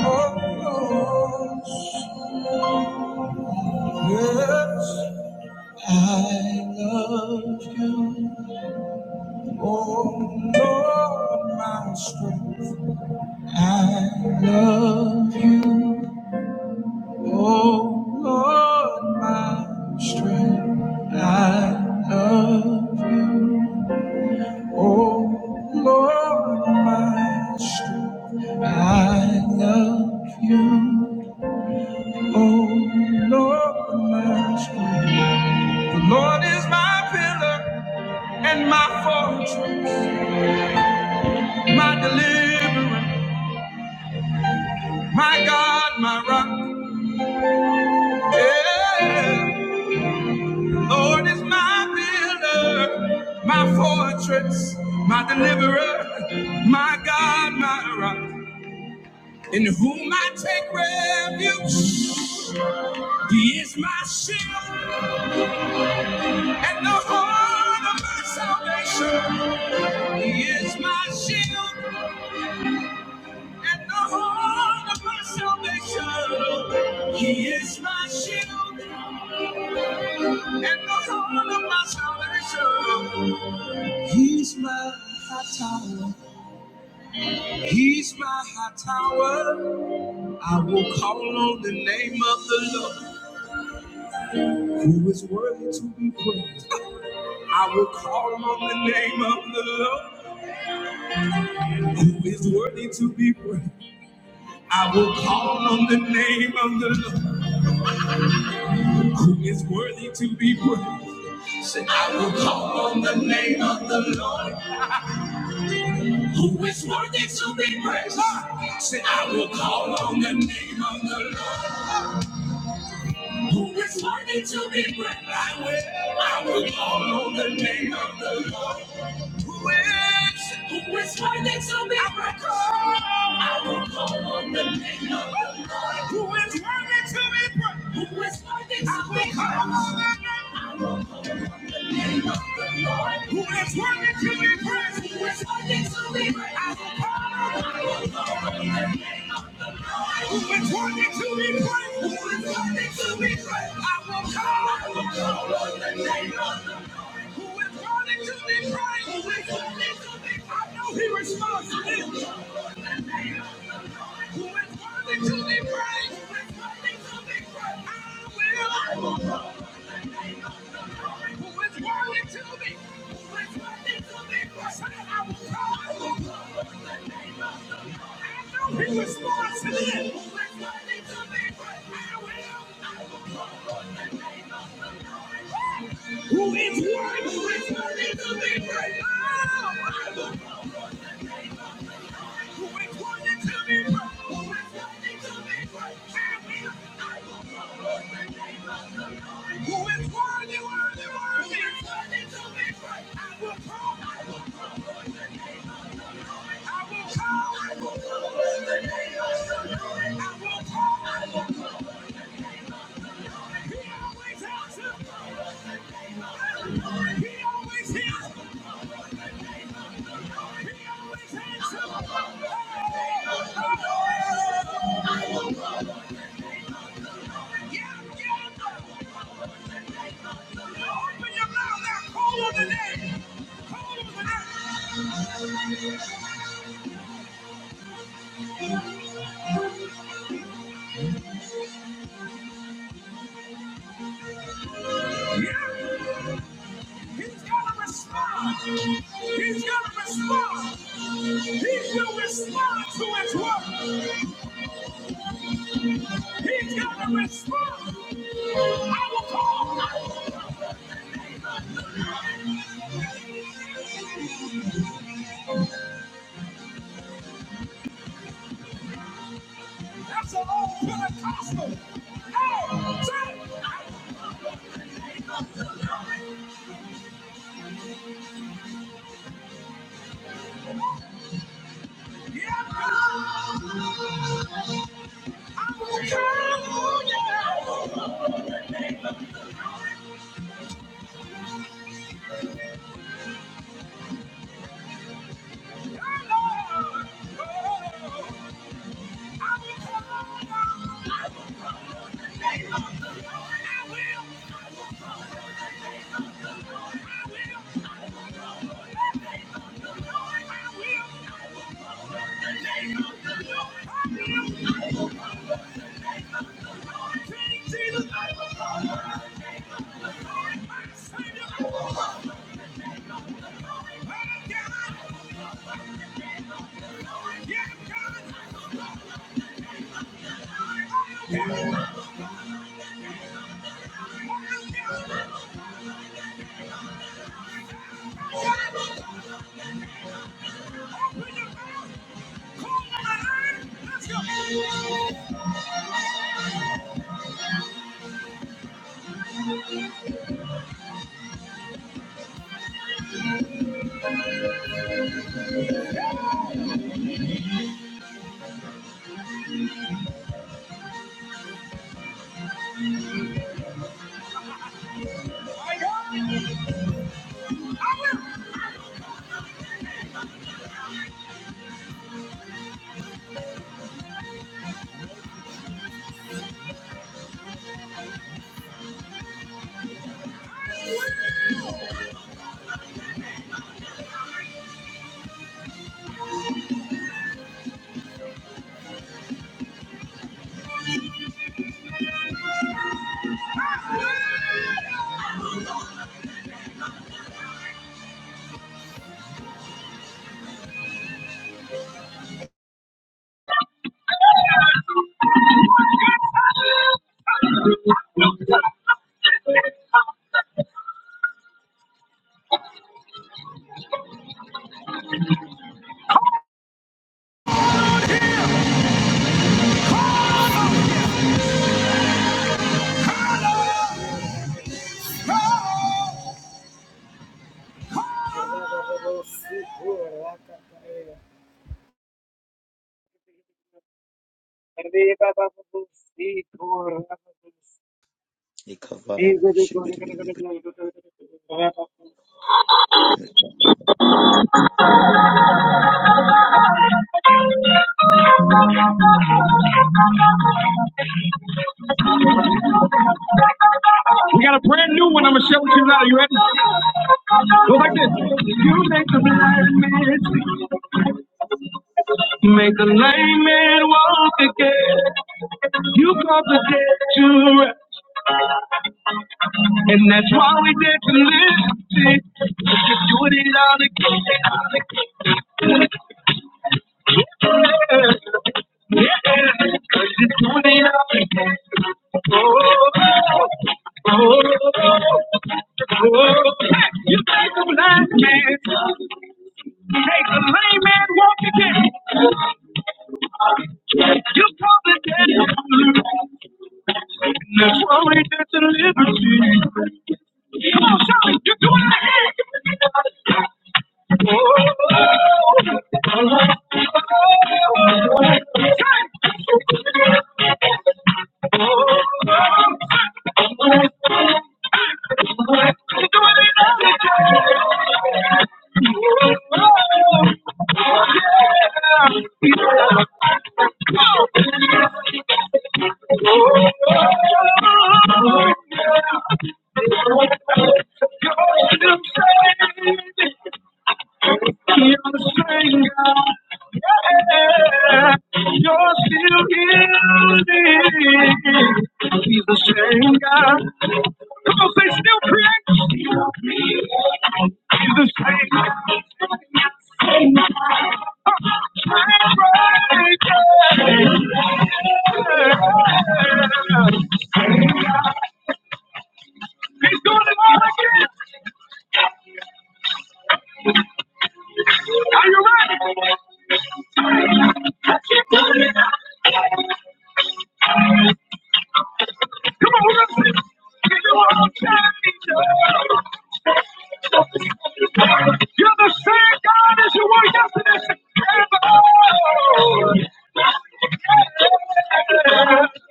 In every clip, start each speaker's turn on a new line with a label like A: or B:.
A: Oh, yes, I love you, oh Lord, my strength. I love you, oh Lord, my strength. I love you, oh Lord, my strength. I love you, oh Lord, my strength. The Lord is my pillar and my fortress, my deliverer, my God, my rock. Yeah. The Lord is my pillar, my fortress, my deliverer, my God, my rock. In whom I take refuge, He is my shield and the horn of my salvation. He is my shield and the horn of my salvation. He is my shield and the horn of my salvation. He's my high tower. He's my high tower. I will call on the name of the Lord, who is worthy to be praised. I will call on the name of the Lord, who is worthy to be praised. I will call on the name of the Lord. who is worthy to be praised. Say, I will call on the name of the Lord, who is worthy to be praised. Say, I will call on the name of the Lord, who is worthy to be praised. I will, I will call on the name of the Lord. Who is, who is worthy to be praised? I will-
B: We give you all
A: We got a
B: the
A: brand new one. I'm gonna share with you now. You ready? Go like this. You make a blind man see. You make a lame man walk again. You cause the dead to rest, and that's why we did to live. See, you do it all again. Cause Oh, oh, oh, You take a blind man, make a lame man walk again. You call the dead blue, and that's why we get to liberty. Come on, shout it, you do it again. Oh, yeah. You're the same God. Yeah. You're still healing. He's the same God. Come on, say still creates. He's the same God. He's doing it all again. Are you ready? Come on, let's see. You are standing. You're the same God as you were yesterday.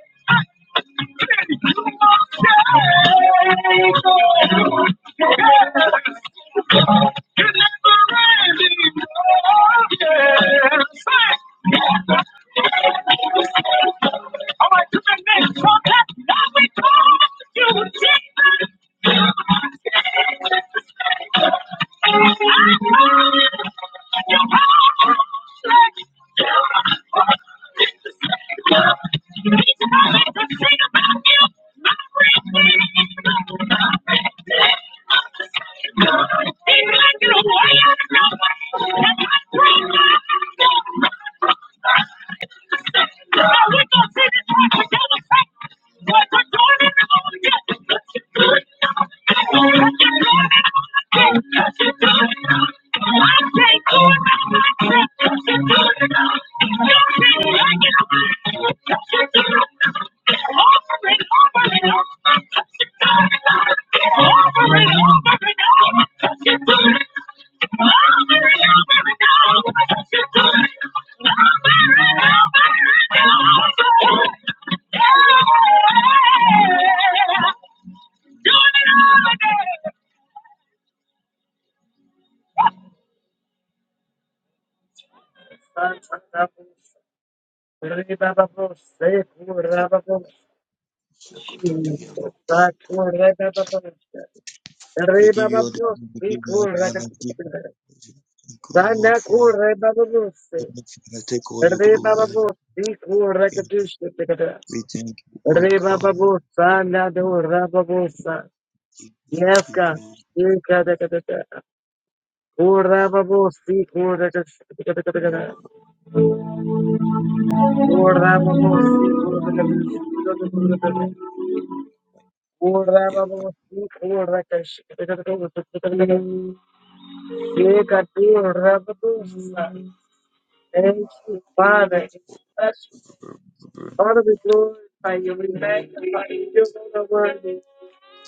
A: Thank you. We're gonna take this one to the Thank you. Yes, God.
B: glory, we give you all the honor, we give you thank you, Lord, for our Heavenly Father, take all your glory. Hallelujah. We thank you, oh God. We give you glory.
A: Thank you,
B: Yeah.
A: Father. In Jesus' name.
B: Bro, bro, bro.
A: Father, we glorify you. We magnify you. You're the worthy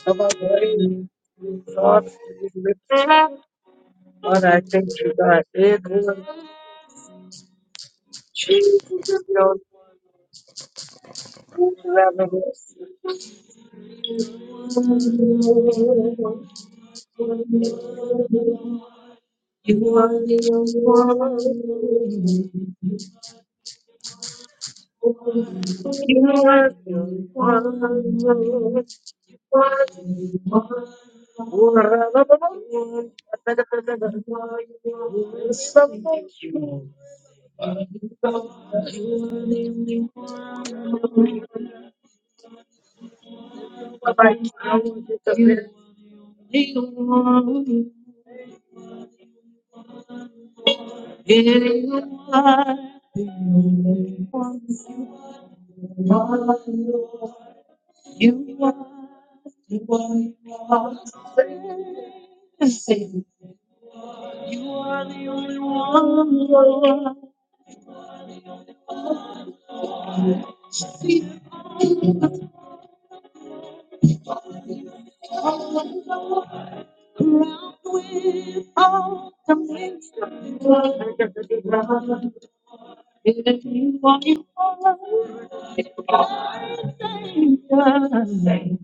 A: of our praise. Thoughts to be lifted up. Father, I thank you, God. Dear Lord, Jesus, you're the only one who will ever bless you. You are the only one. You are the only one. You are the Thank you. You are the only one. You are the Lord. You are the only one. who was Praising. You are the only one, Lord. Filled with all the ground with all the the ground. If you are you are the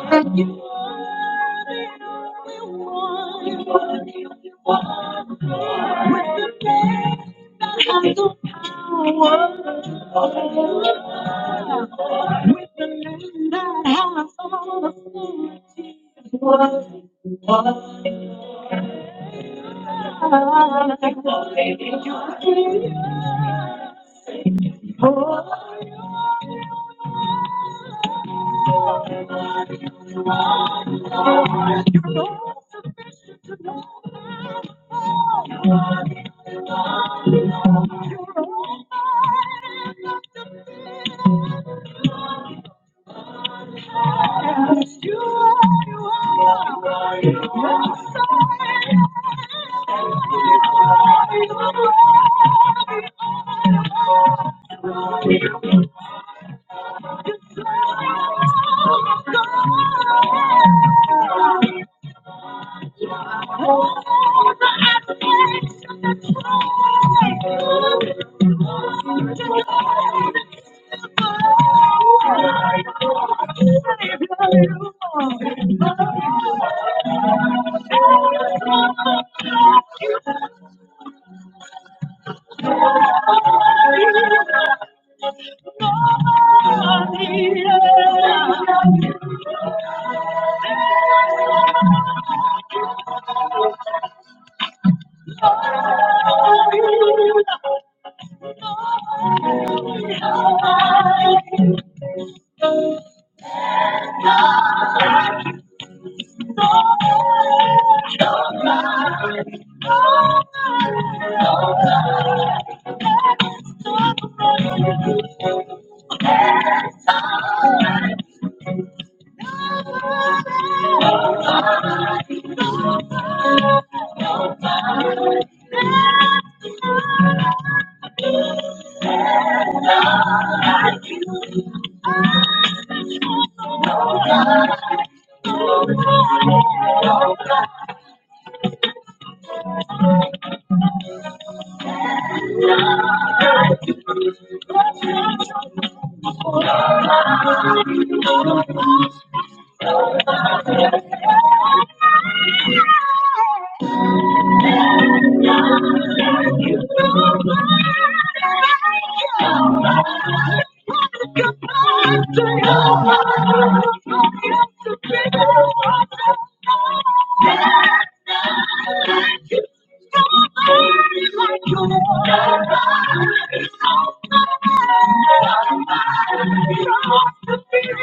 A: only one. Not how I thought it was. You are. You are. You are. You are. You are. You are. You are. You are. You are. You are. Thank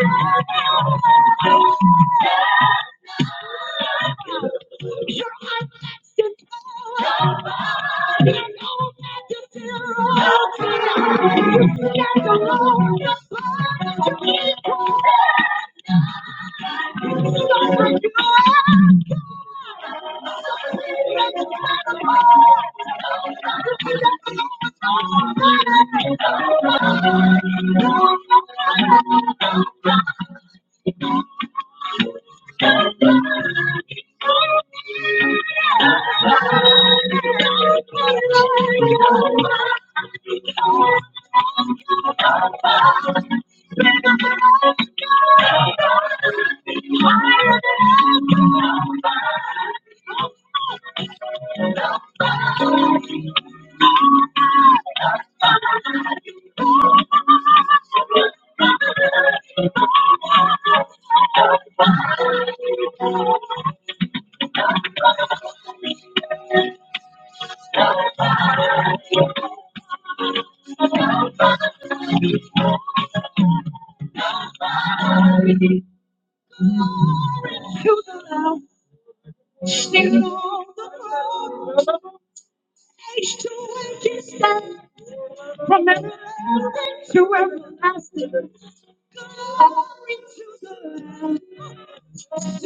A: you. You're unmanageable. You're no magnitude. You stand alone. You're to people.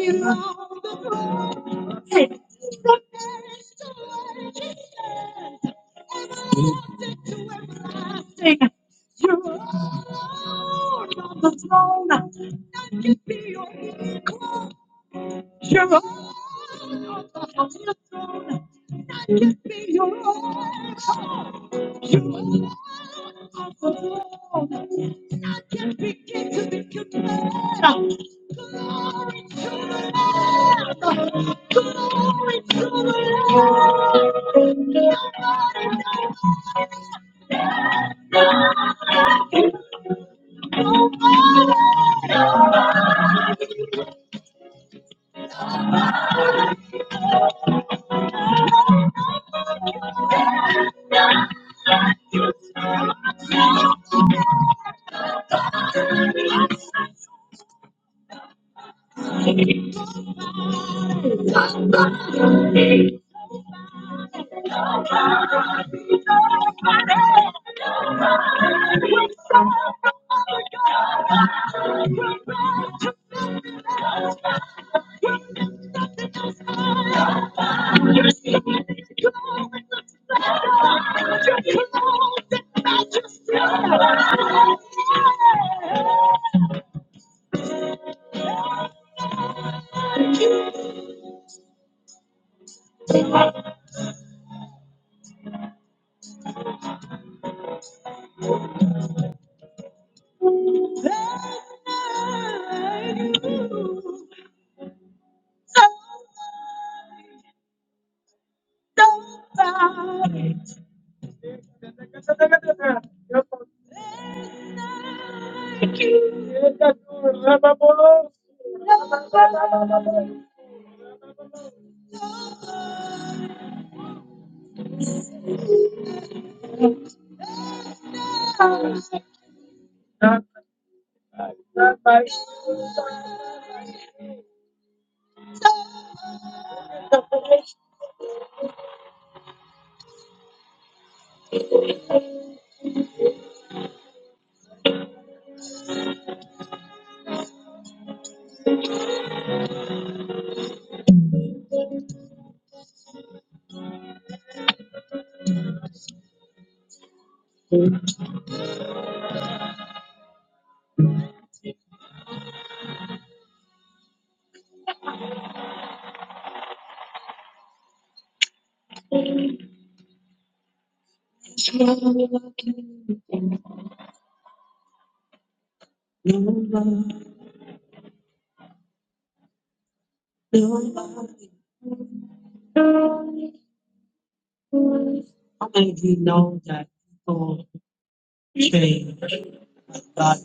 A: You're alone. You're so close that I just friends. Don't thank you. Nobody, nobody, nobody. How many of you know that people say God?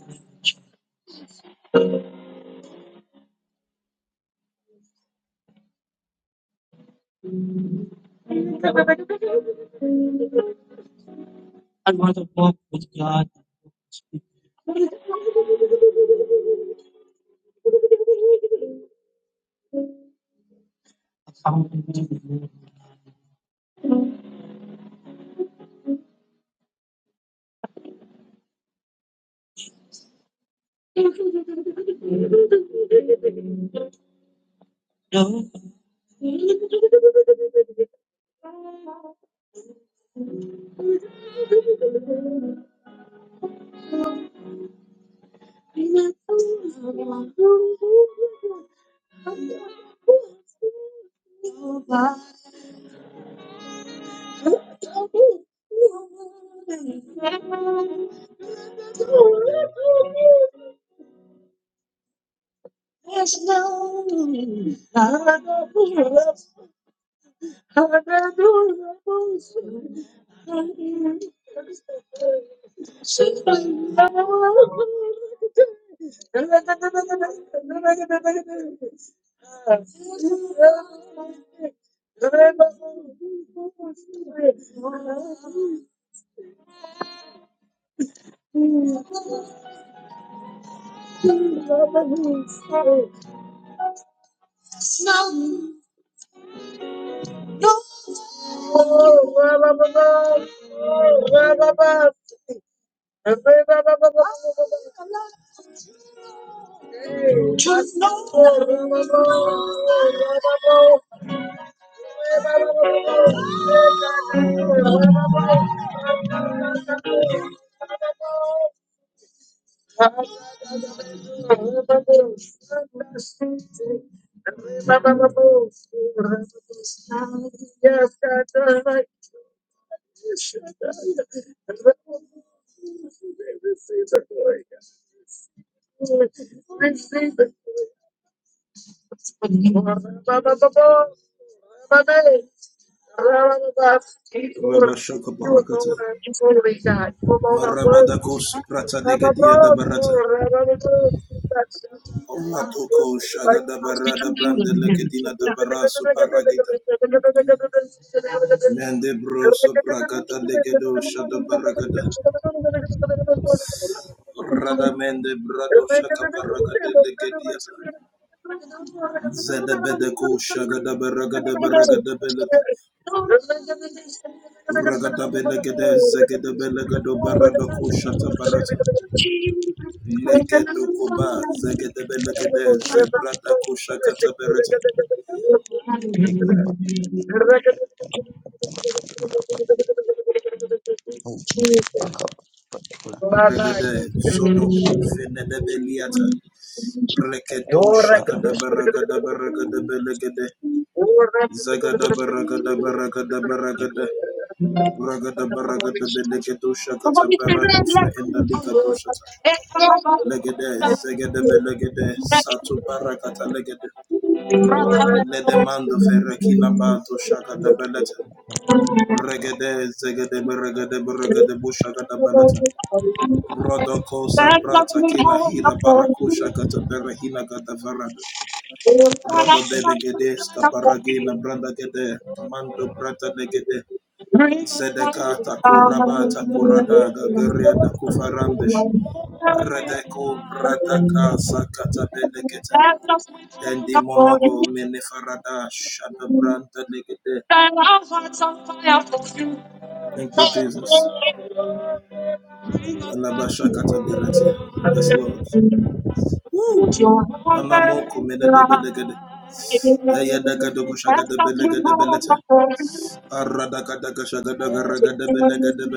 A: i want to walk with God than walk with a fountain pen." No. There's no Hallelujah. Hallelujah. Just know. Yes, God, turn right. Receive the glory. Receive the glory. Thank you.
B: Take my back. Oh, Jesus. Back up. Back
A: Jesus.
B: up,
A: Thank
B: back up, back Oh, take my back. Take
A: you.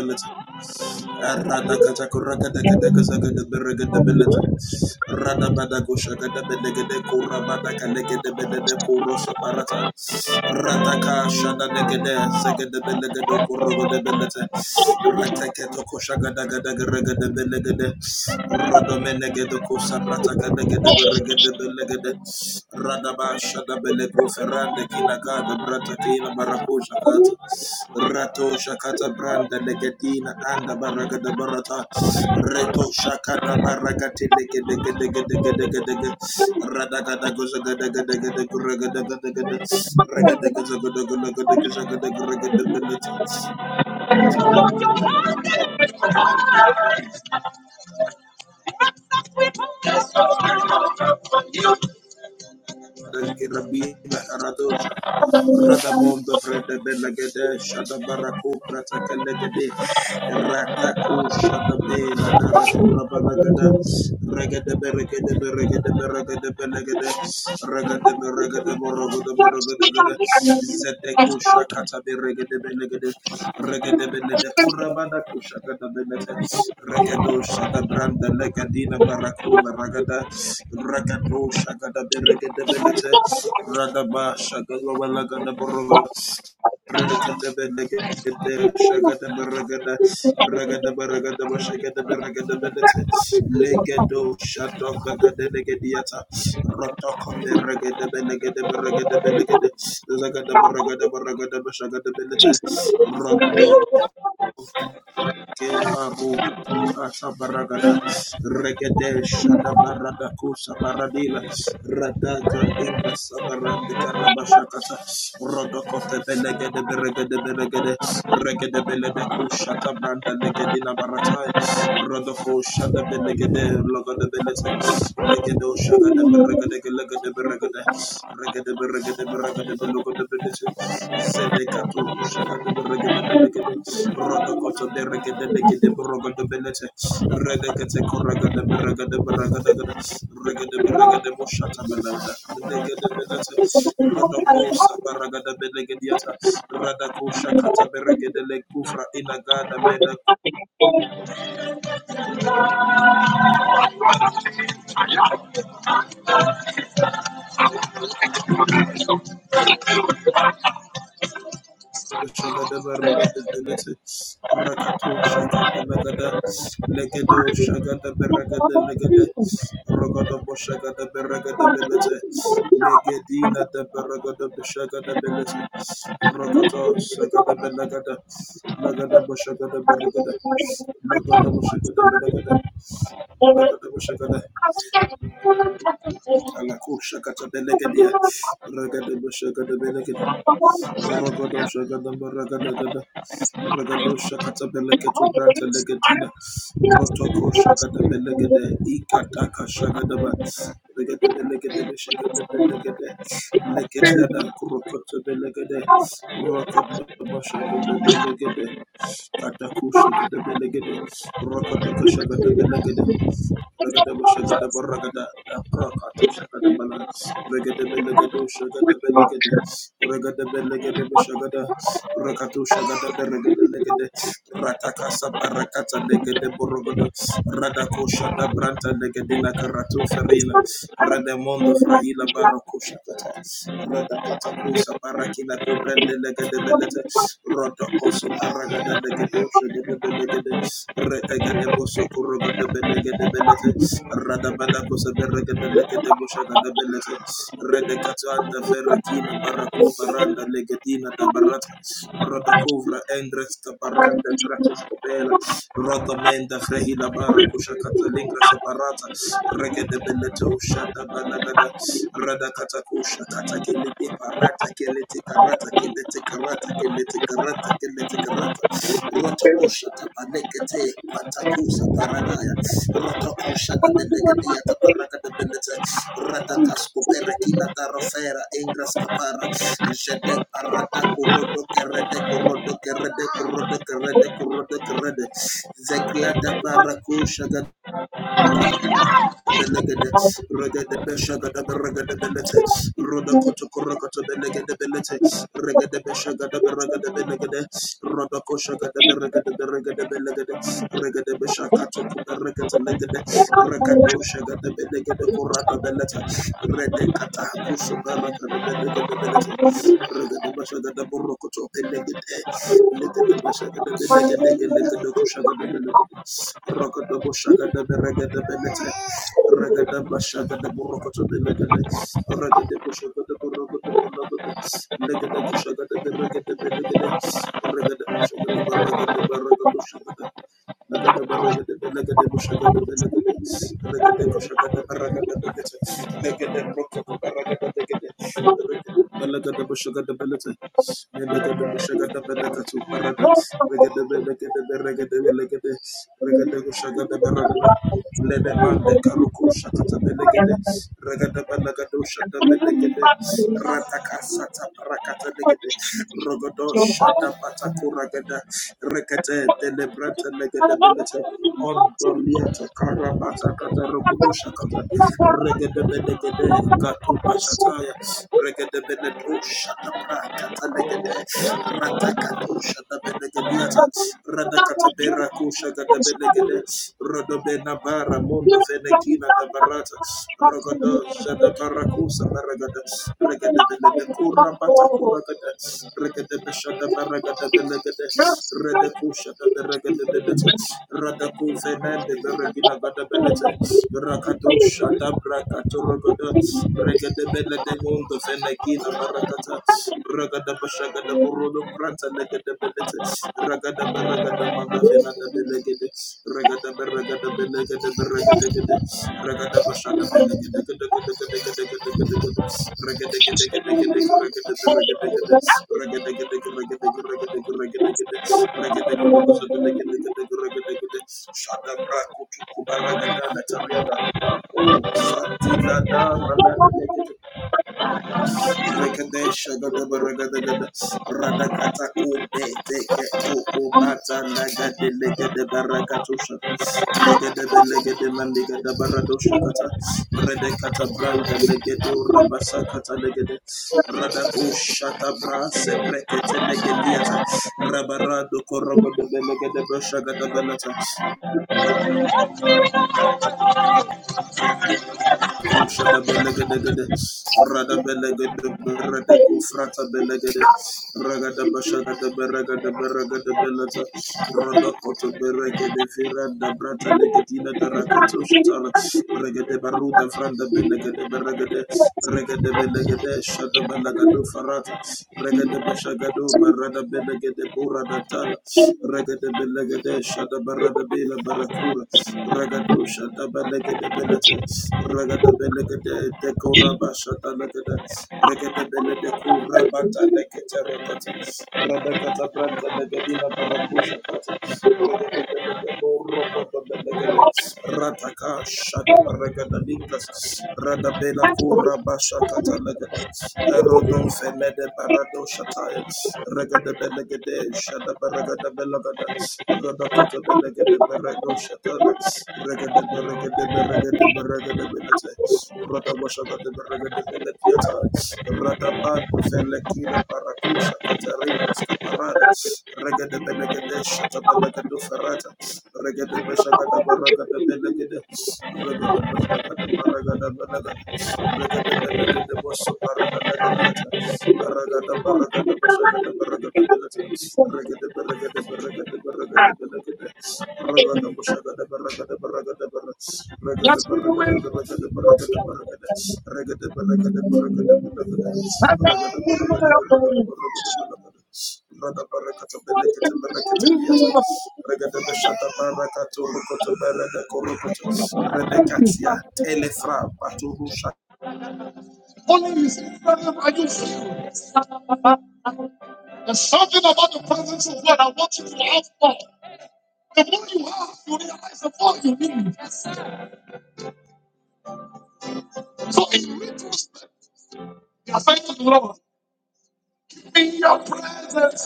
A: in your presence,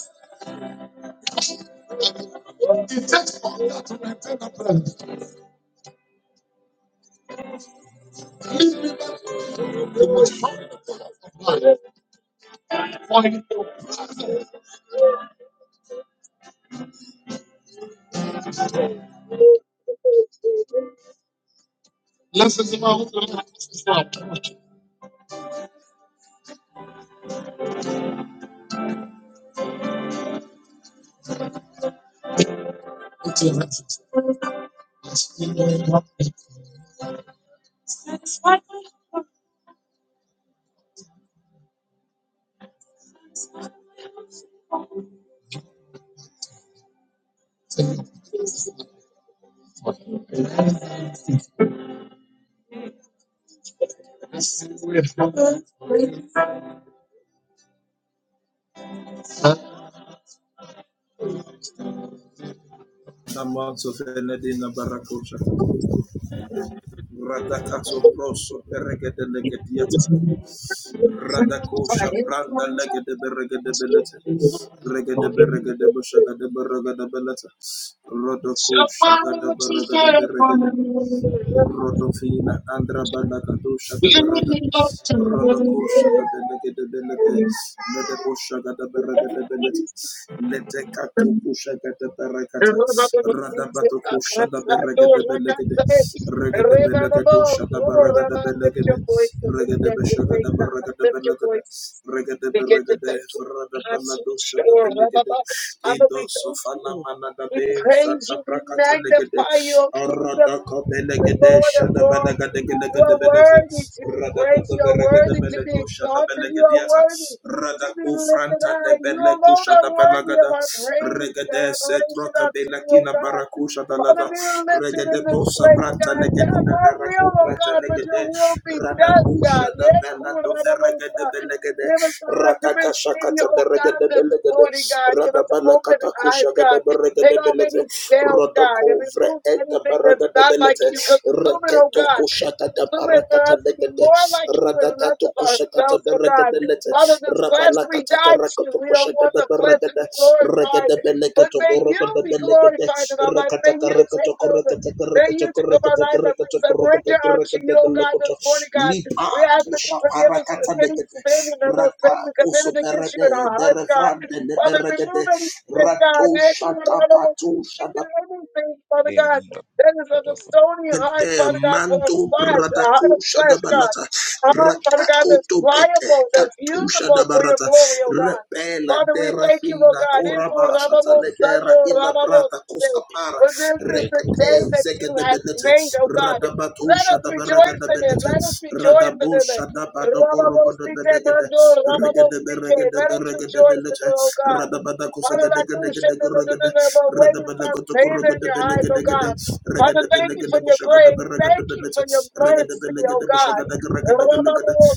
A: it takes forever. Listen to my Lift your voices and begin to thank God. Lift your voices. Begin to thank you. I'm so sure. Father, we thank you. We praise you. We magnify your kingdom, the Lord of Lords. You are worthy to be praised. You are worthy to be exalted. You are worthy to be lifted high. You alone are worthy of our praise and adoration unto you, O God. Father, be lifted in this place, God. Not our will, O God, but your will be done, God. Yeah, cool, I don't know, God. Give us the heart to receive you, O God, this morning, God. Give us open eyes, God. Take off any scales, God, and remove anything that's not like you. Consume it, O God. Consume for us to be more like you and less of ourselves, oh God. Father, this flesh we die to. We don't want the flesh to be glorified. But may you be glorified in our life. May you take over. May you take up our life that we surrender unto you, O God, this morning, God. We ask that you forgive us
B: my
A: for
B: back.
A: any sin and unknown sin we committed against you in our hearts, God. Father, remove anything, God, anything, anything, Father
B: Hey, I'm
A: God,
B: back,
A: that is
B: back
A: of the
B: up, back
A: stony heart, Father God, for the flesh, a heart of flesh, God. A heart, Father God, that's pliable, that's usable for your glory, O God. Father, we thank you, Lord God. In for
B: up,
A: Ramos for this
B: And
A: is
B: let
A: the
B: the
A: day
B: glory
A: that you have made, oh God. Let us rejoice in it. Let us rejoice in it. Rababosike mando, rababosike. Let us rejoice in it, oh God. Father, I appreciate the, the, the, the, the, way we find favor in your eyes, oh God. Father, thank you for your grace. Thank you for your mercy, oh God. Rababosando,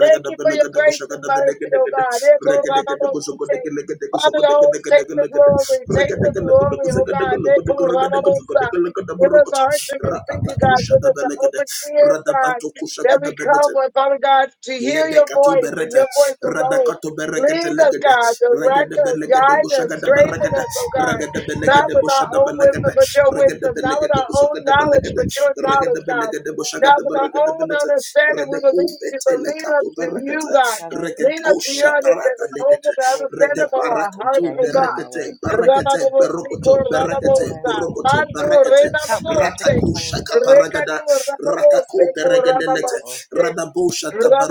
A: Thank you for your grace and mercy, oh God. Yes, oh God, I'm supposed to take. Father, always take the glory. Take the glory, oh God. Yes, oh God, I'm supposed to- Give us a heart to receive you, God. Give us an open ears, God, that we come with, Father God, to hear your voice and your voice alone. Lead us, God. Direct us, guide us, strengthen us, oh God. Not with our own wisdom, but your wisdom. Not with our own knowledge, but your knowledge, God. Now, with our own understanding, we will lead you, but lead up to you, God.
C: Father, I thank
A: Lead
C: you
A: up to your
C: today
A: understanding. Open the
C: for waking
A: understanding
C: me
A: of
C: up
A: our
C: and
A: hearts, oh
C: starting me on
A: God.
C: my way.
A: Rababosikor,
C: Father,
A: rababosa. Mando,
C: help me not to
A: rebabose.
C: complain,
A: Rekatu, rababose,
C: just be grateful.
A: korababosite. May we all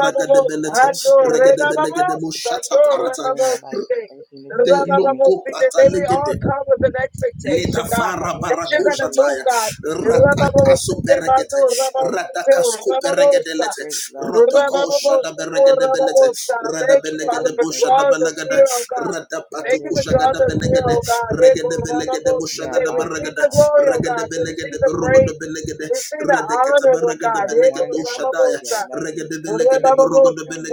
C: I thank you for everything that you do in my life, everything that you've given me.
A: come with an expectation, God,
C: Help me
A: that
C: to
A: you're
C: never
A: going to
C: lose
A: move,
C: sight
A: God. Thank
C: of the great love and
B: come.
C: mercy that you
A: you,
C: shed
A: Father,
C: on me
A: for
C: every
A: drawing
C: day.
A: us near, oh God.
C: Lord,
A: Thank you
C: there is
A: for
C: none
A: drawing
C: like
A: us
C: you.
A: near, oh God.
C: You are
A: Receive
C: awesome,
A: the
C: God.
A: glory, oh God. Receive the praise.
C: You are,
A: Receive the honor, oh
C: you
A: God.
C: are a wonderful, God. You are loving. You are
A: Require
C: caring. You are kind.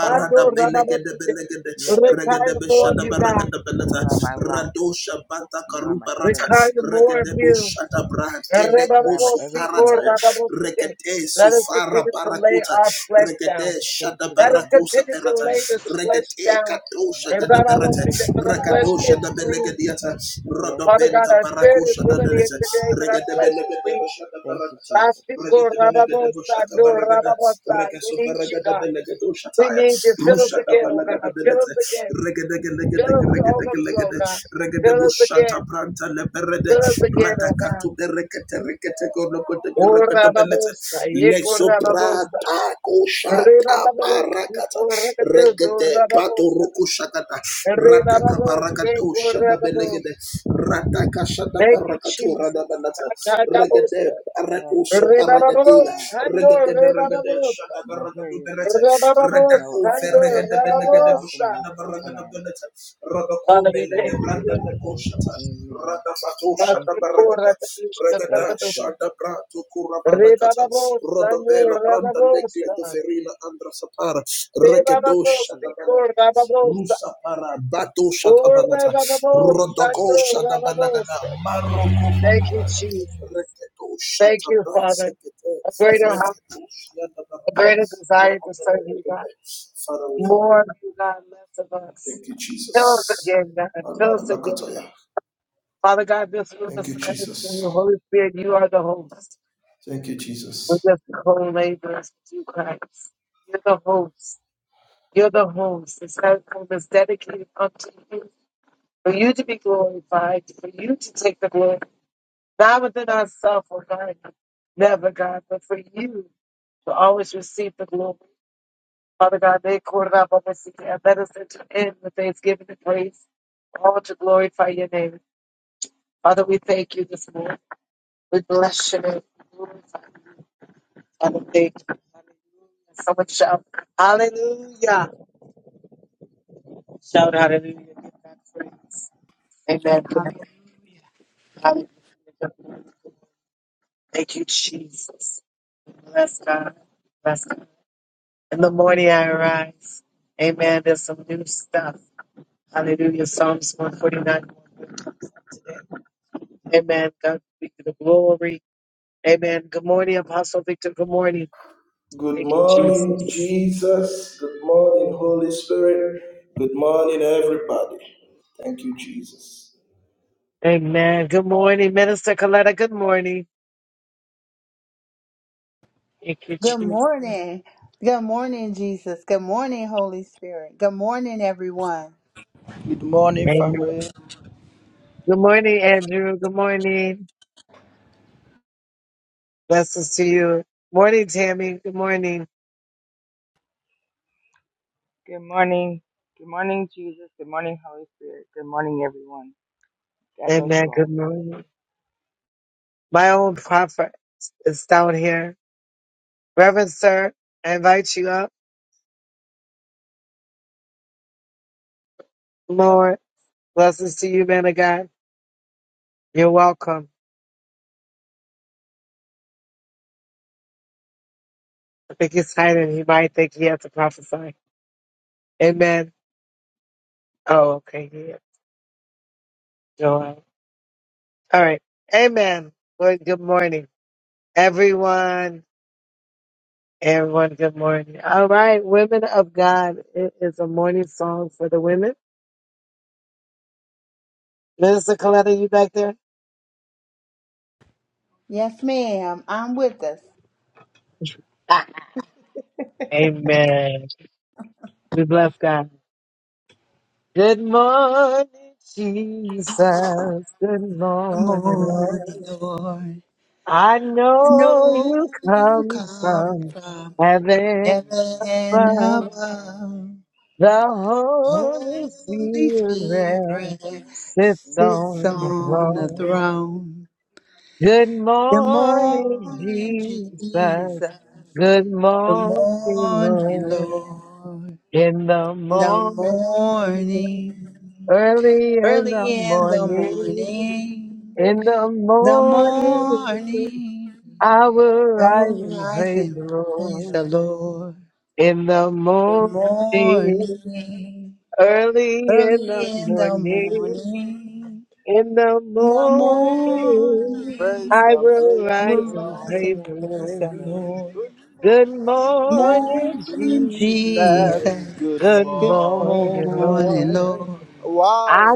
C: You are gracious. You are forgiving.
A: more of you, God.
C: You are my rock. You are my strength.
A: Require more of you. Let
C: You are my everything, Lord.
A: us continue to lay our flesh down.
C: Thank you,
A: Let us
C: Lord.
A: continue to lay
B: Thank you.
A: this flesh down. For the
C: Yes, Lord.
A: flesh
C: Yes.
A: is weak.
C: Yes,
A: Father
C: Lord.
A: God, our spirit is
C: Thank
A: willing
C: you,
A: here
C: Jesus.
A: today, but our flesh is weak.
C: Thank you,
A: We
C: Jesus.
A: need you, God. We need you. Fill us again, oh God. Fill us again. Fill us to overflow, God. Fill us again. Fill us again, oh God. Oh, Rababosa, Yeko Rababosa, Rebababosa,
C: Thank
A: Korakadildo
C: you, Jesus.
A: Rababosa,
C: Thank you, Holy
A: Rebababosa,
C: Spirit.
A: Korakabo. Thank you, Jesus. Atadabosa,
C: Father, I stand at the door and knock,
A: Rebababosa, no Rebababosa,
C: and I hear your voice, and I will
A: Rebababosa,
C: open
A: no
C: the door to you and welcome
A: rababosa.
C: you with open arms.
A: Father,
C: In the
A: we
C: mighty name
A: thank
C: of Jesus, I
A: you.
C: pray. Amen.
A: Father,
C: Thank
A: we
C: you, Jesus.
A: thank
C: Thank you,
A: you.
C: Jesus. Thank
A: Re
C: you,
A: baba
C: Jesus.
A: bosta, no re baba bosta. Re baba
C: Thank you,
A: bosta,
C: Lord.
A: no baba bosta. Oh, re baba
C: Thank you,
A: bosta,
C: Lord.
A: no baba bosta.
C: Thank
A: Thank
C: you,
A: you,
C: Lord.
A: Jesus. Thank you, Father. A greater, hum- a greater desire to serve you, God. More of you, God, less of us. Fill us again, God. Fill us again, God. Father God, this room is submitted to you. Holy Spirit, you are the host. We're just co-laborers with you, Christ. You're the host. You're the host. This husband is dedicated unto you for you to be glorified, for you to take the glory, not within ourselves, oh God, never, God, but for you to always receive the glory. Father God, they quartered up on this again. Let us enter in with thanksgiving and praise, all to glorify your name. Father, we thank you this morning. We bless your name. We glorify you. Father, thank you. Hallelujah. Someone shout, Hallelujah. Shout hallelujah. Give God praise. Amen.
D: Hallelujah.
A: Hallelujah. Thank you, Jesus. Bless God. Bless God. In the morning I arise. Amen. There's some new stuff. Hallelujah. Psalms 149. Amen. God be the glory. Amen. Good morning, Apostle Victor. Good morning. Thank you, Jesus. Amen. Good morning, Minister Coletta. Good morning. Thank you,
D: Good
A: Jesus.
D: morning. Good morning, Jesus. Good morning, Holy Spirit. Good morning, everyone.
E: Good morning,
A: Amen.
E: family.
A: Good morning, Andrew. Good morning. Blessings to you. Morning, Tammy. Good morning.
C: Good morning. Good morning, Jesus. Good morning, Holy Spirit. Good morning, everyone. God bless
A: Amen.
C: you
A: Good
C: all.
A: morning. My own prophet is down here. Reverend Sir, I invite you up. Lord, blessings to you, man of God. You're welcome. I think he's hiding. He might think he has to prophesy. Amen. Oh, okay. Yeah. Joel. All right. Amen. Lord, good morning, everyone. Everyone, good morning. All right, women of God, it is a morning song for the women. Minister Coletta, you back there?
D: Yes, ma'am. I'm with us.
A: Amen. We bless God. Good morning, Jesus. Good
D: Good
A: morning, Lord.
D: morning, Lord.
A: I
D: I
A: know you
D: know you
A: come
D: come
A: from
D: from
C: Good
A: heaven
D: heaven
A: above.
C: morning,
D: above.
A: The Holy
D: Holy
A: Spirit
D: Spirit
C: Jesus.
A: sits
D: sits
C: Good
A: on the
D: on the
C: morning,
A: throne.
C: Lord.
D: throne.
A: Good
D: Good
A: morning,
D: morning, Jesus.
A: Jesus. Good
D: Good
A: morning,
D: morning,
A: Lord.
D: Lord.
A: In the
D: the
A: morning,
D: morning,
A: early in the
D: early in the
A: morning.
D: morning,
A: In the
D: the
A: morning,
D: morning,
A: I will
D: I
A: rise
D: will
A: and
D: rise
A: praise the
D: and
C: praise
D: praise the
A: Lord.
C: the
D: Lord.
A: In the
D: The
A: morning,
D: morning,
A: early in
D: early
A: the
D: in the
A: morning,
D: morning,
A: in the
D: the
A: morning,
E: Praise
C: Lord.
A: I
D: morning,
E: and
A: will
E: praise
D: I will
E: the
A: rise
C: I'll
A: and
E: Lord.
D: rise
C: rise
A: praise
D: and
A: the
C: and
D: praise
C: praise
D: the
C: the
A: Lord.
D: Lord.
C: Lord.
E: Good
A: Good
E: morning,
A: morning,
D: Morning,
C: In
A: Jesus.
E: Jesus.
C: Jesus'
D: Jesus.
C: name.
E: Good
A: Good
D: Good
E: morning,
A: morning,
D: morning,
E: Lord.
A: Lord.
D: Lord.
A: I
E: Wow,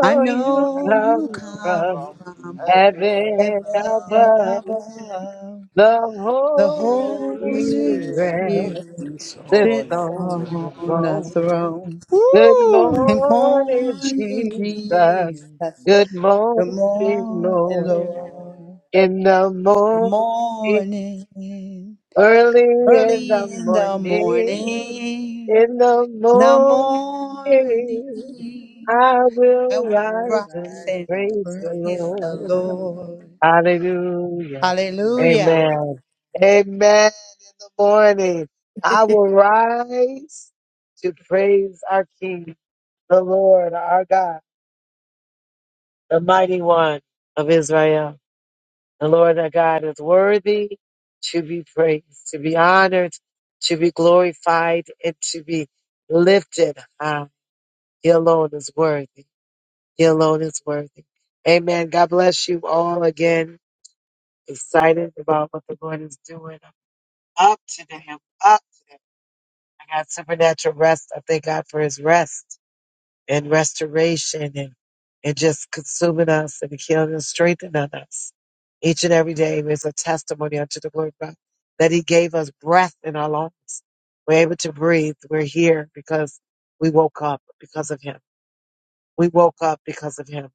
D: I
A: you
D: know you
A: come
E: come
D: come
A: from
E: from
D: from
E: heaven
A: heaven
C: Amen.
E: now.
D: heaven
C: Now
A: above.
C: I
D: above.
A: The
D: The
A: Holy
E: Holy
C: am.
D: Holy
E: Spirit
A: Spirit
D: Spirit
E: is
A: sits
E: on
C: It's
D: sits
E: your throne.
A: on the
D: on
C: time.
D: the
A: throne.
D: throne.
A: Good
E: Woo!
D: Good
A: morning,
D: morning,
C: Good
A: Jesus.
D: Jesus.
A: Good
D: Good
A: morning,
D: morning,
A: Lord.
C: morning, Lord.
D: Lord.
A: In the
D: Good
A: morning,
D: morning.
A: early
C: In
A: in
C: the
A: the
D: Early in the
A: morning,
C: morning,
D: morning.
A: in the
D: The
A: morning,
C: morning,
D: morning.
A: I
D: I
A: will
C: I
D: will
C: will
A: rise
D: rise
A: and
C: rise
D: and
C: and
A: praise the
C: praise
D: praise
C: the
D: the
A: Lord.
C: Lord.
D: Lord.
A: Hallelujah.
D: Hallelujah.
A: Amen. Amen. In the morning, I will rise to praise our King, the Lord, our God, the mighty one of Israel. The Lord, our God, is worthy to be praised, to be honored, to be glorified, and to be lifted high. He alone is worthy. He alone is worthy. Amen. God bless you all again. Excited about what the Lord is doing. up today. I'm up today. I got supernatural rest. I thank God for his rest and restoration and, and just consuming us and healing and strengthening us. Each and every day is a testimony unto the glory of God that he gave us breath in our lungs. We're able to breathe. We're here because we woke up because of him. We woke up because of him.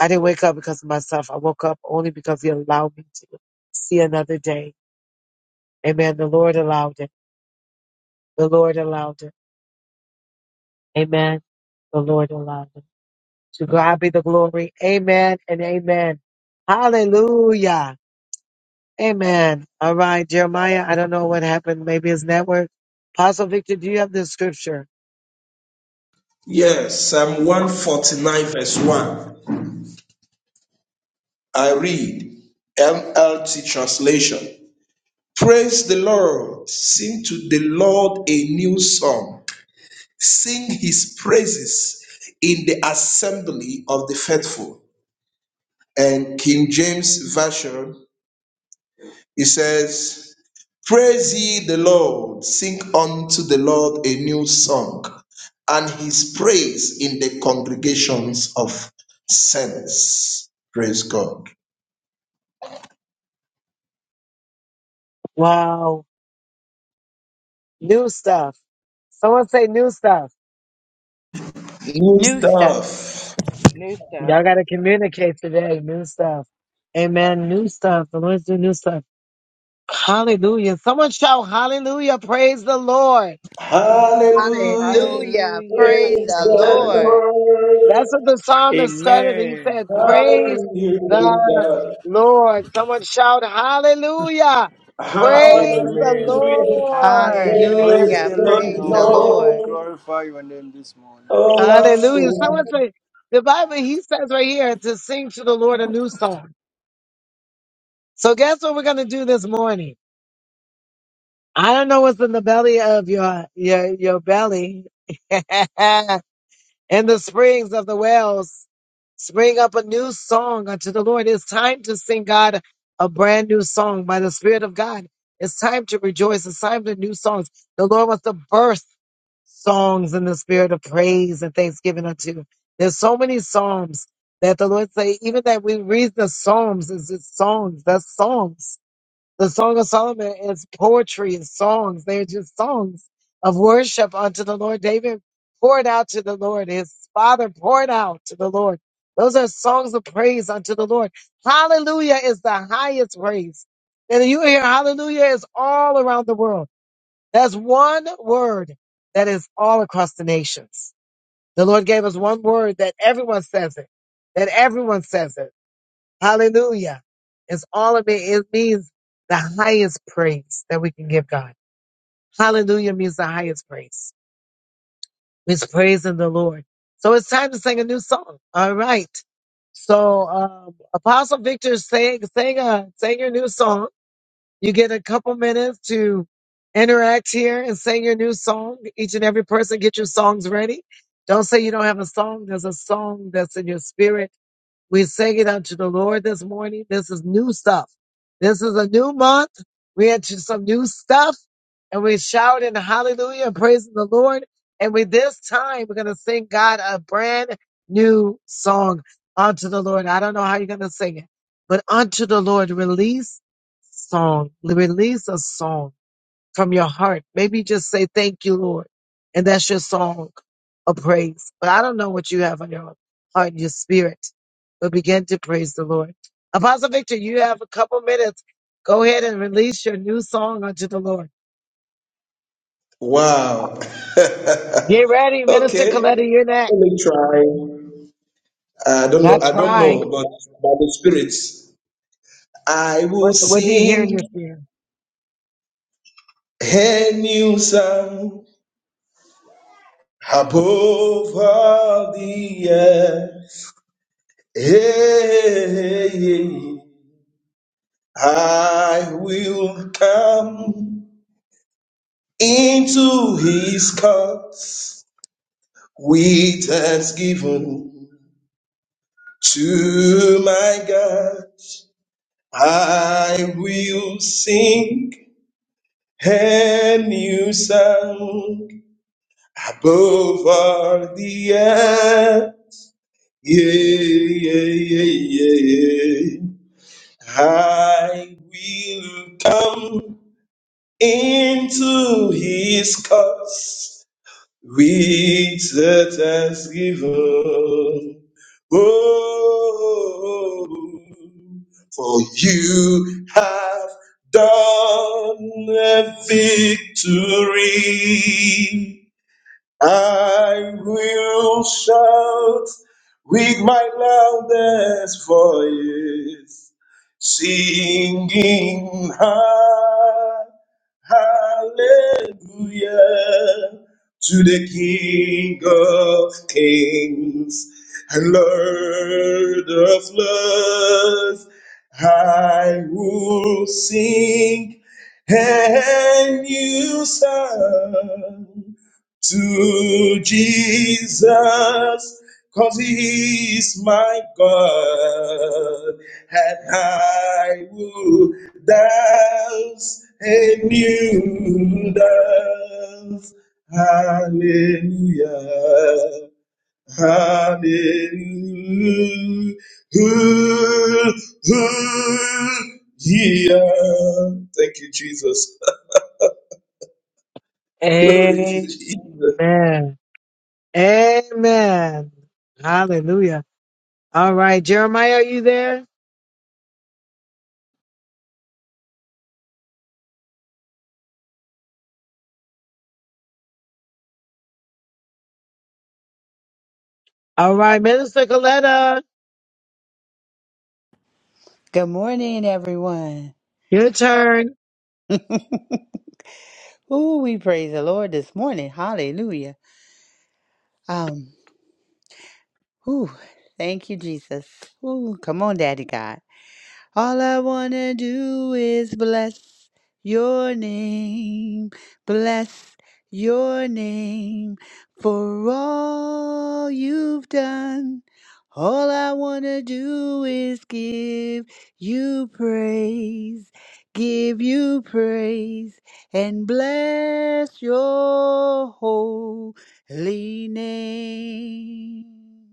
A: I didn't wake up because of myself. I woke up only because he allowed me to see another day. Amen. The Lord allowed it. The Lord allowed it. Amen. The Lord allowed it. To God be the glory. Amen and amen. Hallelujah. Amen. All right, Jeremiah, I don't know what happened. Maybe his network. Apostle Victor, do you have this scripture? Wow. New stuff. Someone say new stuff.
D: New start.
C: New stuff.
A: Y'all got to communicate today. New stuff. Amen. New stuff. The Lord's doing new stuff. Hallelujah. Someone shout hallelujah. Praise the Lord.
D: Hallelujah.
C: Hallelujah.
D: Praise
C: Praise the
D: the
C: Lord.
D: Lord.
A: That's what the psalmist said. He
E: Amen.
A: said, Praise the
F: Hallelujah.
A: Lord. Someone shout, Hallelujah. Praise the
E: Amen.
F: Hallelujah.
A: Lord.
F: Praise
C: Hallelujah.
E: Praise
D: Hallelujah.
E: the
C: Praise the
F: the
D: Praise
E: living
D: the
C: Lord.
E: God.
D: Lord.
F: Lord.
E: Glorify your name this morning.
F: Oh, my
A: Hallelujah. Someone
F: soul.
A: say, the Bible, he says right here to sing to the Lord a new song. So guess what we're going to do this morning? I don't know what's in the belly of your, your, your belly and the springs of the wells. Spring up a new song unto the Lord. It's time to sing God a brand new song by the Spirit of God. It's time to rejoice. It's time to new songs. The Lord wants to burst songs in the spirit of praise and thanksgiving unto. There's so many psalms that the Lord say, even that we read the psalms is it's songs. That's songs. The Song of Solomon is poetry, it's songs. They're just songs of worship unto the Lord. David poured out to the Lord. His father poured out to the Lord. Those are songs of praise unto the Lord. Hallelujah is the highest praise. And you hear hallelujah is all around the world. That's one word that is all across the nations. The Lord gave us one word that everyone says it, that everyone says it. Hallelujah. It's all of it. It means the highest praise that we can give God. Hallelujah means the highest praise. It's praising the Lord. So it's time to sing a new song. All right. So um, Apostle Victor, sing sing a sing your new song. You get a couple minutes to interact here and sing your new song. Each and every person, get your songs ready. Don't say you don't have a song. There's a song that's in your spirit we sing it unto the Lord this morning. This is new stuff. This is a new month. We into some new stuff and we shout in hallelujah and praising the Lord. And with this time, we're going to sing God a brand new song unto the Lord. I don't know how you're going to sing it, but unto the Lord, release song, release a song from your heart. Maybe just say, Thank you, Lord. And that's your song of praise. But I don't know what you have on your heart and your spirit. But begin to praise the Lord. Apostle Victor, you have a couple minutes. Go ahead and release your new song unto the Lord.
F: Wow.
A: Get ready, Minister
F: Eh?
A: Coletta, you're next.
F: I don't know.
A: Not
F: I don't
A: trying.
F: know, but by the Spirit, I
A: What, what do you hear in your spirit?
F: am above all the earth. Hey, hey, I will come into his courts with thanksgiving to my God. I will sing a new song above all the earth. Yeah, yeah, yeah, yeah. I will come into his cause. with the thanksgiving. Oh, for you have done a victory. I will shout with my loudest voice, singing ha- hallelujah to the King of Kings and Lord of Lords. I will sing and you song to Jesus, cause he is my God, and I will dance a new dance. Hallelujah, hallelujah. Yeah. Thank you, Jesus. Glory to
A: Amen.
F: Jesus.
A: Amen. Hallelujah. All right, Jeremiah, are you there? All right, Minister Coletta,
D: Good morning, everyone.
A: your turn.
D: Ooh, we praise the Lord this morning. Hallelujah. Um, ooh, thank you, Jesus. Ooh, come on, Daddy God. All I want to do is bless your name, bless your name for all you've done. All I want to do is give you praise, give you praise, and bless your holy name.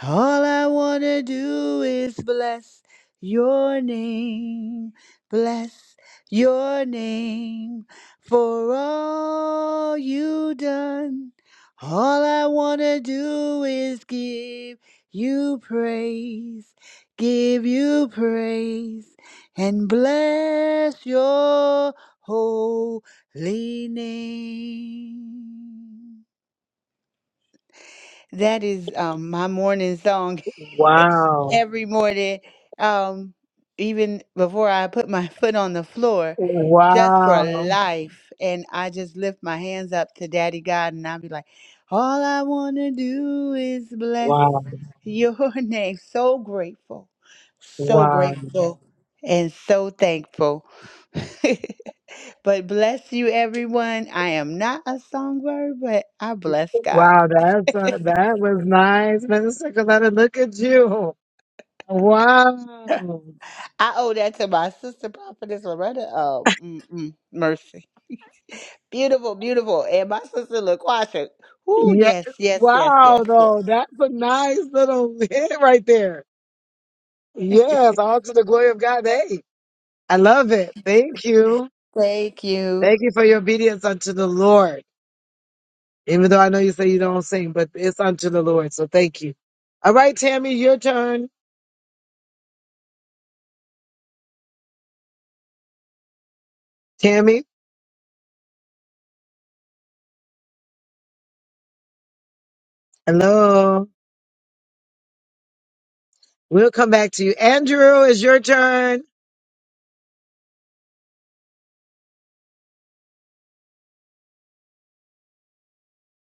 D: All I want to do is bless your name, bless your name for all you done. All I want to do is give you praise, give you praise, and bless your holy name. That is um, my morning song.
A: Wow.
D: every morning, um, even before I put my foot on the floor, just for
A: Wow.
D: life. And I just lift my hands up to Daddy God and I'll be like, all I want to do is bless
A: Wow.
D: your name. So grateful, so
A: Wow.
D: grateful, and so thankful. but bless you, everyone. I am not a songbird, but I bless God.
A: Wow. That's uh, that was nice, Minister Coletta. Look at you. Wow.
D: I owe that to my sister prophetess Loretta. Oh, mm-mm, mercy. Beautiful, beautiful. And my sister LaQuasha. Ooh,
A: Yes.
D: yes, yes, yes, yes,
A: Wow,
D: yes.
A: though. That's a nice little hit right there. Yes, all to the glory of God. Hey, I love it. Thank you.
D: Thank you.
A: Thank you for your obedience unto the Lord. Even though I know you say you don't sing, but it's unto the Lord. So thank you. All right, Tammy, your turn. Tammy. Hello. We'll come back to you. Andrew, it's your turn.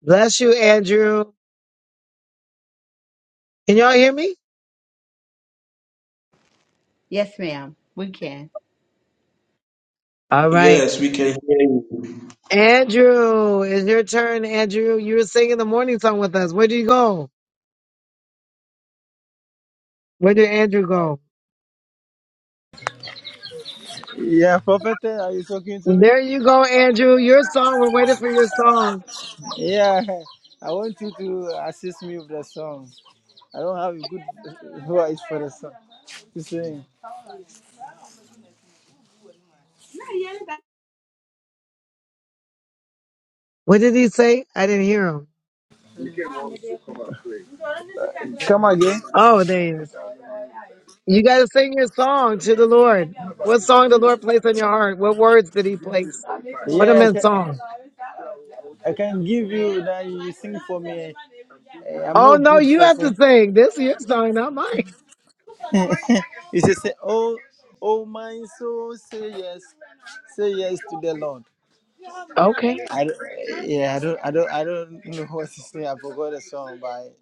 A: Bless you, Andrew. Can y'all hear me?
D: Yes, ma'am. We can.
A: All right.
F: Yes, we can hear you.
A: Andrew, it's your turn, Andrew. You were singing the morning song with us. Where did you go? Where did Andrew go?
E: Yeah, prophet, are you talking to me?
A: There you go, Andrew. Your song. We're waiting for your song.
E: Yeah, I want you to assist me with the song. I don't have a good voice for the song to sing.
A: What did he say? I didn't hear him.
E: Come again.
A: Oh, there he is. You got to sing your song to the Lord. What song the Lord placed on your heart? What words did he place? Put them
E: Yeah, I
A: in
E: can,
A: song.
E: I can give you that you sing for me. Eh, I'm not
A: Oh, no,
E: good
A: you
E: for
A: have to
E: singing.
A: sing. This is your song, not mine.
E: It's just say, "Oh, oh my soul, say yes, say yes to the Lord.
A: Okay.
E: I, don't- yeah, I don't, I don't, I don't know what to say. I forgot the song, but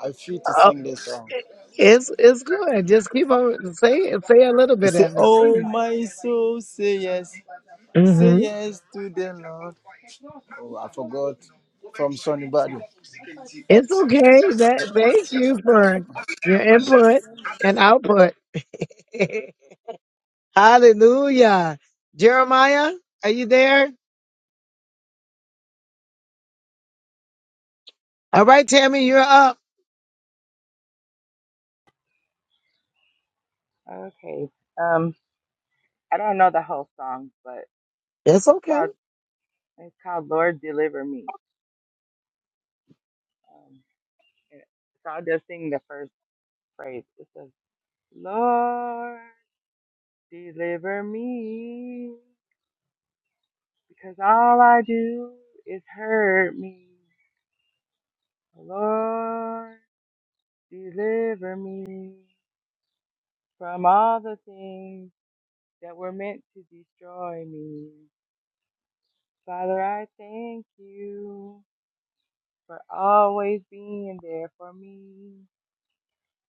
E: I, I feel to sing this song.
A: It's it's good. Just keep on say say a little
E: You
A: bit
E: say,
A: of it. Say
E: "Oh
A: it.
E: my soul, say yes, say
A: hmm
E: yes to the Lord." Oh, I forgot from Sonny Badu.
A: It's okay. That thank you for your input and output. Hallelujah. Jeremiah, are you there? All right, Tammy, you're up.
C: Okay. Um, I don't know the whole song, but
A: It's
C: it's
A: okay.
C: called it's called Lord Deliver Me. Um, and- so I'll just sing the first phrase. It says, Lord deliver me, because all I do is hurt me. Lord deliver me from all the things that were meant to destroy me. Father, I thank you for always being there for me.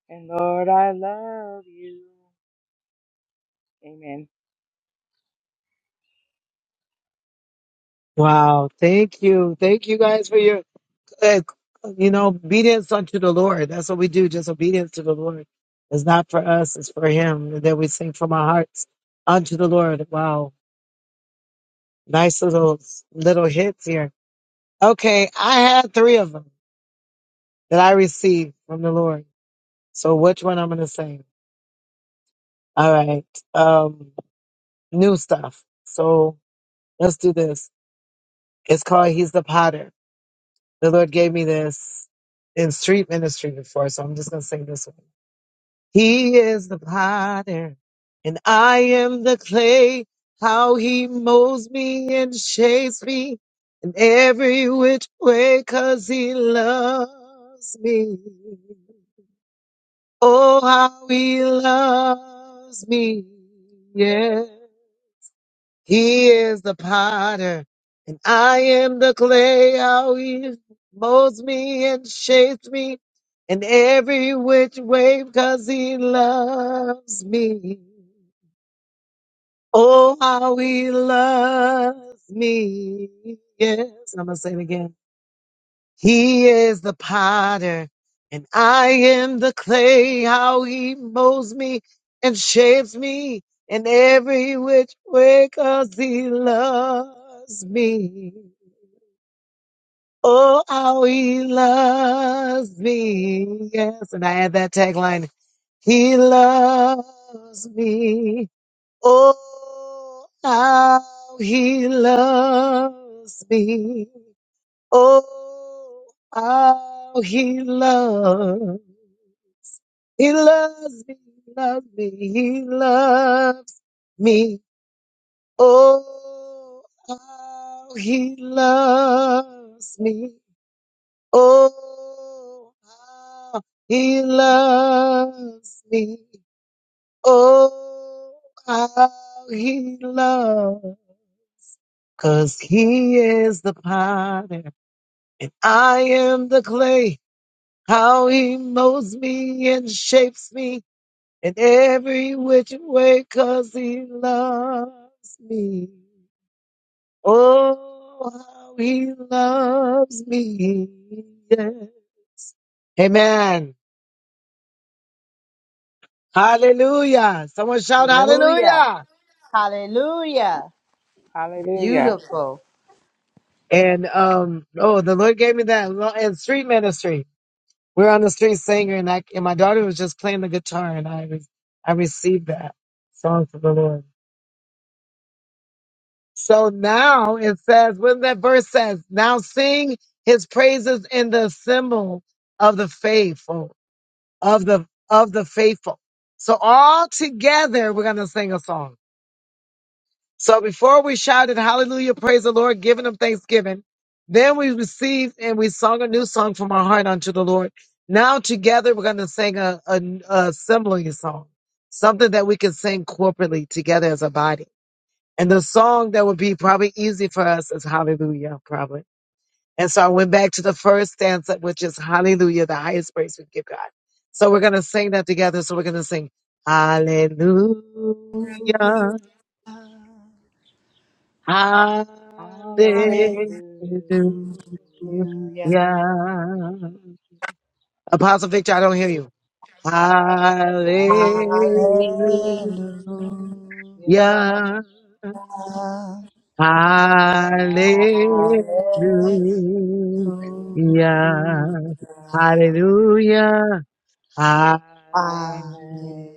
C: And Lord, I love you. Amen.
A: Wow. Thank you. Thank you guys for your, uh, you know, obedience unto the Lord. That's what we do. Just obedience to the Lord. It's not for us. It's for Him. And then we sing from our hearts unto the Lord. Wow. Nice little little hits here. Okay, I had three of them that I received from the Lord. So which one I'm gonna say? All right, um, new stuff. So let's do this. It's called "He's the Potter." The Lord gave me this in street ministry before, so I'm just gonna sing this one. He is the potter, and I am the clay. How he molds me and shapes me in every which way, 'cause he loves me. Oh, how he loves me. Yeah. He is the potter, and I am the clay. How he molds me and shapes me in every which way, because he loves me. Oh, how he loves me. Yes, I'm going to say it again. He is the potter, and I am the clay. How he molds me and shapes me in every which way, 'cause he loves me. Oh, how he loves me. Yes, and I had that tagline. He loves me. Oh, how he loves me. Oh, how he loves, he loves me, he loves me, he loves me. Oh, how he loves me. Oh, how he loves me. Oh, how he loves. Cause he is the potter and I am the clay how he molds me and shapes me in every which way, cause he loves me. Oh, how he loves me. Yeah. Amen. Hallelujah. Someone shout
D: Hallelujah.
A: hallelujah.
D: Hallelujah.
C: Hallelujah.
D: Beautiful.
A: And, um, oh, the Lord gave me that lo- and street ministry. We're on the street singer and I, and my daughter was just playing the guitar and I, re- I received that song from the Lord. So now it says, when that verse says, now sing his praises in the symbol of the faithful, of the of the faithful. So all together we're gonna sing a song. So before we shouted hallelujah, praise the Lord, giving him thanksgiving, then we received and we sung a new song from our heart unto the Lord. Now together we're gonna sing a, a, a similar song, something that we can sing corporately together as a body. And the song that would be probably easy for us is Hallelujah, probably. And so I went back to the first stanza, which is Hallelujah, the highest praise we give God. So we're going to sing that together. So we're going to sing Hallelujah,
D: Hallelujah.
A: Hallelujah.
C: Hallelujah.
D: Hallelujah.
A: Apostle Victor, I don't hear you. Hallelujah.
C: Hallelujah. Hallelujah.
A: Hallelujah.
D: Hallelujah. Hallelujah.
A: Hallelujah. Hallelujah.
C: Hallelujah.
D: Hallelujah.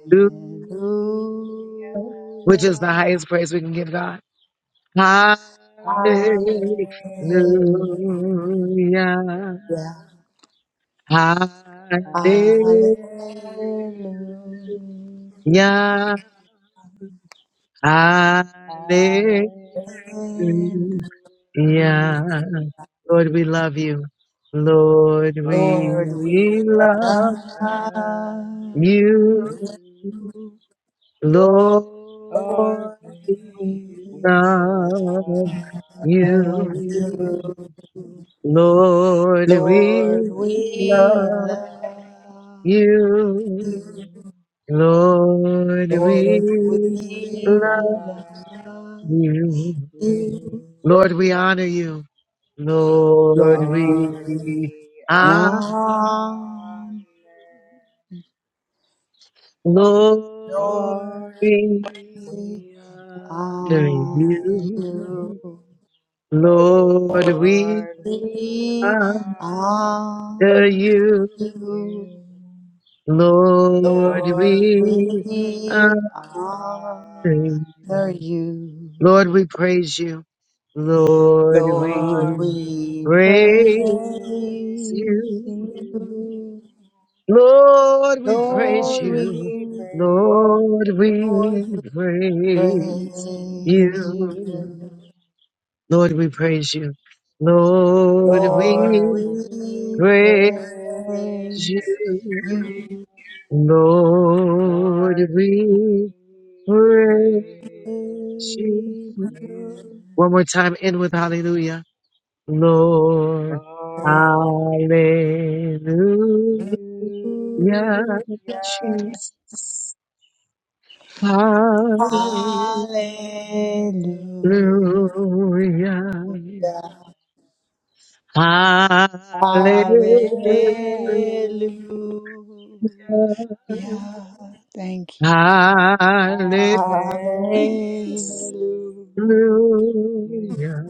A: Which is the highest praise we can give God. Hallelujah.
D: Hallelujah.
C: Hallelujah.
D: Hallelujah.
A: Hallelujah.
C: Hallelujah.
A: Hallelujah.
C: Hallelujah.
D: Hallelujah.
A: Lord, we love you. Lord, we
C: Lord,
D: Lord, we
C: we
A: love
C: love
D: love
A: You,
D: you.
C: you.
A: Lord,
C: Lord,
D: Lord,
C: we,
D: we
A: we
C: we
A: love
C: love you.
A: you.
D: love you.
A: Lord,
C: Lord,
D: Lord,
A: we
C: we
D: we
C: love
A: love
D: love
A: you.
D: you.
C: you.
A: Lord,
D: Lord,
A: we
C: We
A: love
D: we
C: love
D: love
A: you.
D: you.
C: you.
A: Lord, we honor you. Lord, we
D: Lord,
C: Glory,
A: honor.
C: honor,
D: Yum.
A: Lord,
D: Lord,
C: Lord, we
D: we
A: we honor
D: honor
C: honor
A: you.
D: you.
C: you.
A: Lord,
D: Lord,
A: we
C: Lord, we
D: we
A: honor
D: honor
C: honor
A: you.
D: you.
C: you.
A: Lord,
C: Lord,
D: Lord,
A: we honor
C: we
D: we
C: honor
A: you.
D: honor
C: you.
D: you.
A: Lord, we praise you. Lord,
D: Lord,
C: Lord,
A: we
D: we
C: we
D: praise
A: praise
C: praise
A: you.
C: you.
D: you.
A: Lord, we
C: Lord,
A: praise
D: Lord,
A: you.
C: we
D: we,
A: Lord,
C: praise.
D: Lord,
A: we
D: we
A: praise
C: Praise
A: you.
D: praise you.
C: you,
A: Lord, we praise you. Lord,
D: Lord,
A: we
C: Lord,
D: we
C: we
A: praise
C: praise
D: praise
A: you.
C: you.
D: you.
A: Lord,
C: Lord,
A: we
C: we
A: praise
C: praise
A: you.
C: you.
A: One more time, end with hallelujah. Lord,
C: Lord, we
A: hallelujah,
C: hallelujah.
A: Jesus,
C: Lord,
A: hallelujah,
D: Hallelujah.
C: hallelujah.
A: hallelujah,
C: Hallelujah.
D: Hallelujah. Thank you.
C: Hallelujah.
D: Hallelujah.
A: hallelujah.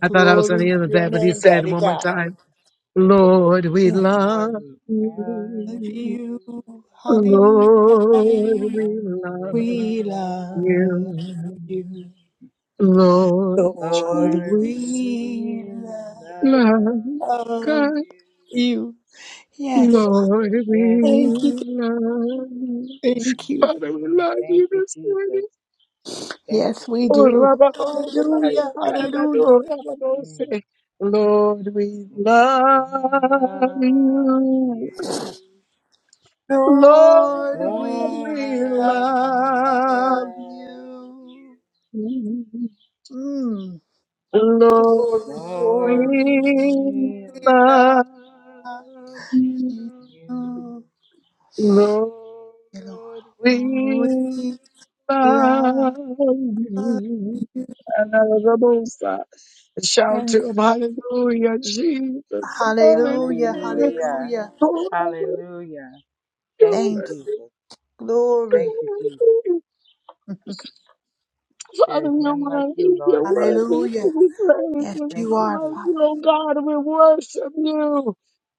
A: I thought I was going
D: Glory
A: to
D: to
A: end with
D: your
A: that, but he
D: name,
A: said
D: Daddy
A: one more
D: God.
A: time, Lord, we
D: We
A: love
C: Lord, we
D: Love
C: love
A: you.
D: you.
C: you.
D: Hallelujah.
A: Lord,
D: Hallelujah.
A: we
C: And
A: love
D: We
C: we love,
D: love
A: you.
D: you.
A: Lord,
D: Lord,
A: truth,
C: Lord,
D: we
C: we
A: love,
C: love
D: love
A: God,
C: you.
D: you. Yes.
A: Lord, we
C: Yes,
D: Thank
C: Lord.
D: you.
A: love you.
D: Thank you.
A: Father, we
C: Mm,
A: love
C: thank
A: you
C: you,
A: this
C: Jesus.
A: morning.
C: Thank you,
D: Yes, we
C: Jesus.
A: Oh,
D: do.
A: Rabba, oh, Saya,
D: Hallelujah.
A: God, I
D: Hallelujah.
A: know, Rabba, oh, say,
C: Mm,
A: Lord, we
C: we
A: love
C: love
A: you.
C: you.
A: Lord,
D: Lord, we
A: we
C: Lord, we
A: love
D: love
C: love you.
D: you.
A: you.
D: Mm. Glory,
A: Lord,
C: Lord,
D: glory,
C: we
A: we
C: need
D: we love
C: love
A: love you.
D: you,
C: you.
D: Hello,
A: Lord, we
D: We
A: love
D: love
A: you.
D: you.
A: Another Shout
D: Thank
A: to
D: you.
A: him, hallelujah, Jesus,
D: Hallelujah,
A: hallelujah.
C: Hallelujah.
D: hallelujah.
A: Oh, I
C: Hallelujah. Thank you,
D: Thank you,
C: Jesus.
D: glory.
C: Thank you,
A: love
C: Jesus.
A: you,
C: There
A: Father,
C: is
A: we don't
C: none
A: want
C: like
A: to
C: you,
A: leave your
C: Lord.
A: word. We
D: Hallelujah.
A: praise
D: Yes,
A: you.
C: Thank
D: you
A: We
C: you,
D: are,
A: honor you,
C: Jesus.
D: Father.
A: oh God, and we worship you.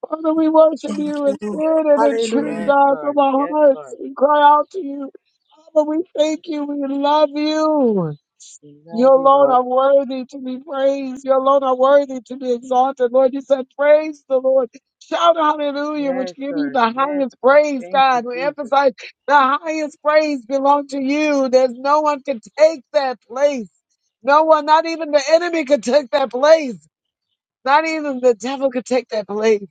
A: Father, we worship
D: Thank
A: you
D: you,
A: in
D: Lord.
A: spirit and in truth,
C: Yes,
D: Hallelujah.
A: God, from
C: Lord.
A: our
C: Yes,
A: hearts.
C: Lord.
A: We cry out to you. Father, we thank you. We love you.
C: We
A: You
C: love you,
A: alone are
C: Lord.
A: worthy to be praised. You alone are worthy to be exalted. Lord, you said, praise the Lord. Shout hallelujah, which
C: Yes,
A: give you
C: Lord.
A: the
C: Yes,
A: highest
C: Lord.
A: praise,
C: Thank you,
A: God. We
C: Jesus.
A: emphasize the highest praise belong to you. There's no one can take that place. No one, not even the enemy can take that place. Not even the devil could take that place.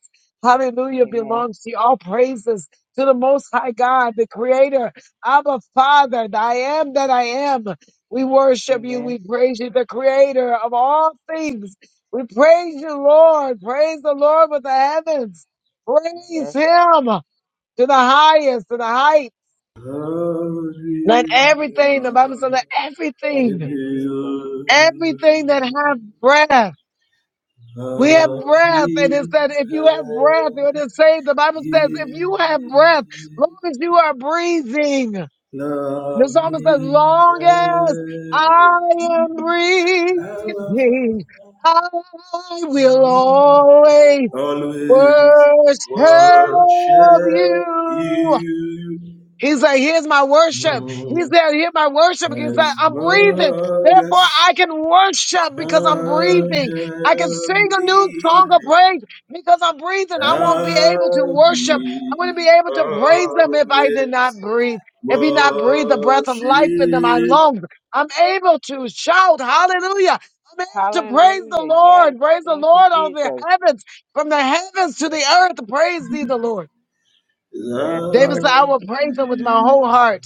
A: Hallelujah
C: Amen.
A: belongs to you. All praises to the Most High God, the Creator. Abba Father, I am that I am. We worship you. We
C: Amen.
A: praise you, the Creator of all things. We praise you, Lord. Praise the Lord with the heavens. Praise
C: Yes.
A: Him to the highest, to the height. Let
F: Always
A: everything, the Bible says, let
C: Thank
A: everything,
C: you, Jesus.
A: everything that have breath. We have breath, and it said, if you have breath, it is saved. The Bible says, if you have breath, long as you are breathing. The psalmist says, long as I am breathing, I will always worship
F: worship
A: you.
F: you
A: He's like, here's my worship. He's
F: Mm,
A: there, hear my worship. He's
F: as
A: like, I'm breathing.
F: long
A: Therefore, I
F: as
A: can worship
F: I am
A: because I'm breathing. I can sing a new song of
F: living,
A: praise because I'm breathing. I won't be
F: I
A: able to worship. I wouldn't
F: will
A: be able to praise them if I did
F: always
A: not breathe. If he not breathe the breath of life into my
F: worship.
A: lungs, I'm able to shout hallelujah. I'm able to praise the
C: Hallelujah. Yes.
A: Lord. Praise the
C: Thank you,
A: Lord on the
C: Jesus.
A: heavens, from the heavens to
C: Mm.
A: the earth. Praise thee, the Lord.
C: Yes,
A: David
C: Lord.
A: said, I will praise him with my whole heart.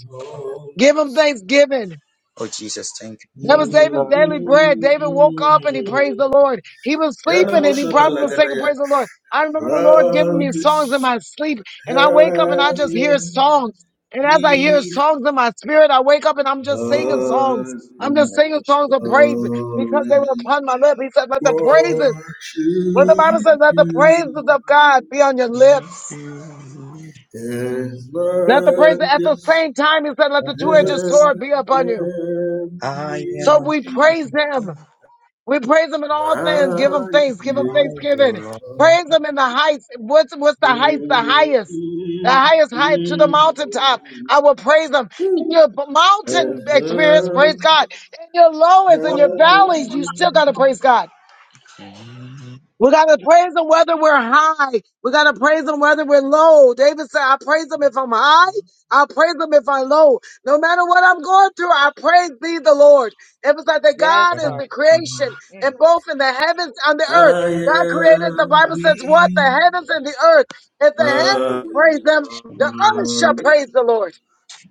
A: Give him thanksgiving.
B: Oh, Jesus, thank you.
A: That
C: Thank
A: was
C: you,
F: Mm,
A: David's
C: Lord.
A: daily bread.
F: mm,
A: David woke up and he praised
F: mm.
A: the Lord. He was
F: Yana
A: sleeping and he
F: Moshe
A: probably was saying, Praise
F: Magagi,
A: the Lord. I remember the Lord giving me songs in my sleep. And I wake up and I just hear songs. And as I hear songs in my spirit, I wake up and
F: I
A: I'm just singing songs.
B: We
A: I'm
F: will
A: just
B: want to
A: singing
B: worship you.
A: songs of praise because
F: always
A: they were upon my lips. He said, Let the praises, what the Bible says,
F: worship
A: let the
F: you
A: praises of God be on your
B: If
A: lips.
B: you would
F: as
A: Let the praises
F: long
A: at the
F: as
A: same time, he said, Let the
B: have
A: two edged
B: us,
A: sword be
F: everything
A: upon you.
B: I
A: So
B: am
A: we praise him.
B: eating.
A: We praise him in
F: I am.
A: all things. Give him thanks. Give him
B: I
A: thanksgiving.
B: will alone.
A: Praise him in the heights. What's, what's the heights? The highest. The highest height to the mountaintop. I will praise him. In your mountain experience, praise God. In your lowest, in your valleys, you still got to praise God. We gotta praise him whether we're high. We gotta praise him whether we're low. David said, I praise him if I'm high.
B: We
A: I praise him if I'm low. No matter what I'm going through, I praise thee the Lord. It was like that
C: Yes,
A: God is the
C: Lord.
A: creation and
C: Mm,
A: both in the heavens and the earth. God created, the
F: am
A: Bible says, what? The
F: weak.
A: heavens and the earth. If the
F: I
A: heavens praise him, the earth shall praise the Lord.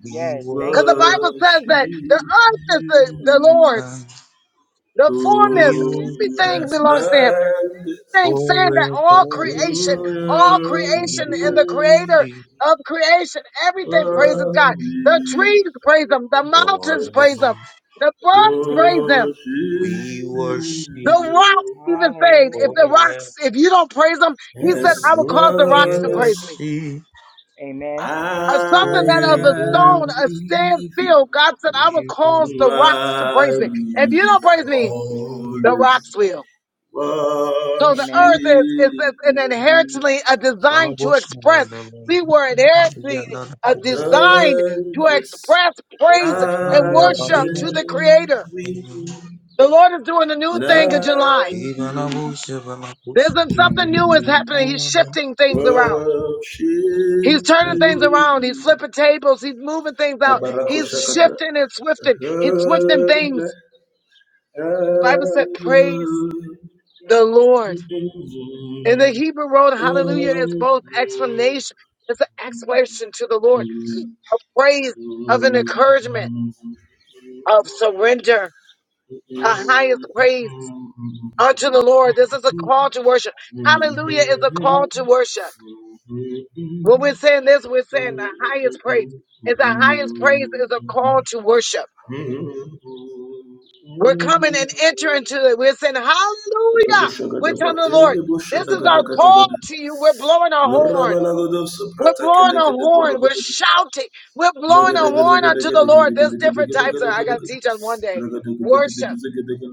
C: yes, thank
A: Cause
C: you,
A: the
C: Jesus.
A: Bible says that the
F: worship
A: earth is the, the
F: you.
B: forever.
A: Lord's. The fullness,
B: We
F: Oh,
B: worship
A: everything
F: as
A: belongs to him
F: land,
A: thing, saying that all
B: forever.
A: creation,
F: oh, I
A: all
F: am
A: creation
B: We
A: and the creator
F: weak.
B: worship
A: of creation, everything
B: forever.
A: praises God. The trees
F: Holy
A: praise him, the mountains
B: Lord.
A: praise
F: goodness,
A: him, the birds praise him,
F: worship
B: We worship
A: the rocks
F: you.
A: even say, if the
C: Hallelujah.
B: forever.
A: rocks, if you don't praise him, he said,
F: As
A: I will cause the rocks
B: We
A: to
F: long
A: praise
F: as
A: me.
B: worship
C: Amen.
A: Or
F: I
A: something that of a stone,
B: forever.
F: am
A: a stand
F: living,
A: still, God said, I will cause the rocks to
F: I
A: praise me. If you don't praise
F: will
A: me,
B: We
A: the
F: always
A: rocks will. So
F: worship
A: the
C: Amen.
A: earth is, is, is an
F: you.
A: inherently a design to
B: worship
A: express.
B: forever.
A: We were
B: Maria
A: inherently
B: la
A: uh,
B: busha
A: designed
F: And
A: to
F: as
A: express praise and
F: I
B: Romania
A: worship
B: balena
A: to the
F: am
A: creator.
F: with
A: The Lord is doing a new
F: and
A: thing in
F: I
A: July.
B: Ivana
F: will
B: busha Vana
A: There's
B: busha.
A: been something new is
F: Mm,
A: happening. He's shifting things around.
F: worship
A: He's turning
F: you.
A: things around. He's flipping tables. He's moving things out.
F: Abarako
A: He's
F: Shakata.
A: shifting and swifting. He's swifting things. The Bible said, praise the Lord. In the Hebrew word, hallelujah is both explanation, it's an explanation to the Lord, praise of an encouragement of surrender, a highest praise unto the Lord. This is a call to worship. Hallelujah is a call to worship. When we're saying this, we're saying the highest praise. And the highest praise is a call to worship. We're coming and entering to it. We're saying, Hallelujah. We're telling the Lord, this is our call to you. We're blowing our horn. We're blowing a horn. We're shouting. We're blowing a horn unto the Lord. There's different types of, I got to teach on one day, worship.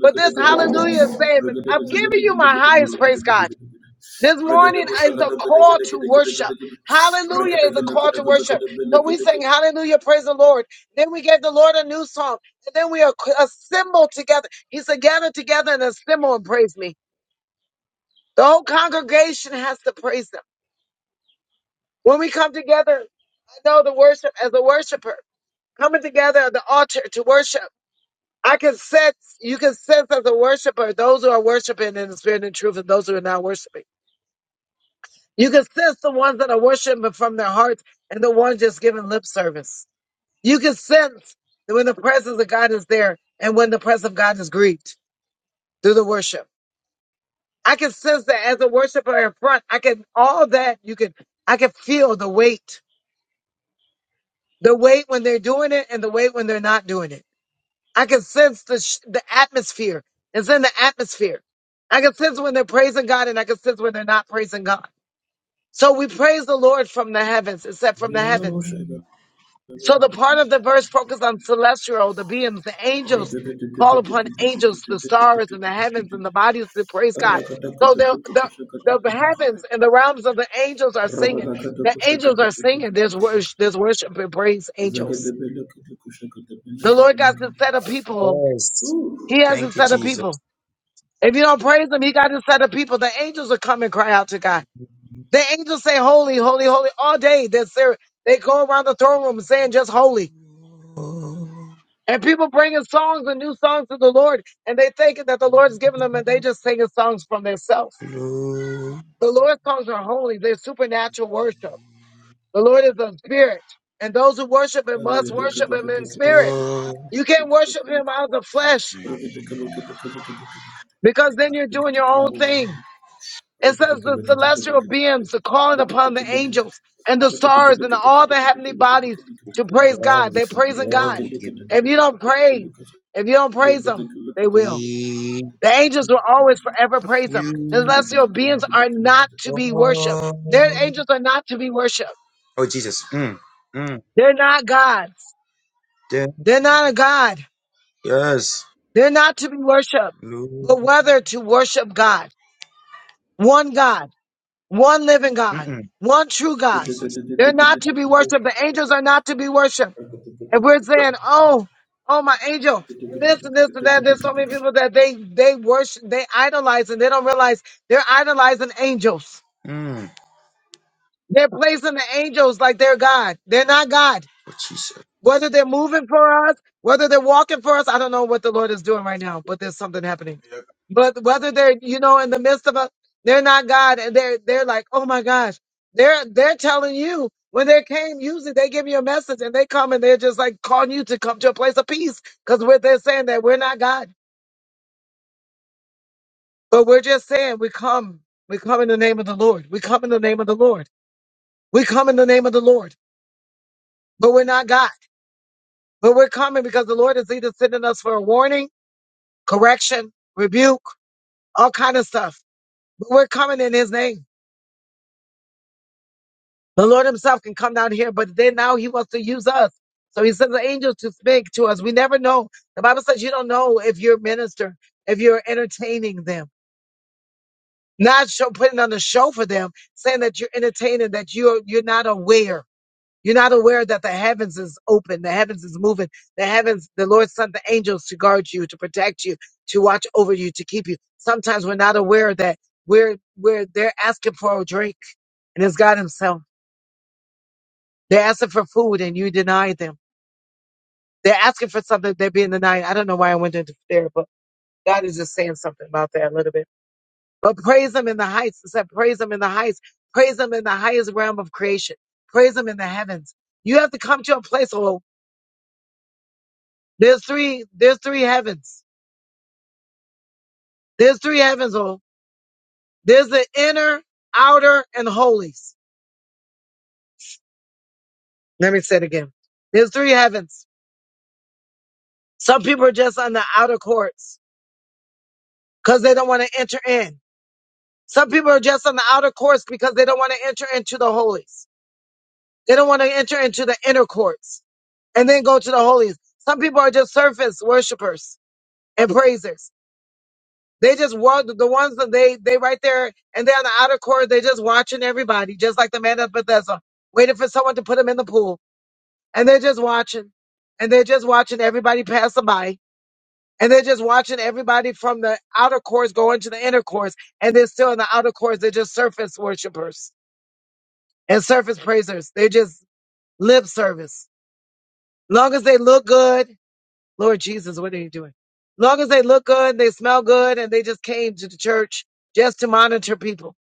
A: But this hallelujah is saying, I'm giving you my highest praise, God. This morning is a call to worship. Hallelujah is a call to worship. So we sing hallelujah, praise the Lord. Then we gave the Lord a new song. And then we ac- assemble together. He said, gather together and assemble and praise me. The whole congregation has to praise him. When we come together, I know the worship as a worshiper. coming together at the altar to worship. I can sense, you can sense as a worshiper, those who are worshiping in the spirit and truth and those who are not worshiping. You can sense the ones that are worshiping from their hearts and the ones just giving lip service. You can sense that when the presence of God is there and when the presence of God is grieved through the worship. I can sense that as a worshiper in front, I can, all that you can, I can feel the weight, the weight when they're doing it and the weight when they're not doing it. I can sense the sh- the atmosphere. It's in the atmosphere. I can sense when they're praising God, and I can sense when they're not praising God. So we praise the Lord from the heavens. It said from the heavens. So the part of the verse focused on celestial, the beings, the angels. Call upon angels, the stars, and the heavens, and the bodies to praise God. So the the the heavens and the realms of the angels are singing. The angels are singing. There's worship. There's worship and praise. Angels. The Lord God's set of people.
B: Yes.
A: He has a
B: Thank you,
A: set of people.
B: Jesus.
A: If you don't praise him, he got his set of people. The angels will come and cry out to God. The angels say, Holy, holy, holy, all day. They're, ser- they go around the throne room saying just holy.
B: Oh,
A: And people bringing songs and new songs to the Lord, and they thinking that the
B: Lord.
A: Lord is giving them, and they just singing songs from themselves. The Lord's songs are holy, they're supernatural worship. The Lord is a spirit, and those who worship him must worship him in spirit.
B: Oh,
A: You can't worship him out of the flesh because then you're doing your own thing. It says the celestial beings are calling upon the angels and the stars and all the heavenly bodies to praise
B: Lord,
A: God.
B: we
A: They're
B: give you
A: praising
B: all,
A: God.
B: we give
A: If you don't pray, if you don't praise Him, they will. The angels will always forever praise Him. The
B: you
A: celestial beings are not to be worshipped. Their
B: all.
A: angels are not to be worshipped.
B: Oh, Jesus. Mm. Mm.
A: They're not gods. They're not a god.
B: Yes.
A: They're not to be worshipped. But
B: Lord.
A: whether to worship God, one God. One living God,
B: Mm-mm.
A: one true God.
B: Jesus.
A: They're not to be worshiped. The angels are not to be worshiped. And we're saying, oh, oh, my angel, and this and this and that. There's so many people that they they worship, they idolize, and they don't realize they're idolizing angels.
B: Mm.
A: They're placing the angels like they're God. They're not God.
B: Oh, Jesus.
A: Whether they're moving for us, whether they're walking for us, I don't know what the Lord is doing right now, but there's something happening. But whether they're, you know, in the midst of us, they're not God, and they're they're like, oh my gosh, they're they're telling you when they came. Usually they give you a message, and they come and they're just like calling you to come to a place of peace because we're they're saying that we're not God, but we're just saying we come, we come in the name of the Lord, we come in the name of the Lord, we come in the name of the Lord, but we're not God. But we're coming because the Lord is either sending us for a warning correction, rebuke, all kind of stuff. But we're coming in his name. The Lord himself can come down here, but then now he wants to use us. So he sends an angel to speak to us. We never know. The Bible says you don't know if you're a minister, if you're entertaining them, not show, putting on the show for them, saying that you're entertaining, that you're, you're not aware. You're not aware that the heavens is open, the heavens is moving, the heavens, the Lord sent the angels to guard you, to protect you, to watch over you, to keep you. Sometimes we're not aware that we're we're they're asking for a drink and it's God Himself. They're asking for food and you deny them. They're asking for something they're being denied. I don't know why I went into there, but God is just saying something about that a little bit. But praise Him in the heights. It said, praise Him in the heights. Praise Him in the highest realm of creation. Praise Him in the heavens. You have to come to a place, where. There's three, there's three heavens. There's three heavens, oh. There's the inner, outer, and holies. Let me say it again. There's three heavens. Some people are just on the outer courts because they don't want to enter in. Some people are just on the outer courts because they don't want to enter into the holies. They don't want to enter into the inner courts and then go to the holies. Some people are just surface worshipers and praisers. They just were the ones that they they right there and they're on the outer court. They're just watching everybody, just like the man at Bethesda, waiting for someone to put him in the pool, and they're just watching, and they're just watching everybody pass them by, and they're just watching everybody from the outer courts go into the inner courts, and they're still in the outer courts. They're just surface worshipers and surface praisers. They just lip service. Long as they look good, Lord Jesus, what are you doing? Long as they look good, they smell good, and they just came to the church just to monitor people.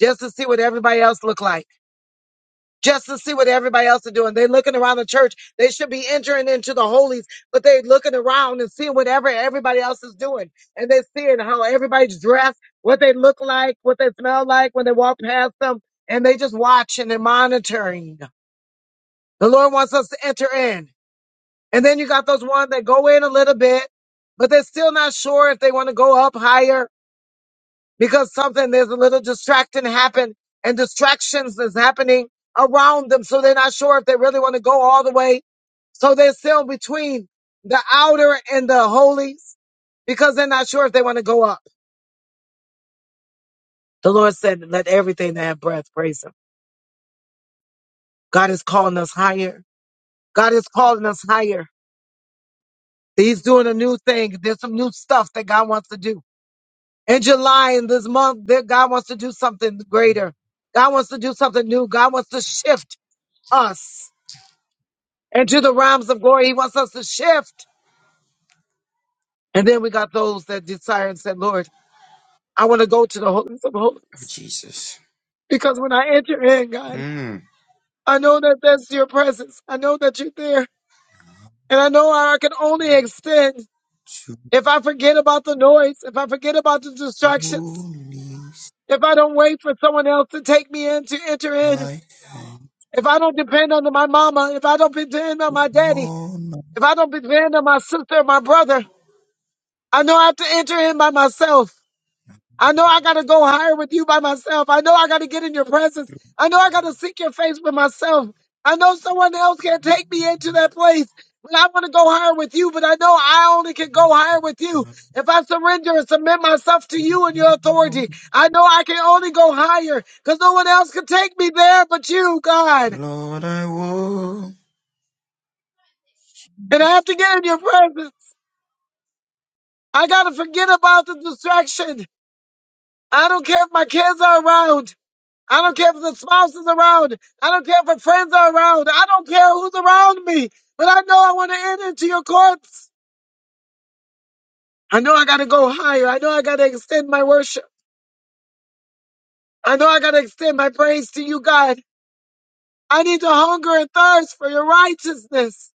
A: just to see what everybody else look like, just to see what everybody else is doing. They're looking around the church. They should be entering into the holies, but they're looking around and seeing whatever everybody else is doing. And they're seeing how everybody's dressed, what they look like, what they smell like when they walk past them. And they just watch and they're monitoring. The Lord wants us to enter in. And then you got those ones that go in a little bit, but they're still not sure if they want to go up higher because something there's a little distracting happen and distractions is happening around them so they're not sure if they really want to go all the way so they're still between the outer and the holies because they're not sure if they want to go up the lord said let everything that have breath praise him god is calling us higher god is calling us higher he's doing a new thing there's some new stuff that god wants to do in july in this month that god wants to do something greater god wants to do something new god wants to shift us and to the realms of glory. He wants us to shift. And then we got those that desire and said, Lord, I want to go to the holies of
B: Oh,
A: holies.
B: Jesus.
A: Because when I enter in, God,
B: Mm.
A: I know that that's your presence. I know that you're there. And I know I can only extend
B: To
A: if I forget about the noise, if I forget about the distractions,
B: holy
A: if I don't wait for someone else to take me in to enter in,
B: my hand,
A: if I don't depend on my mama, if I don't depend on my daddy,
B: on
A: if I don't depend on my sister or my brother, I know I have to enter in by myself. I know I got to go higher with you by myself. I know I got to get in your presence. I know I got to seek your face for myself. I know someone else can take me into that place. But I want to go higher with you, but I know I only can go higher with you.
B: altar.
A: If I surrender and submit myself to you and your authority, I know I can only go higher because no one else can take me there but you, God.
B: Lord, I will.
A: And I have to get in your presence. I got to forget about the distraction. I don't care if my kids are around. I don't care if the spouse is around. I don't care if her friends are around. I don't care who's around me. But I know I want to enter into your courts. I know I got to go higher. I know I got to extend my worship. I know I got to extend my praise to you, God. I need to hunger and thirst for your righteousness,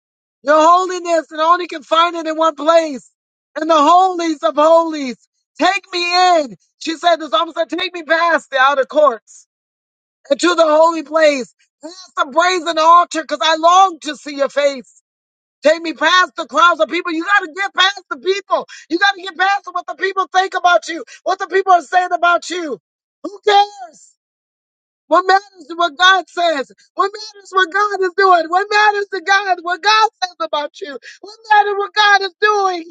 A: your holiness, and I only can find it in one place. In the holies of holies. Take me in. She said, the psalmist said, take me past the outer courts. into the holy place, past the brazen altar, because I long to see your face. Take me past the crowds of people. You got to get past the people. You got to get past what the people think about you, what the people are saying about you. Who cares? What matters is what God says. What matters is what God is doing. What matters to God is what God says about you. What matters is what God is doing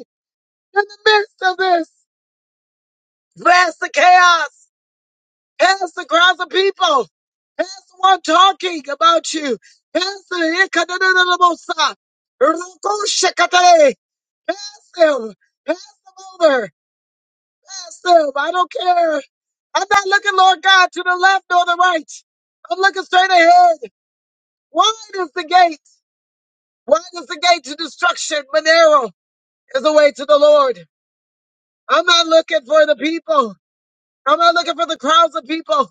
A: in the midst of this. Bless the chaos. Pastor, crowds of people. Pastor, one talking about you. Pastor, ikadadadadabosa. Rukushakatare. Pass them. Pass them over. Pass them. I don't care. I'm not looking, Lord God, to the left or the right. I'm looking straight ahead. Wide is the gate. Wide is the gate to destruction, but narrow is the way to the Lord. I'm not looking for the people. I'm not looking for the crowds of people.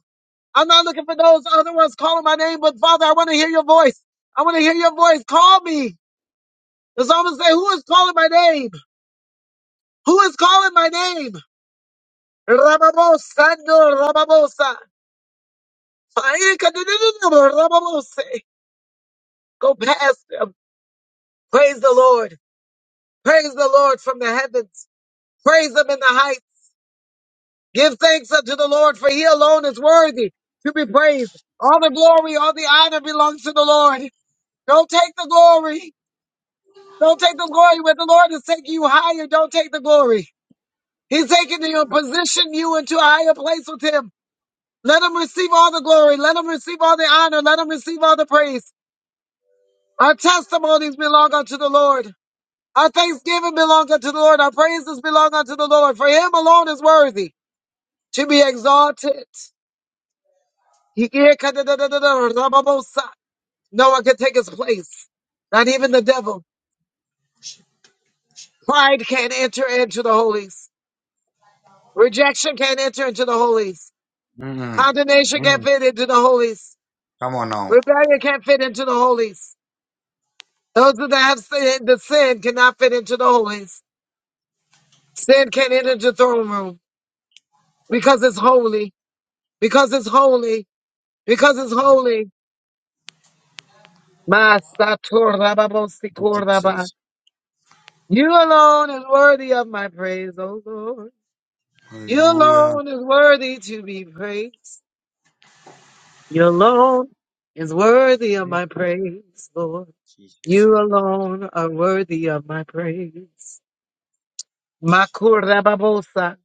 A: I'm not looking for those other ones calling my name, but Father, I want to hear your voice. I want to hear your voice. Call me. The psalmist say, who is calling my name? Who is calling my name? Rababosa, no, Rababosa. Rababose. Go past them. Praise the Lord. Praise the Lord from the heavens. Praise him in the heights. Give thanks unto the Lord, for he alone is worthy to be praised. All the glory, all the honor belongs to the Lord. Don't take the glory. Don't take the glory when the Lord is taking you higher. Don't take the glory. He's taking you and position you into a higher place with him. Let him receive all the glory. Let him receive all the honor. Let him receive all the praise. Our testimonies belong unto the Lord. Our thanksgiving belong unto the Lord. Our praises belong unto the Lord. For him alone is worthy to be exalted. No one can take his place. Not even the devil. Pride can't enter into the holies. Rejection can't enter into the holies.
B: Mm.
A: Condemnation can't
B: Mm.
A: fit into the holies.
B: Come on now.
A: Rebellion can't fit into the holies. Those that have sin, the sin cannot fit into the holies. Sin can't enter the throne room because it's holy. Because it's holy. Because it's holy. Ma
B: Oh, Jesus.
A: You alone is worthy of my praise, O Lord. You
B: Hallelujah.
A: alone is worthy to be praised. You alone is worthy of
B: Mm.
A: my praise, Lord.
B: Jesus.
A: You alone are worthy of my praise. Makurababosa,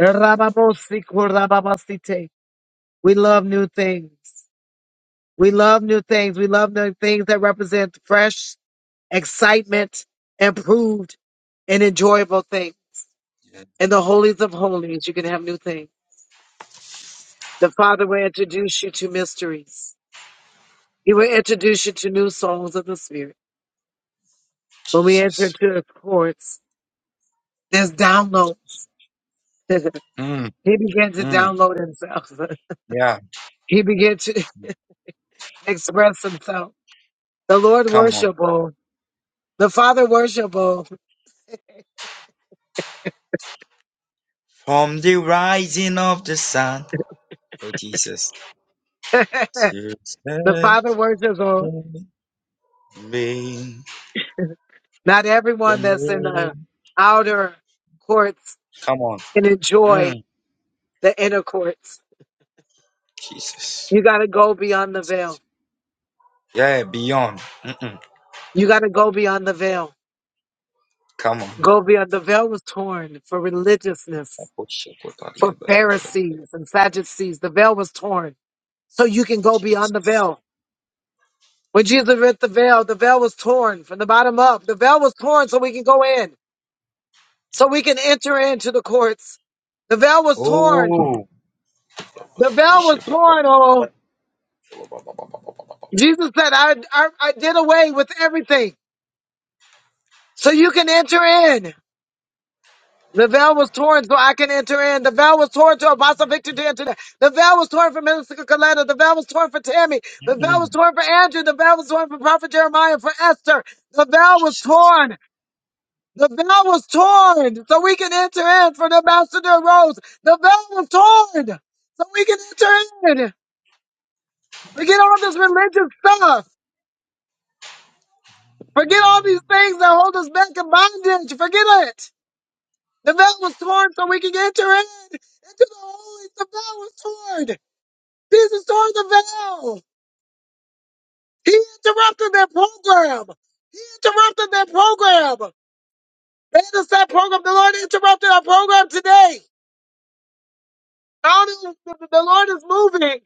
A: Rababosi, Kurababasite. We love new things. We love new things. We love new things that represent fresh excitement, improved, and enjoyable things.
B: Yeah,
A: In the holies of holies, you can have new things. The Father will introduce you to mysteries. He will introduce you to new songs of the Spirit. When we enter
B: Jesus.
A: into His courts, there's downloads. he
B: Mm.
A: began to
B: Mm.
A: download himself.
B: Yeah.
A: he began to express himself The Lord
B: Come on.
A: worshipable. The Father worshipable.
B: From the rising of the sun. Oh, Jesus.
A: the
B: to set
A: Father worshipable.
B: me
A: Not
B: your
A: everyone that's in the
B: name.
A: outer courts
B: Come on.
A: can enjoy
B: Mm,
A: the inner courts.
B: Jesus.
A: You got to go beyond the veil.
B: Yeah, beyond. Mm-mm.
A: You got to go beyond the veil.
B: Come on.
A: Go beyond. The veil was torn for religiousness, for Pharisees and Sadducees. The veil was torn. So you can go beyond the
B: Jesus.
A: veil. When Jesus ripped the veil, the veil was torn from the bottom up. The veil was torn so we can go in. so we can enter into the courts. The veil was torn.
B: Oh.
A: The veil was torn. Oh, Jesus said, I, I, I did away with everything so you can enter in. The veil was torn so I can enter in. The veil was torn to Apostle Victor to enter in. The veil was torn for Minister Coletta. The veil was torn for Tammy. The veil
B: Mm-mm.
A: was torn for Andrew. The veil was torn for Prophet Jeremiah, for Esther. The veil was
B: Jesus.
A: torn. The veil was torn so we can enter in for the ambassador rose. The veil was torn so we can enter in. Forget all this religious stuff. Forget all these things that hold us back in bondage. Forget it. The veil was torn so we can enter in into the holy. The veil was torn. Jesus tore the veil. He interrupted their program. He interrupted their program. They had a set program. The Lord interrupted our program today. I don't know. The the Lord is moving.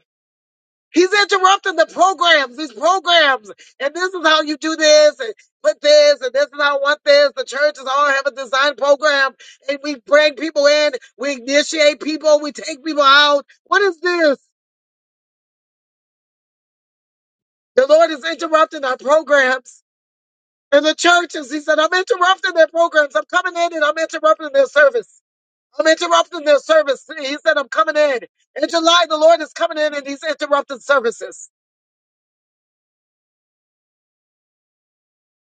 A: He's interrupting the programs, these programs, and this is how you do this, and put this, and this is how I want this. The churches all have a design program, and we bring people in, we initiate people, we take people out. What is this? The Lord is interrupting our programs and the churches. He said, I'm interrupting their programs. I'm coming in and I'm interrupting their service. I'm interrupting their service. He said, I'm coming in. In July, the Lord is coming in and he's interrupting services.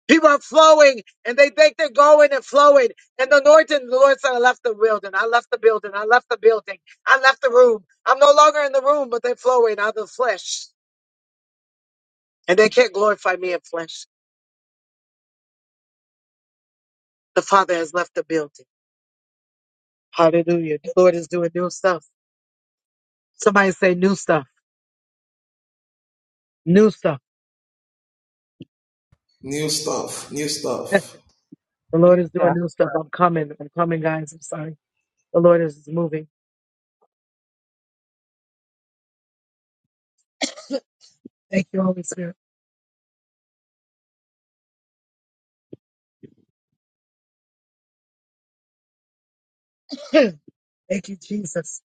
A: People are flowing and they think they're going and flowing. And the Lord didn't. The Lord said, I left the building. I left the building. I left the building. I left the room. I'm no longer in the room, but they're flowing out of the flesh. And they can't glorify me in flesh. The Father has left the building. Hallelujah. The Lord is doing new stuff. Somebody say new stuff. New stuff.
F: New stuff, new stuff.
A: The Lord
C: New
A: is doing
C: stuff.
A: new stuff. I'm coming. I'm coming, guys. I'm sorry. The Lord is moving. Thank you, Holy Spirit. Thank you, Jesus.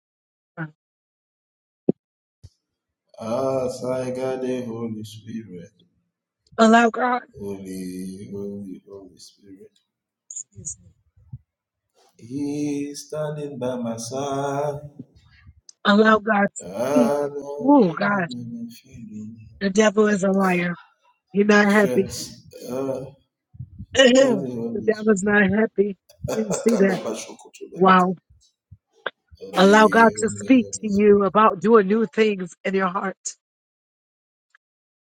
F: As I got the Holy Spirit,
A: Allow God.
F: Holy, Holy, Holy Spirit.
A: Excuse me.
F: He's standing by my side.
A: Allow God to
F: I
A: speak.
F: don't know
A: Oh, God,
F: feeling.
A: the devil is a liar. You're not happy.
F: Strength. Ah, got
A: the
F: Holy
A: devil's
F: Spirit.
A: not happy. Didn't see that. Wow. Allow God
F: Holy,
A: to
F: Holy,
A: speak to
F: Holy
A: you
F: Spirit.
A: about doing new things in your heart.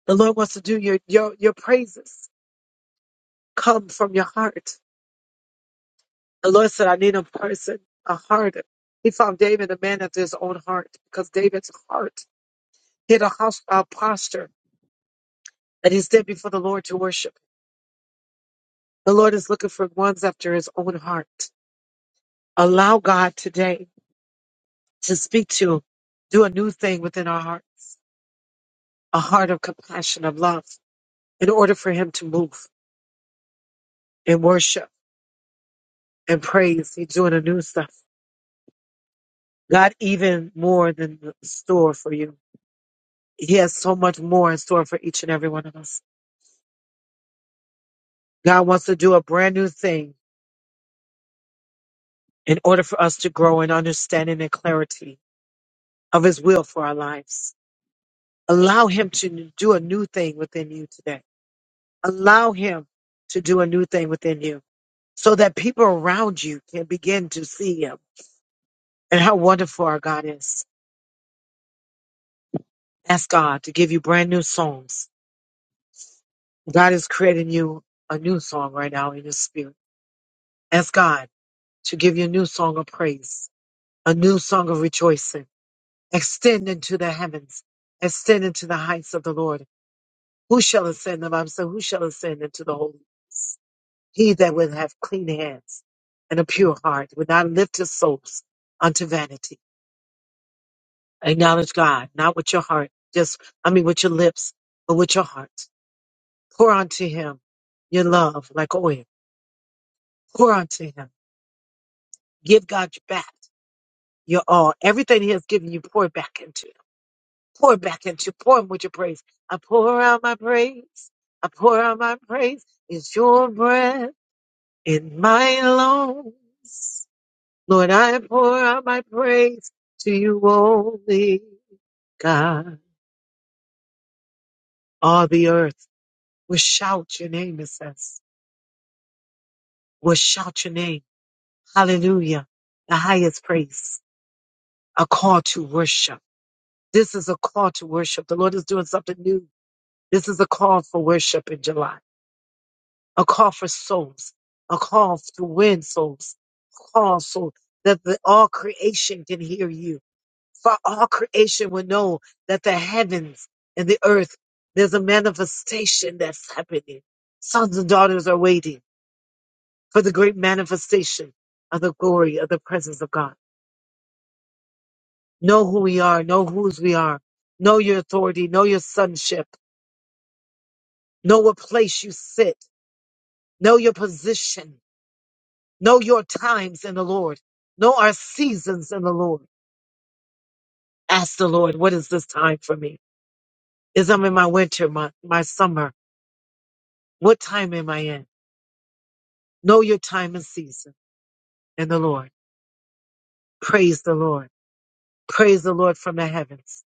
A: The Lord wants to do your, your, your praises come from your heart. The Lord said, I need a person, a heart. He found David a man after his own heart because David's heart hit a hostile posture and he stood before the Lord to worship. The Lord is looking for ones after his own heart. Allow God today to speak to, you. do a new thing within our hearts, a heart of compassion, of love, in order for Him to move and worship and praise. He's doing a new stuff. God, even more than the store for you. He has so much more in store for each and every one of us. God wants to do a brand new thing in order for us to grow in understanding and clarity of His will for our lives. Allow Him to do a new thing within you today. Allow Him to do a new thing within you so that people around you can begin to see him and how wonderful our God is. Ask God to give you brand new songs. God is creating you a new song right now in your spirit. Ask God to give you a new song of praise, a new song of rejoicing. Extend into the heavens, extend into the heights of the Lord. Who shall ascend the mountain? Who shall ascend into the holy? He that would have clean hands and a pure heart would not lift his souls unto vanity Acknowledge God, not with your heart, just, I mean, with your lips, but with your heart. Pour onto Him your love like oil. Pour onto Him. Give God your back, your all. Everything He has given you, pour it back into. Pour it back into. Pour Him with your praise. I pour out my praise. I pour out my praise. It's your breath in my lungs. Lord, I pour out my praise to you only, God. All the earth will shout your name, it says. We'll shout your name. Hallelujah. The highest praise. A call to worship. This is a call to worship. The Lord is doing something new. This is a call for worship in July. A call for souls. A call to win souls. A call so that the, all creation can hear you. For all creation will know that the heavens and the earth, there's a manifestation that's happening. Sons and daughters are waiting for the great manifestation of the glory of the presence of God. Know who we are. Know whose we are. Know your authority. Know your sonship. Know what place you sit. Know your position. Know your times in the Lord. Know our seasons in the Lord. Ask the Lord, what is this time for me? Is I'm in my winter, my, my summer? What time am I in? Know your time and season in the Lord. Praise the Lord. Praise the Lord from the heavens.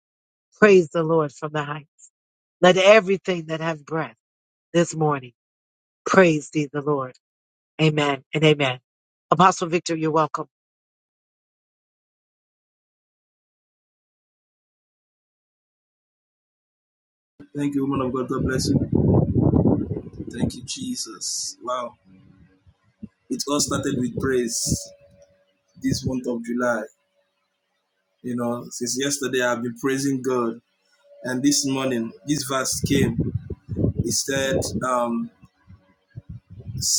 A: Praise the Lord from the heights. Let everything that have breath this morning praise thee, the Lord. Amen and amen. Apostle Victor, you're welcome.
F: It's praise. You know, I've been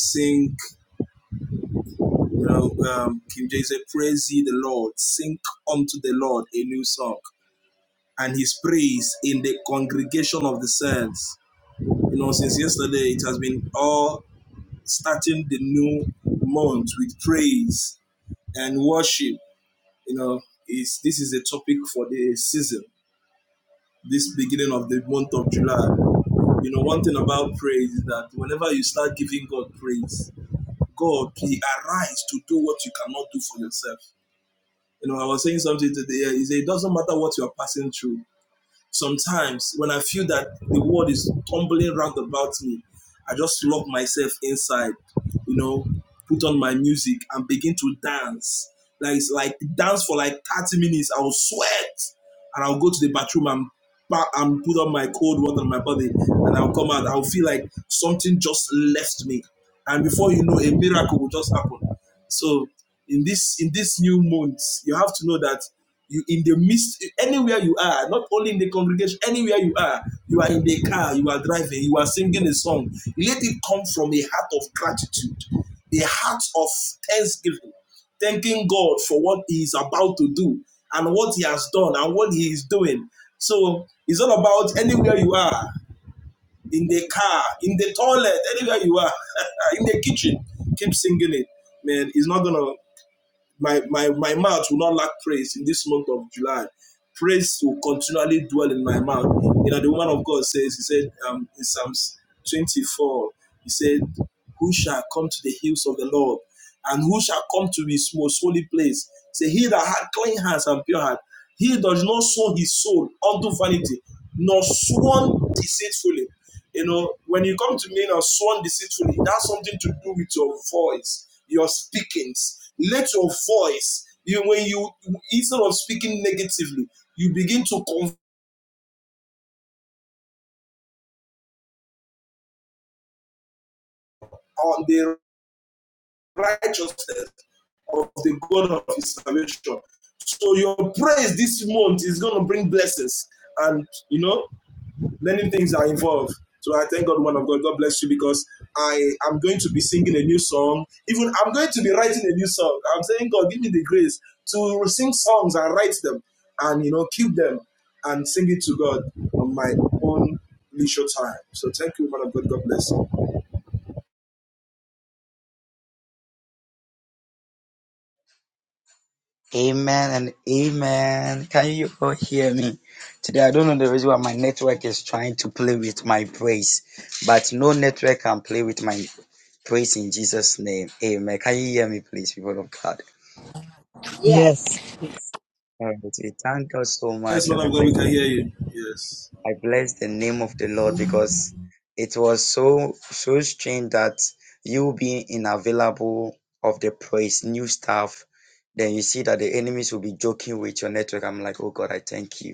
F: sing, you know, um, King James said, Praise ye the Lord, sing unto the Lord a new song. and his praise in the congregation of the saints. You know, since yesterday, it has been all starting the new month with praise and worship. You know, is this is a topic for the season, this beginning of the month of July. You know, one thing about praise is that whenever you start giving God praise, God, He arises to do what you cannot do for yourself. You know, I was saying something today. He said, It doesn't matter what you are passing through. Sometimes when I feel that the world is tumbling round about me, I just lock myself inside, you know, put on my music and begin to dance. Like it's like dance for like 30 minutes. I will sweat and I'll go to the bathroom and and put on my cold water on my body and I'll come out. I'll feel like something just left me. And before you know, a miracle will just happen. So in this in this new month, you have to know that you in the midst anywhere you are, not only in the congregation, anywhere you are, you are in the car, you are driving, you are singing a song. Let it come from a heart of gratitude, a heart of thanksgiving thanking God for what He is about to do and what He has done and what He is doing. So it's all about anywhere you are in the car, in the toilet, anywhere you are, in the kitchen. Keep singing it, man. It's not gonna my, my, my mouth will not lack praise in this month of July. Praise will continually dwell in my mouth. You know, the woman of God says, He said um, in Psalms 24, He said, Who shall come to the hills of the Lord? And who shall come to his most holy place? Say, He that had clean hands, your lips, you, when you eat wickedly, you begin to confess of the God of his salvation. So your praise this month is going to bring blessings. And, you know, many things are involved. So I thank God, one of God, God bless you because I am going to be singing a new song. Even I'm going to be writing a new song. I'm saying, God, give me the grace to sing songs and write them and, you know, keep them and sing it to God on my own leisure time. So thank you, man of God. God bless you.
B: Amen and amen. Can you all hear me? Today, I don't know the reason why my network is trying to play with my praise, but no network can play with my praise in Jesus' name. Amen. Can you hear me, please, people of God?
A: Yes, yes,
B: All right. We thank God so
F: Yes,
B: much, and
F: man
B: I
F: of God, we
B: bless the
F: can
B: name.
F: hear you. Yes.
B: I bless the name of the Lord because it was so so strange that you being unavailable of the praise, new stuff, then you see that the enemies will be joking with your network. I'm like, oh God, I thank you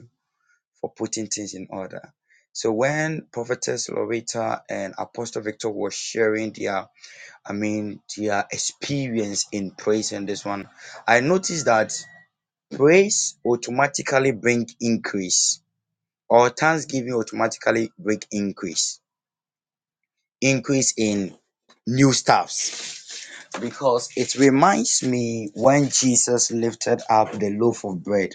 B: for putting things in order. So when Prophetess Loretta and Apostle Victor were sharing their, I mean, their experience in praise in this one, I noticed that praise automatically bring increase, or thanksgiving automatically bring increase, increase in new stuffs, because it reminds me when Jesus lifted up the loaf of bread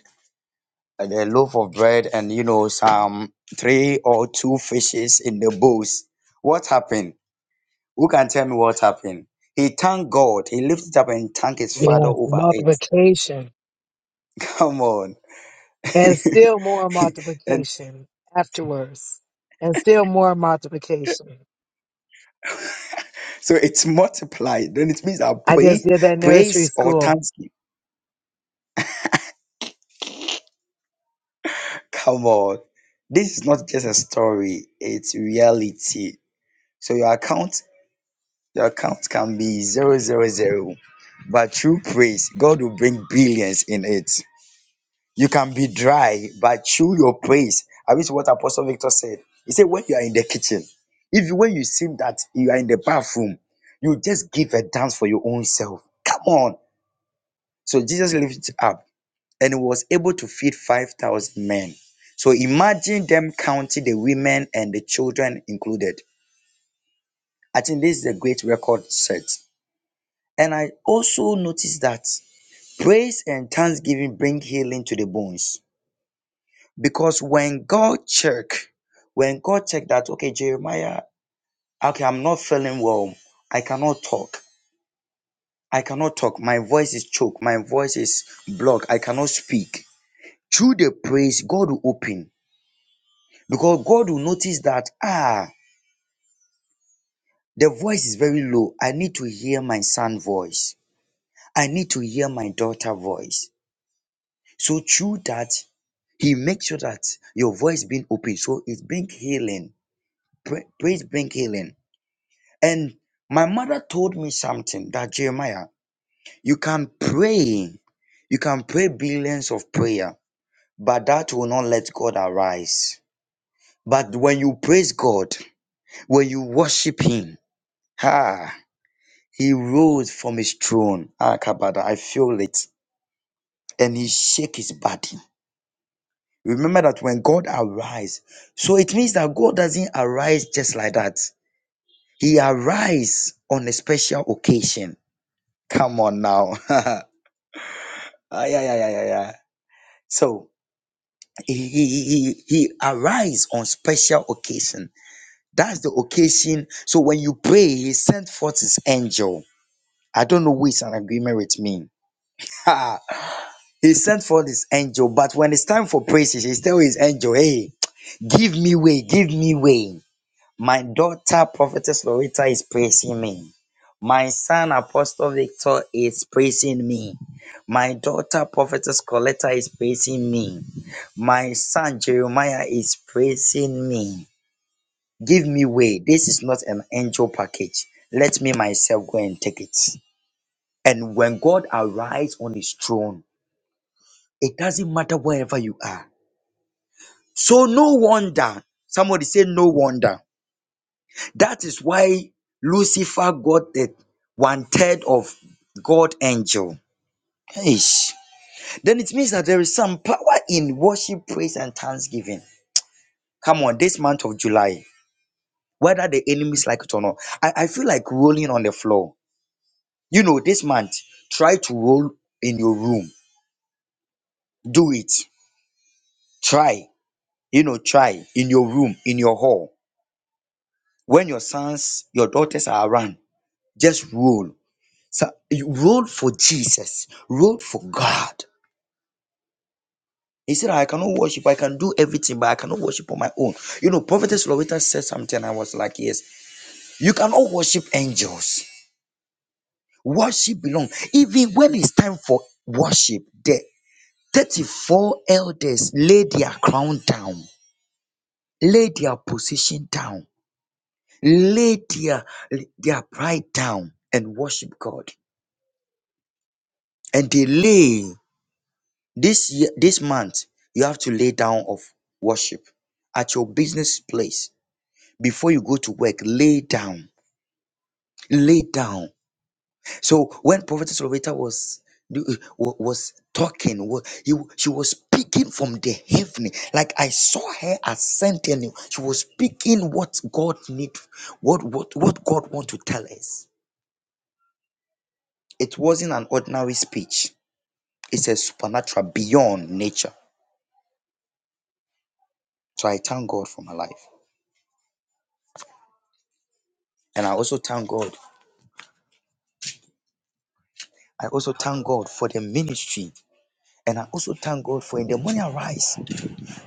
B: and a loaf of bread and you know some three or two fishes in the bowls. What happened? Who can tell me what happened? He thanked God. He lifted up and thanked his father
A: yes,
B: over it.
A: multiplication,
B: Come on.
A: and still more
B: and
A: multiplication afterwards, and still more multiplication.
B: so it's multiplied. Then it means our
A: I just
B: praise,
A: did that nursery
B: praise or
A: school.
B: thanksgiving. Come on. This is not just a story, it's reality. So your account, your account can be zero zero zero. But through praise, God will bring billions in it. You can be dry, but chew your praise. I wish what Apostle Victor said. He said, when you are in the kitchen, if you- when you seem that you are in the bathroom, you just give a dance for your own self. Come on. So Jesus lifted up and he was able to feed 5,000 men. So imagine them counting the women and the children included. I think this is a great record set. And I also noticed that praise and thanksgiving bring healing to the bones. Because when God check, when God check that, okay, Jeremiah, okay, I'm not feeling well. I cannot talk. I cannot talk. My voice is choked. My voice is blocked. I cannot speak. Through the praise, God will open. Because God will notice that, ah, the voice is very low. I need to hear my son voice. I need to hear my daughter voice. So through that, he makes sure that your voice being open. So it's bring healing. Pra- Praise bring healing And my mother told me something that Jeremiah, you can pray, you can pray billions of prayer, but that will not let God arise. But when you praise God, when you worship Him, ha, He rose from His throne. Ah, Kabada, I feel it, and He shake His body. Remember that when God arise, so it means that God doesn't arise just like that. He arise on a special occasion. Come on now. Ah, yeah, yeah, yeah, yeah, yeah. So he, he, he, he arise on special occasion. That's the occasion. So when you pray, he sent forth his angel. I don't know who is an agreement with me. Ha! he sent forth his angel, but when it's time for praises, he tell his angel, hey, give me way, give me way. My daughter, Prophetess Loretta, is praising me. My son, Apostle Victor, is praising me. My daughter, Prophetess Coletta, is praising me. My son, Jeremiah, is praising me. Give me way. This is not an angel package. Let me myself go and take it. And when God arrives on his throne, it doesn't matter wherever you are. So, no wonder. Somebody say, No wonder That is why Lucifer got the one third of God angel. Eish. Then it means that there is some power in worship, praise, and thanksgiving. Come on, this month of July, whether the enemies like it or not, I, I feel like rolling on the floor. You know, this month, try to roll in your room. Do it. Try. You know, try in your room, in your hall. When your sons, your daughters are around, just roll So you roll for Jesus, roll for God. He said, I cannot worship, I can do everything, but I cannot worship on my own. You know, Prophetess Loretta said something, I was like, Yes, you cannot worship angels. Worship belong. Even when it's time for worship, the 34 elders lay their crown down, lay their position down, lay their, their pride down, and worship God. And they lay. This year, this month, you have to lay down of worship at your business place before you go to work. Lay down, lay down. So when Prophetess Loretta was wa- was talking, wa- he- she was speaking from the heaven. Like I saw her ascending. She was speaking what God need, what what what God want to tell us. It wasn't an ordinary speech. It's a supernatural beyond nature. So I thank God for my life. And I also thank God I also thank God for the ministry. And I also thank God for in the morning arise.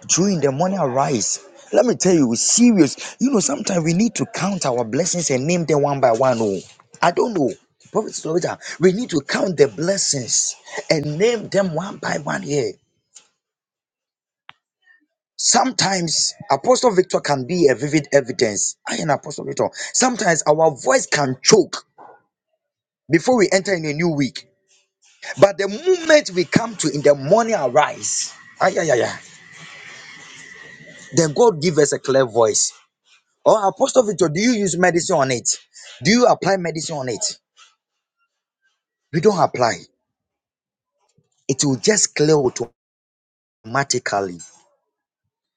B: During the morning arise. Let me tell you, it's serious. You know, sometimes we need to count our blessings and name them one by one. Oh, I don't know. Prophet Slovita, we need to count the blessings and name them one by one here. Sometimes Apostle Victor can be a vivid evidence. I am Apostle Victor. Sometimes our voice can choke before we enter in a new week. But the moment we come to in the morning arise, ay, ay, ay, ay, then God give us a clear voice. Oh, Apostle Victor, do you use medicine on it? Do you apply medicine on it? We don't apply. It will just clear automatically.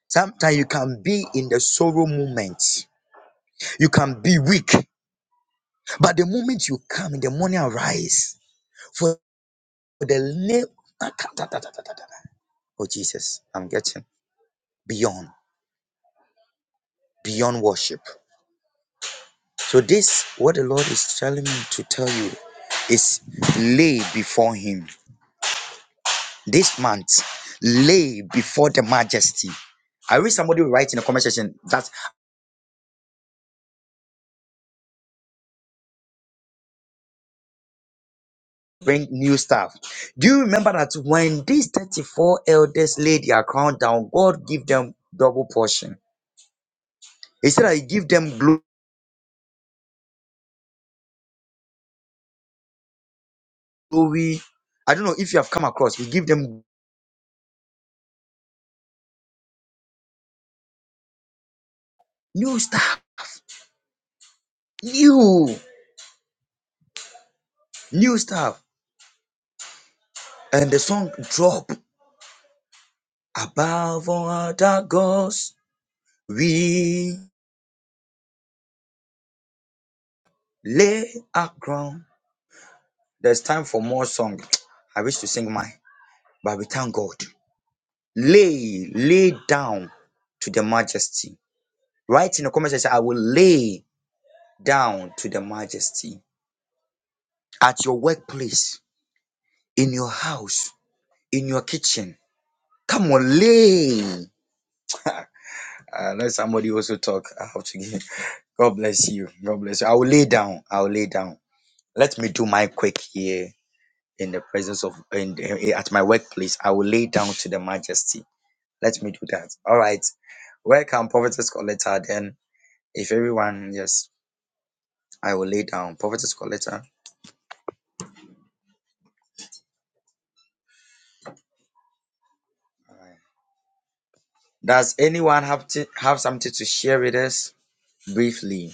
B: Sometimes you can be in the sorrow moment. You can be weak. But the moment you come in the morning arise, for the name, Ah, ta, ta, ta, ta, ta, ta, ta. oh Jesus, I'm getting beyond, beyond worship. So this what the Lord is telling me to tell you is lay before him this month. Lay before the majesty. I wish somebody would write in the comment section that bring new stuff. Do you remember that when these 34 elders laid their crown down, God gave them double portion? He said that he give them glory. I don't know if you have come across, he give them new stuff, new, new stuff. And the song drop. Above other gods, we lay our crown. There's time for more song. I wish to sing mine, but we thank God. Lay, lay down to the majesty. Write in the comment section, I will lay down to the majesty. At your workplace, in your house, in your kitchen. Come on, lay. Uh, let somebody also talk. I have to give. God bless you. God bless you. I will lay down. I will lay down. Let me do my quick here in the presence of in, in- at my workplace. I will lay down to the majesty. Let me do that. All right. Welcome, Prophetess Coletta. Then, if everyone, yes, I will lay down. Prophetess Coletta. Does anyone have to have something to share with us briefly?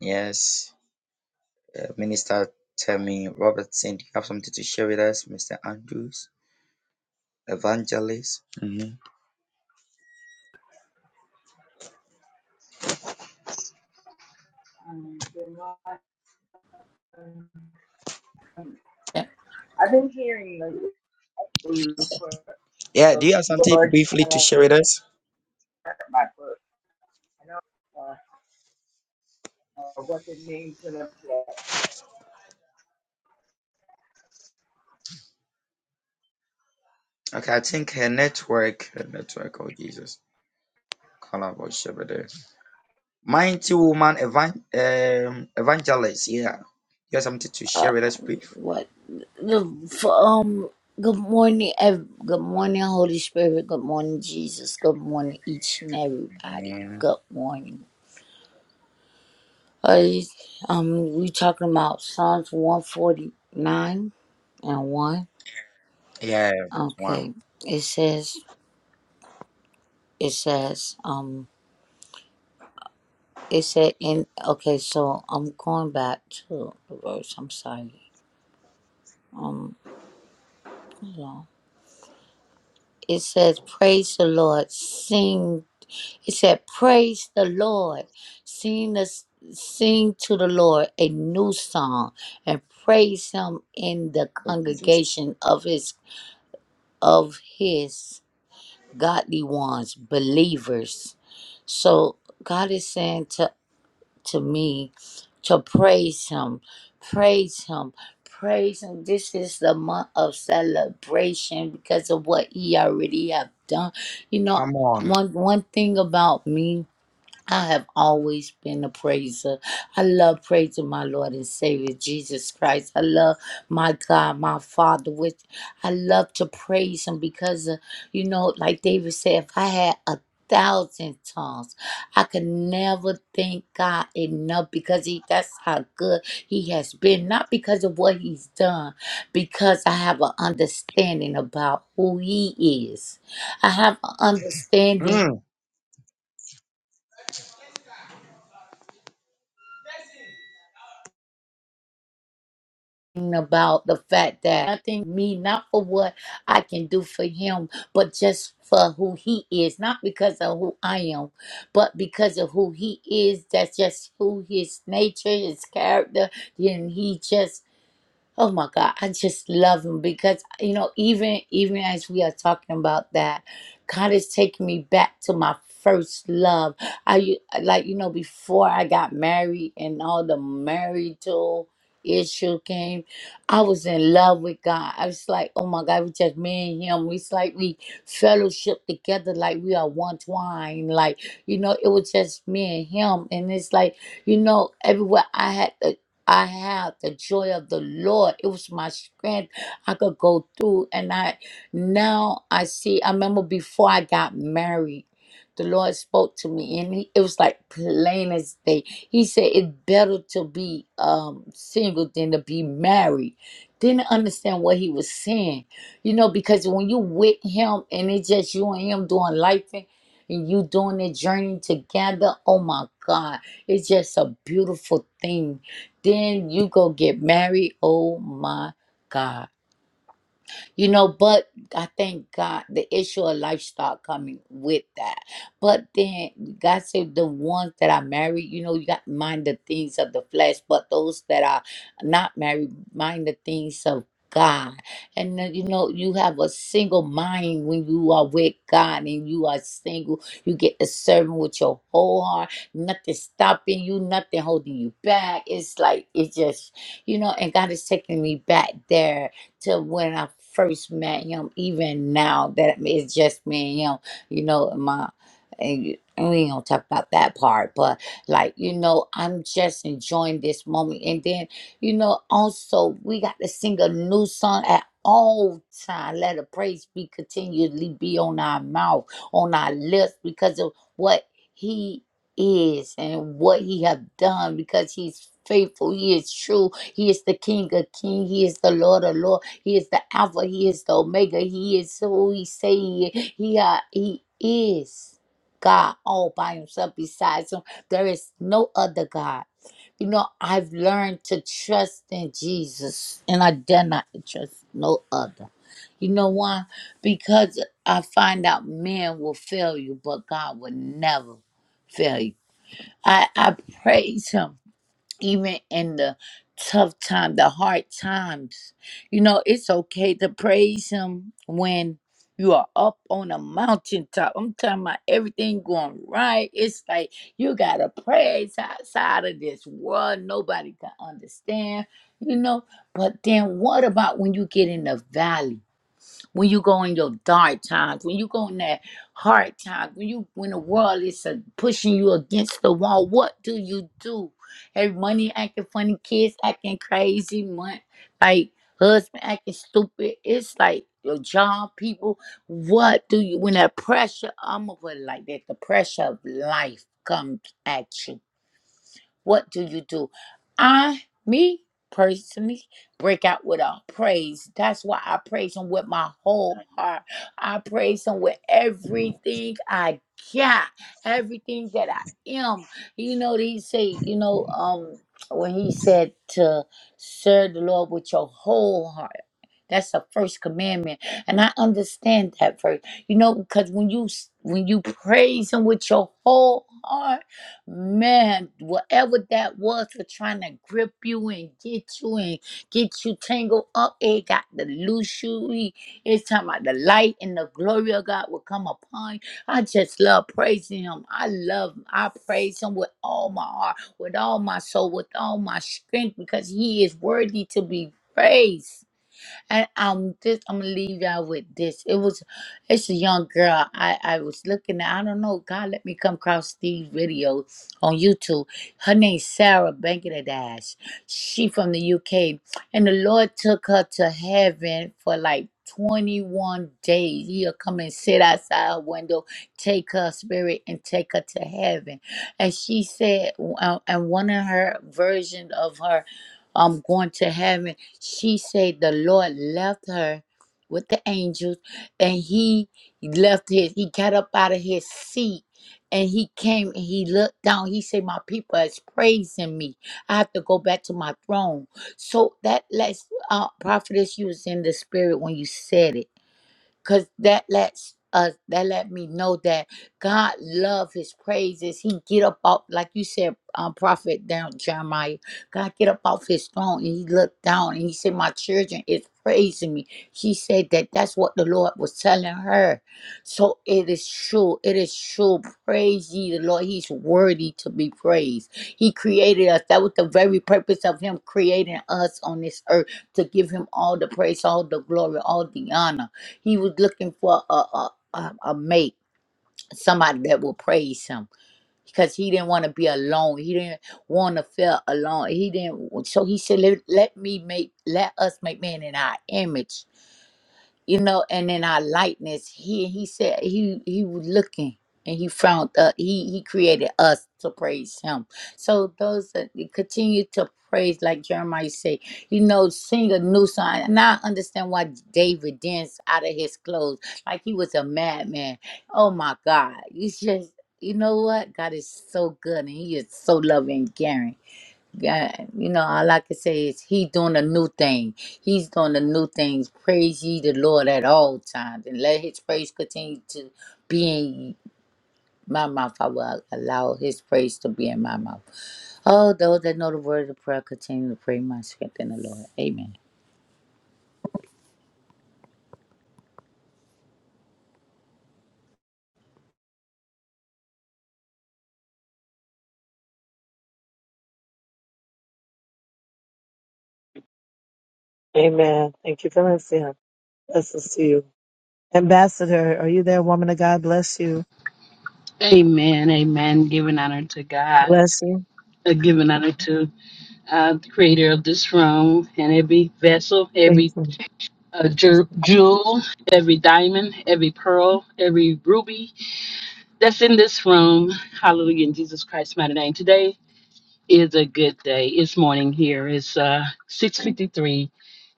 B: Yes. Uh, Minister Tammy Robertson, do you have something to share with us, Mr. Andrews? Evangelist. hmm
C: Um, good morning. Um, I've been hearing the, for
B: Yeah, do
C: the
B: you have something
C: Lord
B: briefly
C: tell
B: to
C: us
B: share with us?
C: my book. I don't know uh, uh, what the name's going to
B: Okay, I think her network, her network, oh Jesus. call out Mighty woman evan- um, evangelist. Yeah, you have something to
G: uh,
B: share with us, please.
G: what the for, um good morning ev- good morning holy spirit good morning jesus good morning each and everybody
B: Amen.
G: good morning uh, um we talking about psalms 149 and 1
B: Yeah, that's one.
G: okay it says it says um it said in okay so i'm going back to the verse i'm sorry um you know it says praise the lord sing He said, Praise the Lord. Sing, the, sing to the Lord a new song and praise him in the
B: Oh, Jesus.
G: congregation of his of his godly ones, believers. So God is saying to, to me to praise him, praise him, praise him. This is the month of celebration because of what he already have done. You know,
B: Come on.
G: one one thing about me I have always been a praiser. I love praising my Lord and Savior Jesus Christ. I love my God, my Father. With I love to praise Him because, uh, you know, like David said, if I had a thousand tongues, I could never thank God enough because He that's how good He has been. Not because of what He's done, because I have an understanding about who He is. I have an understanding
B: Mm.
G: about the fact that nothing me, not for what I can do for him, but just for who he is, not because of who I am, but because of who he is. That's just who his nature, his character, Then he just Oh my God, I just love him because you know, even even as we are talking about that, God is taking me back to my first love. I u- like you know before I got married and all the marital issue came, I was in love with God. I was like, oh my God, we just me and Him. We like we fellowship together, like we are one twine. Like you know, it was just me and Him, and it's like you know, everywhere I had. I had the joy of the Lord. It was my strength. I could go through and I now I see I remember before I got married, the Lord spoke to me and he, it was like plain as day. He said it's better to be um single than to be married. Didn't understand what he was saying. You know, because when you with him and it's just you and him doing life and and you doing the journey together, oh my God, it's just a beautiful thing then you go get married. Oh my God you know but i thank god the issue of lifestyle coming with that but then god said the ones that are married you know you got mind the things of the flesh but those that are not married mind the things of God, and then, you know, you have a single mind when you are with God and you are single, you get to serve Him with your whole heart, nothing stopping you, nothing holding you back. It's like it just you know, and God is taking me back there to when I first met him, even now that it's just me and him, you know, my and we ain't gonna talk about that part, but like, you know, I'm just enjoying this moment. And then, you know, also we got to sing a new song at all time. Let the praise be continually be on our mouth, on our lips, because of what he is and what he have done because he's faithful he is true he is the king of king he is the lord of lord he is the Alpha. He is the Omega. He is who He say He is. He, uh, he is God all by Himself. Besides Him, there is no other God. You know, I've learned to trust in Jesus, and I dare not to trust no other. You know why? Because I find out men will fail you, but God will never fail you. I, I praise Him even in the tough time, the hard times. You know, it's okay to praise him when you are up on a mountaintop. I'm talking about everything going right. It's like you gotta praise outside of this world. Nobody can understand, you know. But then what about when you get in the valley? when you go in your dark times, when you go in that hard times, when you when the world is uh, pushing you against the wall, what do you do? Everybody acting funny, kids acting crazy, mon- like husband acting stupid. It's like your job, people. What do you when that pressure? I'm gonna put it like that. The pressure of life comes at you what do you do? I, me personally, break out with a praise. That's why I praise Him with my whole heart. I praise Him with everything I got, everything that I am. You know, he say, you know, um, when He said to serve the Lord with your whole heart. That's the first commandment, and I understand that verse. You know, because when you s- when you praise Him with your whole heart Man, whatever that was for trying to grip you and get you and get you tangled up, it got to loose you. It- It's time about the light and the glory of God will come upon you. I just love praising Him. I love Him. I praise Him with all my heart, with all my soul, with all my strength, because He is worthy to be praised. And um, this I'm gonna leave y'all with this. It was, it's a young girl. I I was looking at. I don't know. God let me come across these videos on YouTube. Her name's Sarah Dash. She from the UK, and the Lord took her to heaven for like. 21 days. He'll come and sit outside her window, take her spirit, and take her to heaven. And she said, uh, and one of her versions of her um going to heaven she said the Lord left her with the angels and he left his, he got up out of his seat and he came and he looked down. He said, My people is praising me. I have to go back to my throne. So that lets, uh, prophetess, you was in the spirit when you said it because that lets us that let me know that god love his praises he get up off like you said um, prophet down jeremiah god get up off his throne and he looked down and he said my children is praising me she said that that's what the lord was telling her so it is true it is true praise ye the lord he's worthy to be praised he created us that was the very purpose of him creating us on this earth to give him all the praise all the glory all the honor he was looking for a a, a, a mate, somebody that will praise him. Because he didn't want to be alone. He didn't want to feel alone. He didn't so he said, let, let me make let us make man in our image you know, and in our lightness, he he said he he was looking and he found uh he he created us to praise him. So those that you continue to praise, like Jeremiah say, you know, sing a new song. And I understand why David danced out of his clothes like he was a madman. Oh my God, you just you know what? God is so good and He is so loving, and caring. Yeah, you know, all I can say is he doing a new thing. He's doing a new thing. Praise ye the Lord at all times. And let his praise continue to be in my mouth. I will allow his praise to be in my mouth. Oh, those that know the word of prayer continue to pray my strength in the Lord. Amen.
A: Amen. Thank you for listening. Blessings to you. Ambassador, are you there, woman of God? Bless you.
H: Amen, amen. Giving honor to God,
A: Bless you.
H: uh, giving honor to uh, the creator of this room and every vessel, every uh, ju- jewel, every diamond, every pearl, every ruby that's in this room. Hallelujah in Jesus Christ's mighty name. Today is a good day. It's morning here. It's uh, 6.53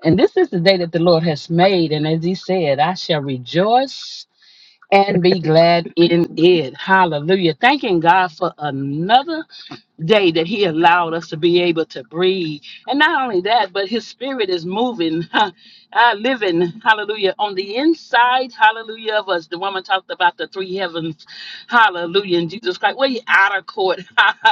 H: and this is the day that the Lord has made. And as he said, I shall rejoice and be glad in it. Hallelujah. Thanking God for another day that he allowed us to be able to breathe. And not only that, but his spirit is moving, uh, living, hallelujah, on the inside, hallelujah, of us. The woman talked about the three heavens, hallelujah, and Jesus Christ. Well, you outer court,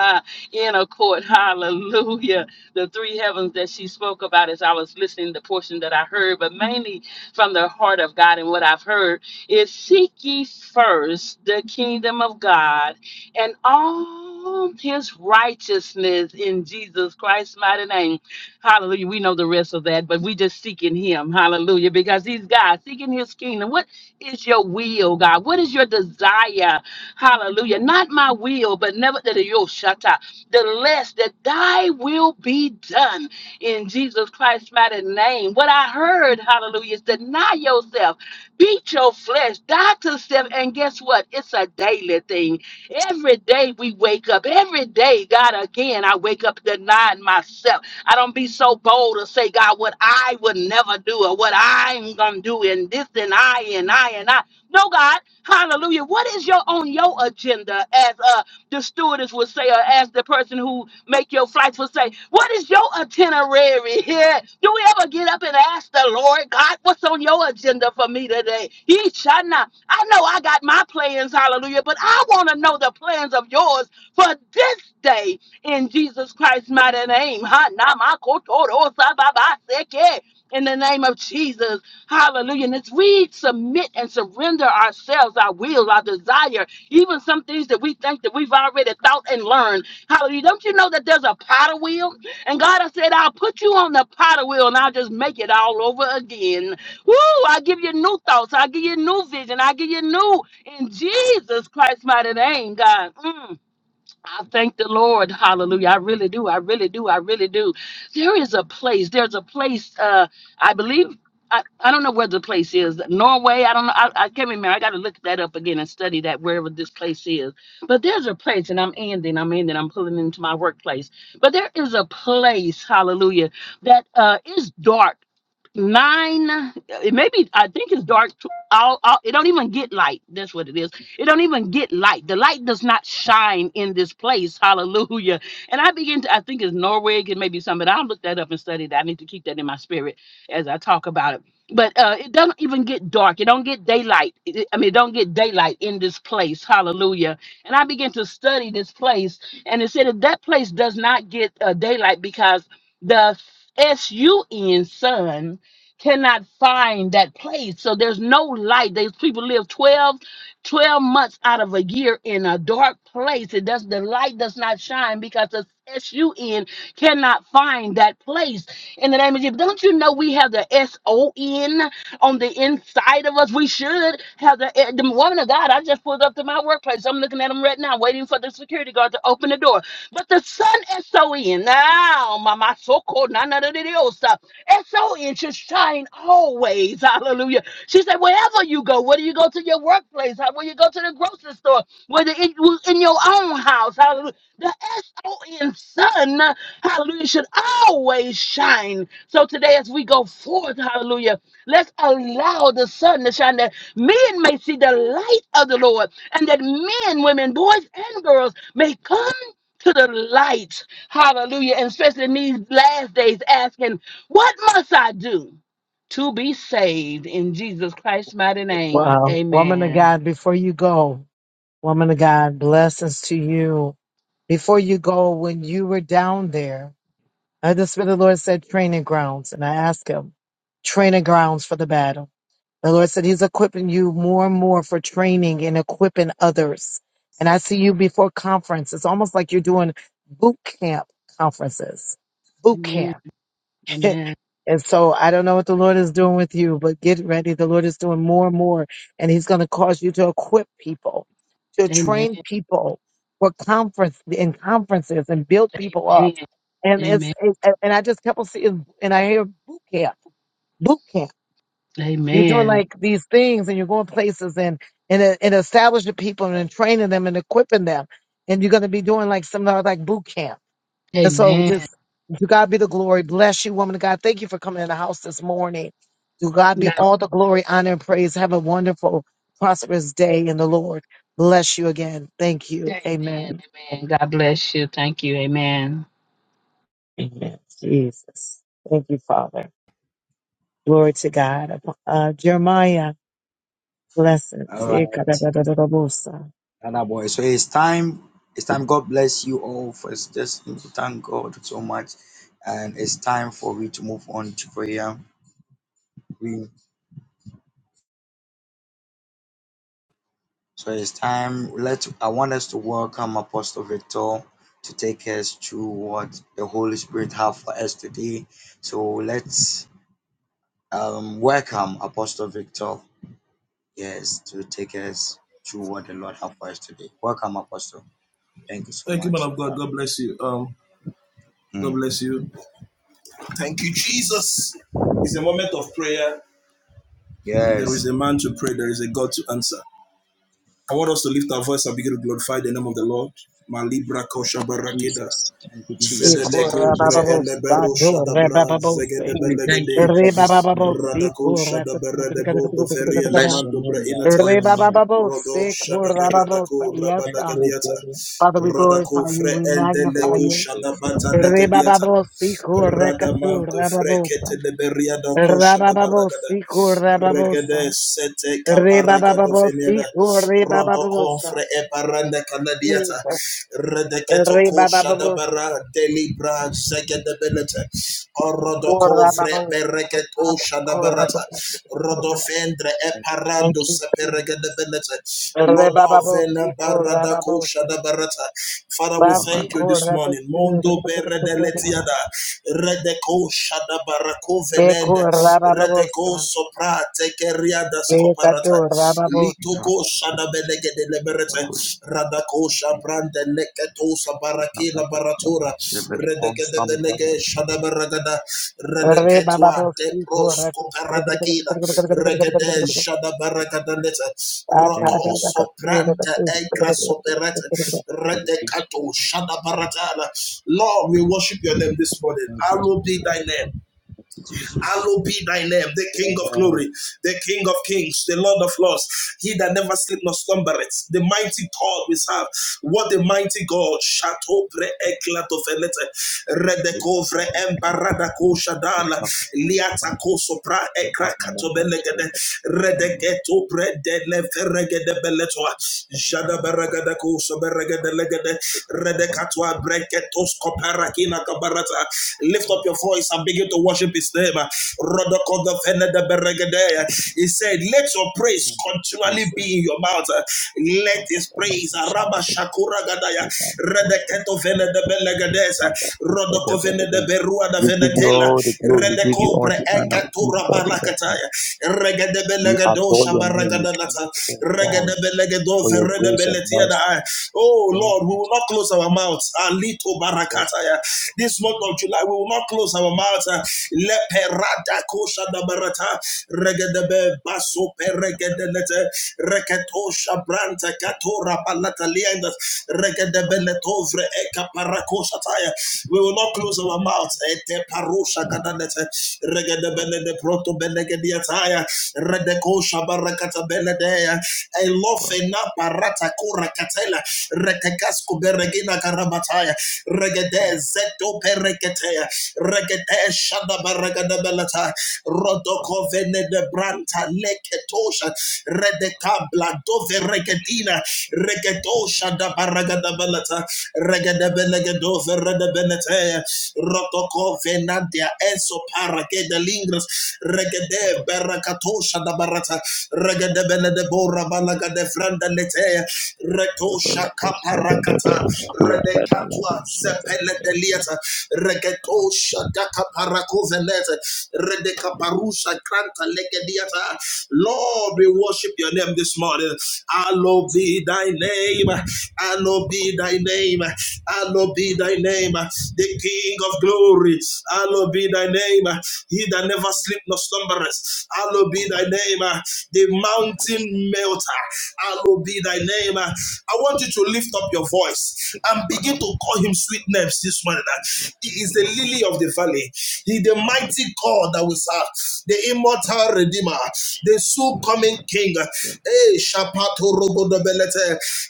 H: inner court, hallelujah. The three heavens that she spoke about as I was listening, the portion that I heard, but mainly from the heart of God and what I've heard is seek ye first the kingdom of God and all his righteousness in Jesus Christ's mighty name. Hallelujah. We know the rest of that, but we just seeking him. Hallelujah. Because he's God, seeking his kingdom. What is your will, God? What is your desire? Hallelujah. Not my will, but never that your shatta. The less that thy will be done in Jesus Christ's mighty name. What I heard, hallelujah, is deny yourself, beat your flesh, die to self, and guess what? It's a daily thing. Every day we wake up. Every day, God, again, I wake up denying myself. I don't be so bold to say, God, what I would never do or what I'm going to do and this and I and I and I. No, God, hallelujah. What is your on your agenda as us? the stewardess would say or ask the person who make your flights would say, what is your itinerary here? Do we ever get up and ask the Lord God, what's on your agenda for me today? He shall not. I know I got my plans, hallelujah, but I want to know the plans of yours for this day in Jesus Christ's mighty name. Ha, na, ma, ko, to, ro, sa, ba, ba, se, ke. In the name of Jesus, hallelujah. And as we submit and surrender ourselves, our will, our desire, even some things that we think that we've already thought and learned. Hallelujah. Don't you know that there's a potter wheel? And God has said, I'll put you on the potter wheel and I'll just make it all over again. Woo! I give you new thoughts. I give you new vision. I give you new in Jesus Christ's mighty name, God. Mm. I thank the Lord. Hallelujah. I really do. I really do. I really do. There is a place. There's a place. Uh, I believe. I, I don't know where the place is. Norway. I don't know. I, I can't remember. I got to look that up again and study that wherever this place is. But there's a place, and I'm ending. I'm ending. I'm pulling into my workplace. But there is a place. Hallelujah. That uh, is dark nine it maybe i think it's dark tw- all, all it don't even get light that's what it is it don't even get light the light does not shine in this place hallelujah and i begin to i think it's norway and maybe something i'll look that up and study that i need to keep that in my spirit as i talk about it but uh it doesn't even get dark it don't get daylight It- it- i mean it don't get daylight in this place hallelujah and i begin to study this place and it said that that place does not get uh, daylight because the s-u-n sun cannot find that place. So there's no light. These people live 12, 12 months out of a year in a dark place. It does the light does not shine because the S-U-N cannot find that place. In the name of Jesus, don't you know we have the S-O-N? on the inside of us. We should have the, eh, the woman of God. I just pulled up to my workplace. I'm looking at them right now, waiting for the security guard to open the door. But the sun is so in now, mama so cold, none of the S O N should shine always. Hallelujah. She said, wherever you go, whether you go to your workplace, how- when you go to the grocery store, whether it was in your own house, hallelujah. The S-O-N sun, hallelujah, should always shine. So today as we go forth, hallelujah, let's allow the sun to shine that men may see the light of the Lord and that men, women, boys, and girls may come to the light, hallelujah, and especially in these last days asking, what must I do? to be saved in Jesus Christ's mighty name.
A: Wow. Woman of
H: Amen.
A: God, before you go, woman of God, blessings to you. Before you go, when you were down there, I just feel the Lord said training grounds, and I asked him, training grounds for the battle. The Lord said he's equipping you more and more for training and equipping others. And I see you before conference. It's almost like you're doing boot camp conferences. Boot
H: Amen.
A: camp.
H: Amen.
A: And so I don't know what the Lord is doing with you, but get ready. The Lord is doing more and more, and He's going to cause you to equip people, to
H: Amen.
A: train people for conference in conferences and build people up.
H: Amen.
A: And it's
H: Amen.
A: it, and I just kept on seeing, and I hear boot camp, boot camp. You're doing
H: Amen.
A: like these things, and you're going places and and uh, and establishing people and training them and equipping them. And you're going to be doing like some like boot camp and so
H: Amen.
A: just to God be the glory. Bless you, woman of God. Thank you for coming in the house this morning. To God be
H: God,
A: all the glory, honor, and praise. Have a wonderful, prosperous day in the Lord. Bless you again. Thank you.
H: amen.
A: Amen.
H: Amen. God bless you. Thank you. Amen.
A: Amen. Jesus. Thank you, Father. Glory to God. Uh, Jeremiah,
B: All
A: blessings.
B: right,
A: Ikadadadadabosa.
B: Anna boy. So it's time. It's time. God bless you all for this. Thank God so much. And it's time for we to move on to prayer. We so it's time. Let I want us to welcome Apostle Victor to take us through what the Holy Spirit have for us today. So let's Um, welcome, Apostle Victor. Yes, to take us through what the Lord has for us today. Welcome, Apostle. Thank you so
F: Thank you, man
B: much.
F: of God.
B: Father.
F: God bless you. Um, God
B: Mm.
F: bless you. Thank you, Jesus. It's a moment of prayer. If there is
B: Yes,
F: a man to pray, there is a God to answer. I want us to lift
B: Jesus. Thank you, Jesus. Thank you, Jesus.
A: Ikorabababosa.
B: Father,
A: Dorebababosa.
B: We thank you for this. evening.
A: Rebabababosa.
B: We
A: Ikorabababosa.
B: bless your name. We
A: Re
B: adore your name.
A: Rebababo, sick, rababo, yes,
B: Thank you,
A: God.
B: O God.
A: Father, we glorify you, we magnify
B: Oh,
A: you.
B: Jesus.
A: Re Rebababo, sick, rekatu, rababosa. Rabababo, sick, rababosa. Rebababo, sick, rebababosa. Jesus. Rebababosa.
B: Lord.
A: Rababosa.
B: Thank
A: Thank you, Jesus. Rebababo, sick, rababosa.
B: you, Papa.
A: Basico,
B: Thank
A: Beku Rababosa, Bekadu Rababo,
B: you, Papa.
A: Rebababo, Siku
B: Thank you, Lord. Thank you, Jesus. Yes. We come, Papa. We come, Papa. We come, Papa.
F: Lift up your voice and begin to worship his name. He said, Let your praise continually be in your mouth. Let his praise Araba Shakura Gadaya. Redeketo venede belegedes.
B: We give you all the glory, we give you all the honor, we give you all the worship. We adore your name, we thank you, oh God, for your grace and mercy.
F: Oh
B: Thank
F: Lord, we
B: you
F: will
B: to
F: not close our mouths. This month of July, we will not close our mouths. We will not close our mouths. Ete parosha gadalete. Regedebele de proto belegediataya. Redekosha kabeladea, elofena parata kura katela, rekegasku beregina karabataya, regede zeto pereketea, regede shada baragada belata, rodoko vene de branta leketosha, redekabla dove regetina, regetosha da baragada belata, regede belegedove redebenetea, rotoko venantia eso paragede lingras, Regade berakatosha da barata regede de bora balaga de franda letea
B: the
F: retosha
B: very first shepherd of
F: kaparakata
B: it. We are better than
F: redekatwa
B: the shepherd
F: zepele de liata regetosha dakaparako velete redekaparusha kranta legediata Lord we worship your name this morning Hallowed be thy name Hallowed be thy name Hallowed be thy name the King of glory Hallowed be thy name he that never sleep nor slumbereth. Hallowed be thy name, uh, the
B: of us,
F: mountain melter. Hallowed be thy name. uh. I want you to lift up your voice and
B: but
F: begin
B: of
F: to
B: us,
F: call him sweet names this morning. uh. He is the lily of the valley. He is the mighty God that we serve, the immortal redeemer, the soon coming king.
B: we are
F: Hey,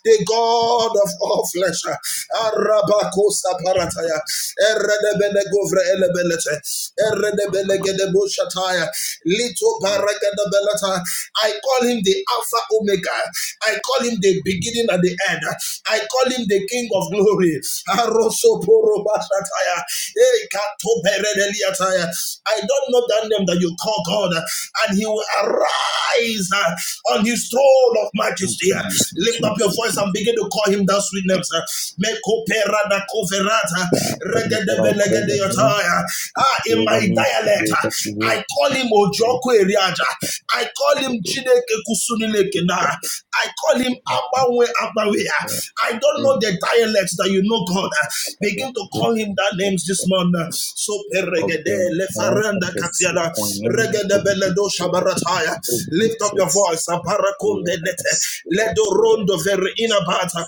F: the God of all flesh.
B: made
F: Erebele govre elebelete. Eredebele gedebo Lito
B: of
F: barakada belata. I call him the Alpha Omega. I call him the beginning and the end. I call him the King of Glory. Aroso poro bashataya. Hey, kato I don't know that name that you call God, uh, and He will arise uh, on His throne of majesty. uh.
B: Jesus,
F: Lift up your
B: Jesus,
F: voice and
B: Jesus.
F: begin to call Him that sweet name. sir. Mekoperada koverata,
B: Heavenly Father, I pray your name.
F: regedebelegedeyota, uh. Ah, in my
B: Giovanni's
F: dialect,
B: Giovanni
F: uh,
B: Fugaccio
F: I call Him
B: wrote
F: Ojoko Eriaja. I call
B: the
F: Him Chide
B: film
F: Chineke kusunileke na. I call him Abawe Abawe. I don't know the dialects that you know, God. Begin to call him that names this morning. So peregede
B: Oberta
F: lefaranda katiana
B: Pennsylvania
F: regede
B: of the
F: beledo shabarataya. Lift up your
B: producers
F: voice. Aparakunde
B: Rivers
F: lete ledo rondo
B: Rivers
F: vere inabata.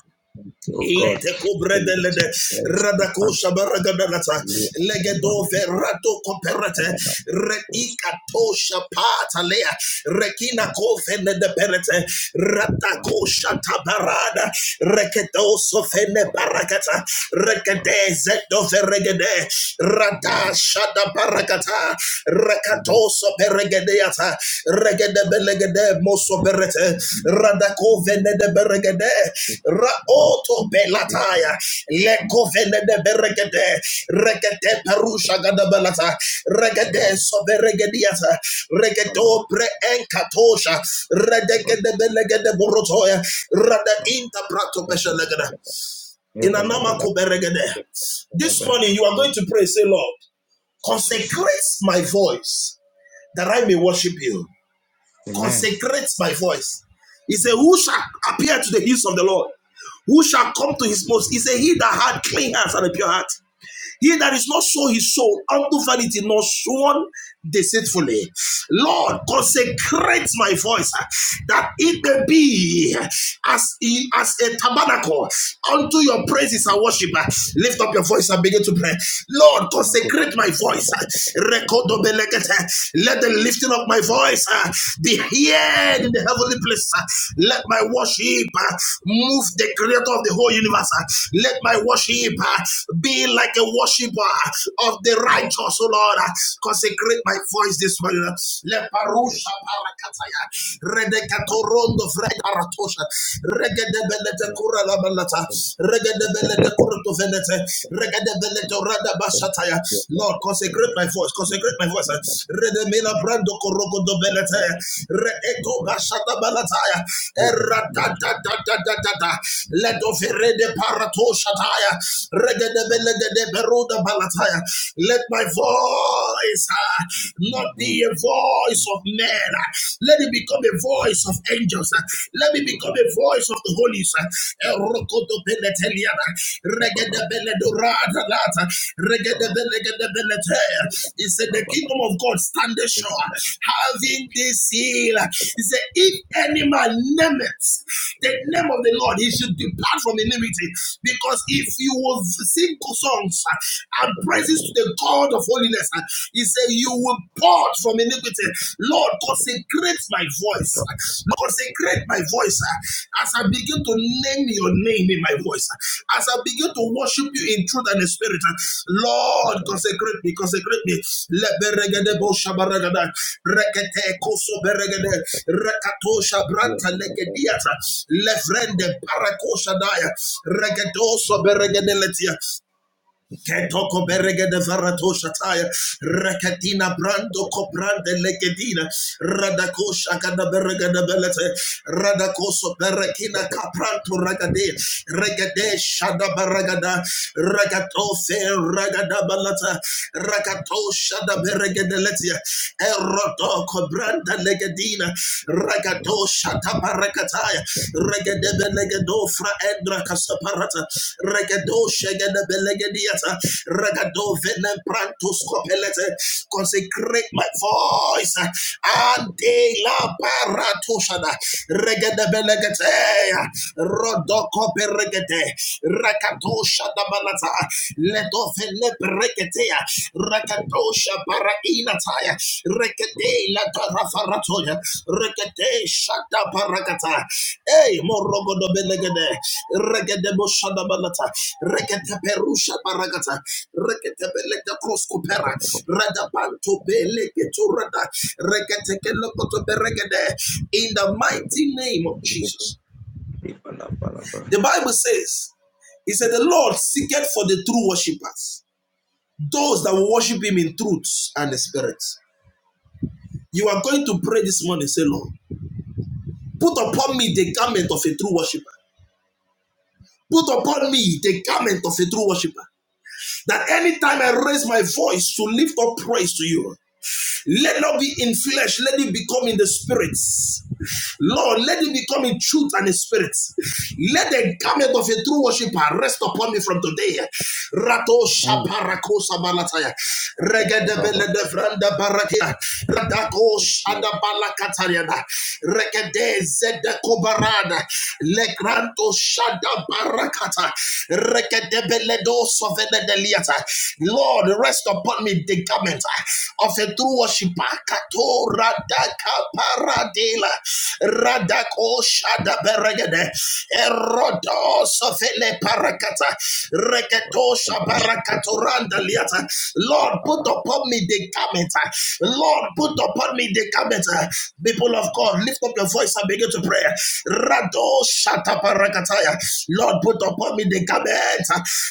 B: Oh God,
F: Ilete
B: the little
F: kubrede lede
B: voice you
F: radako
B: can't
F: shabaragadalata
B: really
F: legedo
B: abandon
F: verato koperete
B: Abandon force
F: reikato shapata lea rekina
B: Abandon
F: kofene de perete
B: my
F: ratako
B: down
F: shatabarada reketo sofene barakata
B: one
F: rekete zeto
B: Able
F: Soberegedeyata,
B: my
F: regedebelegede, mosoberete, radakovenedeberegede,
B: about if
F: raotobelataya,
B: I'm
F: lekovenedeberegede, regedeperushagadabelata,
B: about
F: regedesoberegediata, regedobrenkatosha, redegedebelegedeborotoya,
B: about
F: radeintabratopeshelegede.
B: about about
F: Inanamakoberegede.
B: Yep.
F: This
B: Yep.
F: morning you are
B: Yep.
F: going to pray, say, Lord,
B: Jesus.
F: consecrate my voice that I may worship you.
B: Amen.
F: Consecrate my voice. He said, Who shall appear to the hills of the Lord? Who shall come to his most? He said, He that had clean hands and a pure heart. He that is not sold his soul unto vanity, nor sworn deceitfully. Lord, consecrate my voice uh, that it may be as, as a tabernacle unto your praises and worship. uh. Lift up your voice and begin to pray. Lord,
B: Bwana ku-
F: consecrate my voice. uh. Rekodobelegete. Let the lifting of my voice uh, be heard in the heavenly place. uh. Let my worship uh, move the creator of the whole universe. uh. Let my worship uh, be like a a worshiper of the righteous, O Lord. Consecrate my voice this morning. Leparusha parakataya. Redekatorondo fredaratosha. Regedebelete
B: Yep.
F: kura la balata.
B: Yep.
F: Regedebelete
B: Yep.
F: kuruto venete. Regedebelete rada bashataya.
B: Yep. Yep.
F: Lord,
B: Yep.
F: consecrate my voice. Consecrate my voice. Redemela brando koroko do belete. Reeto bashata balataya. Erata
B: Boys.
F: da da da da da da. Let
B: Baba.
F: of
B: Boys.
F: rede parato shataya.
B: Baba.
F: Regedebelete let my voice uh, not
B: Mm, Hmm.
F: be a voice of men. uh, Let it become
B: Baba.
F: a voice of angels. uh, Let me become a voice of the holy. uh,
B: Baba.
F: He said,
B: Baba.
F: The
B: Baba.
F: kingdom of God standeth
B: Take a
F: sure, having this seal. He said, If any man name the name of the Lord, he should depart from iniquity. Because if you will seek songs uh, and praises to the God of holiness. uh. He said, You will pour from iniquity.
B: deep
F: Lord, consecrate my voice.
B: drop
F: uh. consecrate my voice uh, as I begin to name your name in my voice. uh, As I begin to worship you in truth and in spirit. uh. Lord, consecrate me, consecrate me. Leberegede bo shabaragada. Regedoso beregede Ketoko berege de varato shataya. Rekatina brando koprande legedina. radakosha shakada berege de belete. Radakoso berekina kapranto ragade. Regade shada baragada. Ragato fe ragada balata. Rakato shada berege de letia. Erodo Ragato Kobranda Legadina Ragato Shatabarakataya Regadebe Legado Fra Endra Casaparata Regado Shagadebe Legadiata Regado Venemprantus Copelete Consecrate my voice Ante La Baratoshada Regadebe Legatea Rodoko Beregate Rakato Shadabalata Ledo Velepregetea Rakatosha bara inataya. Rekete la tarafaratoya. Rekete shata barakata. Ey morogo do belegede. Regede boshada balata. Rekete perusha barakata. Rekete belete koskopera. Rada panto beleke turada. Rekete kelokoto beregede. In the mighty name of
B: to the
F: Jesus. The Bible says, He said, The Lord seeketh for the true worshippers, those that will worship Him in truth and the spirit. You are going to pray this morning, say, Lord, put upon me the garment of a true worshiper. Put upon me the garment of a true worshiper. That anytime I raise my voice to lift up praise to you, Let not be in flesh, let it become in the spirits. Lord, let it become in truth and in spirit. Let the
B: business.
F: garment of a true worshiper rest upon me from today. Rato
B: Mm.
F: shaparako sabalataya.
B: Baba. Baba. Baba.
F: Regedebele devranda barakia. Radako
B: Take two words.
F: shadabalakatariana. Regede zedekobarana. Legranto shadabarakata. Regedebele dosovene deliata. Lord, rest upon me the garment of a true true worshiper. Kato radaka paradela radako shada beregede erodo sofele parakata reketo
B: Baba. That's
F: shabarakato
B: it.
F: randa liata.
B: Look,
F: Lord, put
B: Baba.
F: upon me the garment. Lord, put upon me the garment. People of God, lift up your voice and begin to pray. Rado shata parakataya. Lord, put upon me the garment,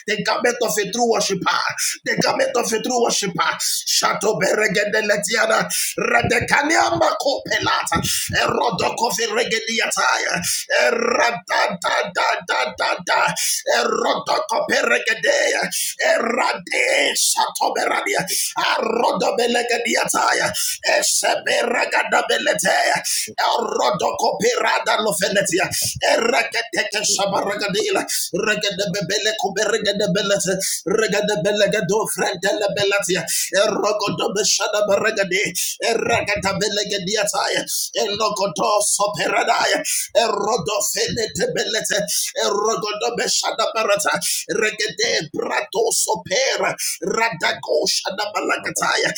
F: the garment of a true worshiper worshiper, the garment of a true worshiper. Shato beregede letiana, redekania mako pelata, erodoko veregediataya, eradadadadadada, erodoko peregedea, erade shato berania, arodo belegediataya, eseberagada beletea, erodoko perada lofenetia, ereketeke shato. Shabaragadila, Regadabele Kubergadabelata, Regadabelagado, Frantalabellatia, Erogodobeshadabaragade, Eragatabelagadiataya, Elogodo Soperadaya, Erodofenetebelete, Erogodobeshadabarata, Regade Brato Sopera,
B: Yeah.
F: Radako
B: Baba. Baba.
F: Shadabalakataya,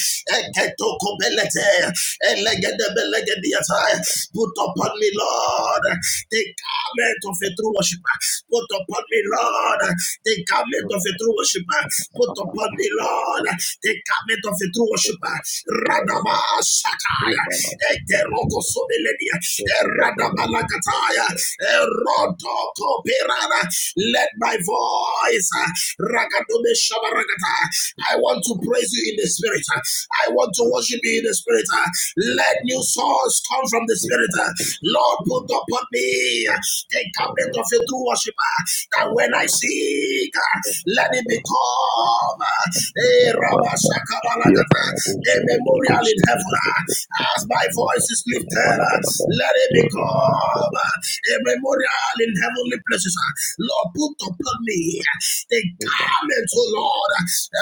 B: Look, Baba. Baba. Look, Baba. Baba.
F: Eketokobelete, Elegadabelagadiataya. Put upon me, Lord the garment of a true worshiper. Put upon me, Lord, the garment
B: Look,
F: of
B: Baba.
F: a true worshiper. Put upon
B: Baba.
F: me,
B: Hey,
F: Lord, the garment of a true worshiper.
B: Baba. Look,
F: Radaba
B: Baba.
F: Shataya,
B: Baba.
F: Egerogo Sobelenia,
B: Look, Baba. Baba.
F: Eradabalakataya,
B: Man.
F: Erodo Koperana. Let my voice, Rakadome Shabarakata, I want to praise you in the spirit. I want to worship you in the spirit.
B: Look,
F: Let
B: Baba.
F: new songs come come from the
B: Look,
F: Spirit.
B: Baba. Look,
F: Lord, put
B: Baba.
F: upon
B: It's
F: me
B: there.
F: the
B: Lord,
F: garment
B: you're
F: of a
B: God.
F: true worshiper, that
B: Yeah,
F: when I seek, let it become a, a memorial in heaven. As my voice is lifted, let it become a memorial in heavenly places. Lord, put upon me they garments, O Lord.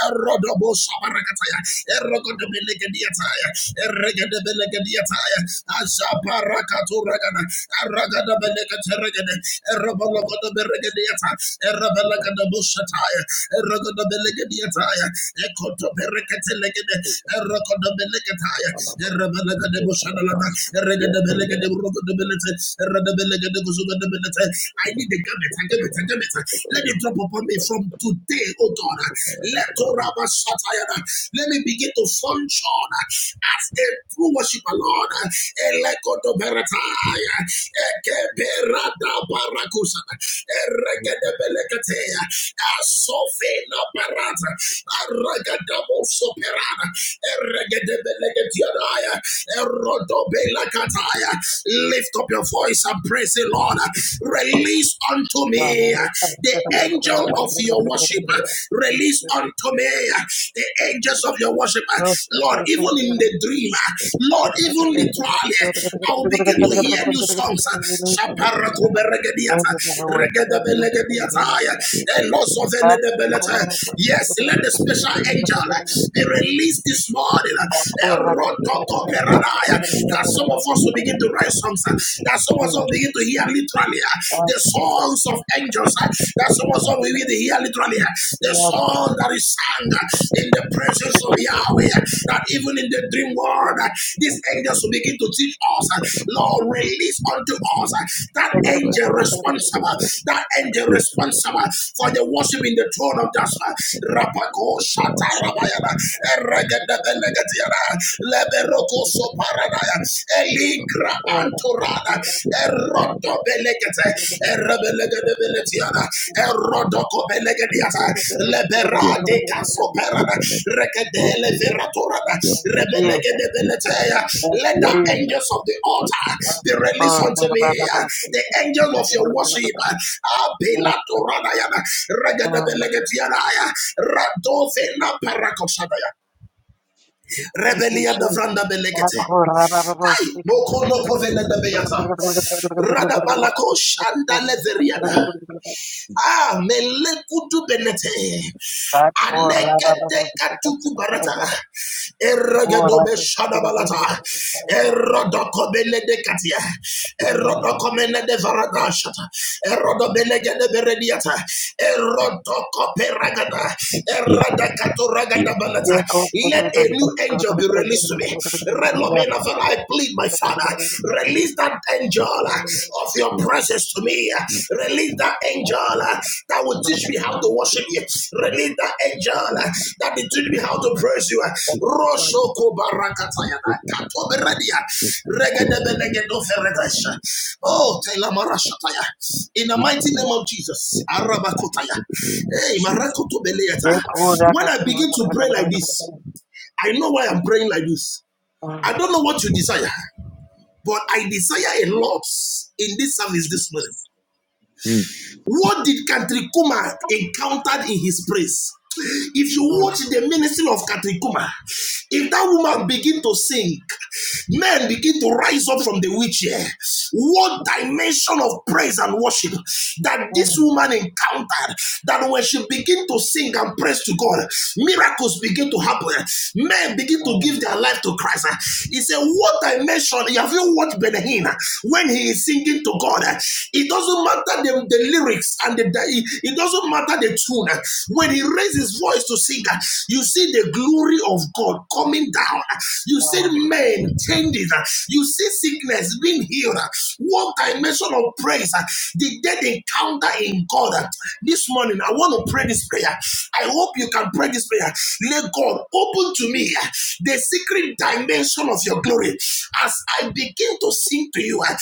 F: Erodobo shabarakataya, erogodobelekediyataya, eregedebelekediyataya, ashabarakaturakada, aragadabeleketeregede, erobologodoberegediyata, erebelekedobushataya, erogodobelekediyataya, ekotobereketelegede, erokodobeleketaya, erebelekedebushanalada, eregedebelegede, urogodobelete, eregedebelegede, kuzugodobelete. I need the garment, I give it, I give it, let it drop upon me from today, oh God. Let Toraba Satayana. Let me begin to function as a true worshiper, Lord. Elekoto Berataya. Ekeberada Barakusa. Erekedebelekatea. Asofena Barata. Aragadabo Soperana. Lift up your voice and praise the Lord. Release unto me the angel of your worship. Release unto me the angels of your worship. Lord, even in the dream, Lord, even literally, I will begin to hear new songs. Yes, let the special
A: Thank
F: angel
A: you.
F: be released this this morning.
A: Jesus, thank you, Jesus. Thank you,
F: Erotokoperadaya. That some of us will begin to write songs. uh, That some of us will begin to hear literally uh, the songs of angels. uh, That some of us will begin to hear literally uh, the song that is sung uh, in the presence of Yahweh. uh,
A: Lord.
F: That even in the dream world, uh, these angels will begin to teach us. uh, Lord, release unto us uh, that angel responsible, that angel responsible for the worship in the throne of Jasper. Rapako Shata Rabayana. Eregedebelegeziara, Leberokoso Paradaya, Elikra Antorada,
B: but
F: Erodo Erebelegedebeletiana, Erodoko Leberade Casoperada, Rekedele Veratorada, Rebelegedebeletea.
A: Thank
F: Let the
A: you,
F: angels of the altar be released unto me,
A: Baba.
F: the angel of your worship,
A: Yes,
F: Abelatorada, Regedebelegetiana, Radovena Paracosadaya.
A: Thank you,
F: Rebelia da
A: Jesus.
F: vranda belekete. Moko no kovele de beyata. Rada balako shanda leveriada. Ah, melekudu benete. Anekete katuku barata. Eregedobe shadabalata. Erodokobele de katia. Erodokomene de varada shata. de berediata. Erodokoperagada. Eradakato ragada Let a new angel be released to me. Relomena vara, I plead, my father. Release that angel of your presence to me. Release that angel uh, that will teach me how to worship you. Release that angel uh, that will teach me how to praise you. Oh, in the mighty name of Jesus. Hey, When I begin to pray like this, I know why I'm praying like this. I don't know what you desire. But I desire a lot in this service this morning. What did Katrikuma encountered in his praise? If you watch the ministry of Katrikuma, if that woman begin to sing, men begin to rise up from the wheelchair. What dimension of praise and worship that
A: Yes.
F: this woman encountered that when she begin to sing and praise to God, miracles begin to happen. Men begin to
A: Yes,
F: give their life to Christ. He said, What dimension? have you watched Benahin when he is singing to God? It doesn't matter the, the lyrics and the, the- it doesn't matter the tune. When he raises his voice to sing, you see the glory of God coming down. You see
A: God.
F: men changes. You see sickness being healed. One dimension of praise, the dead encounter in God. This morning, I want to pray this prayer. I hope you can pray this prayer. Let God open to me uh, the secret dimension of your glory. As I begin to sing to you, uh,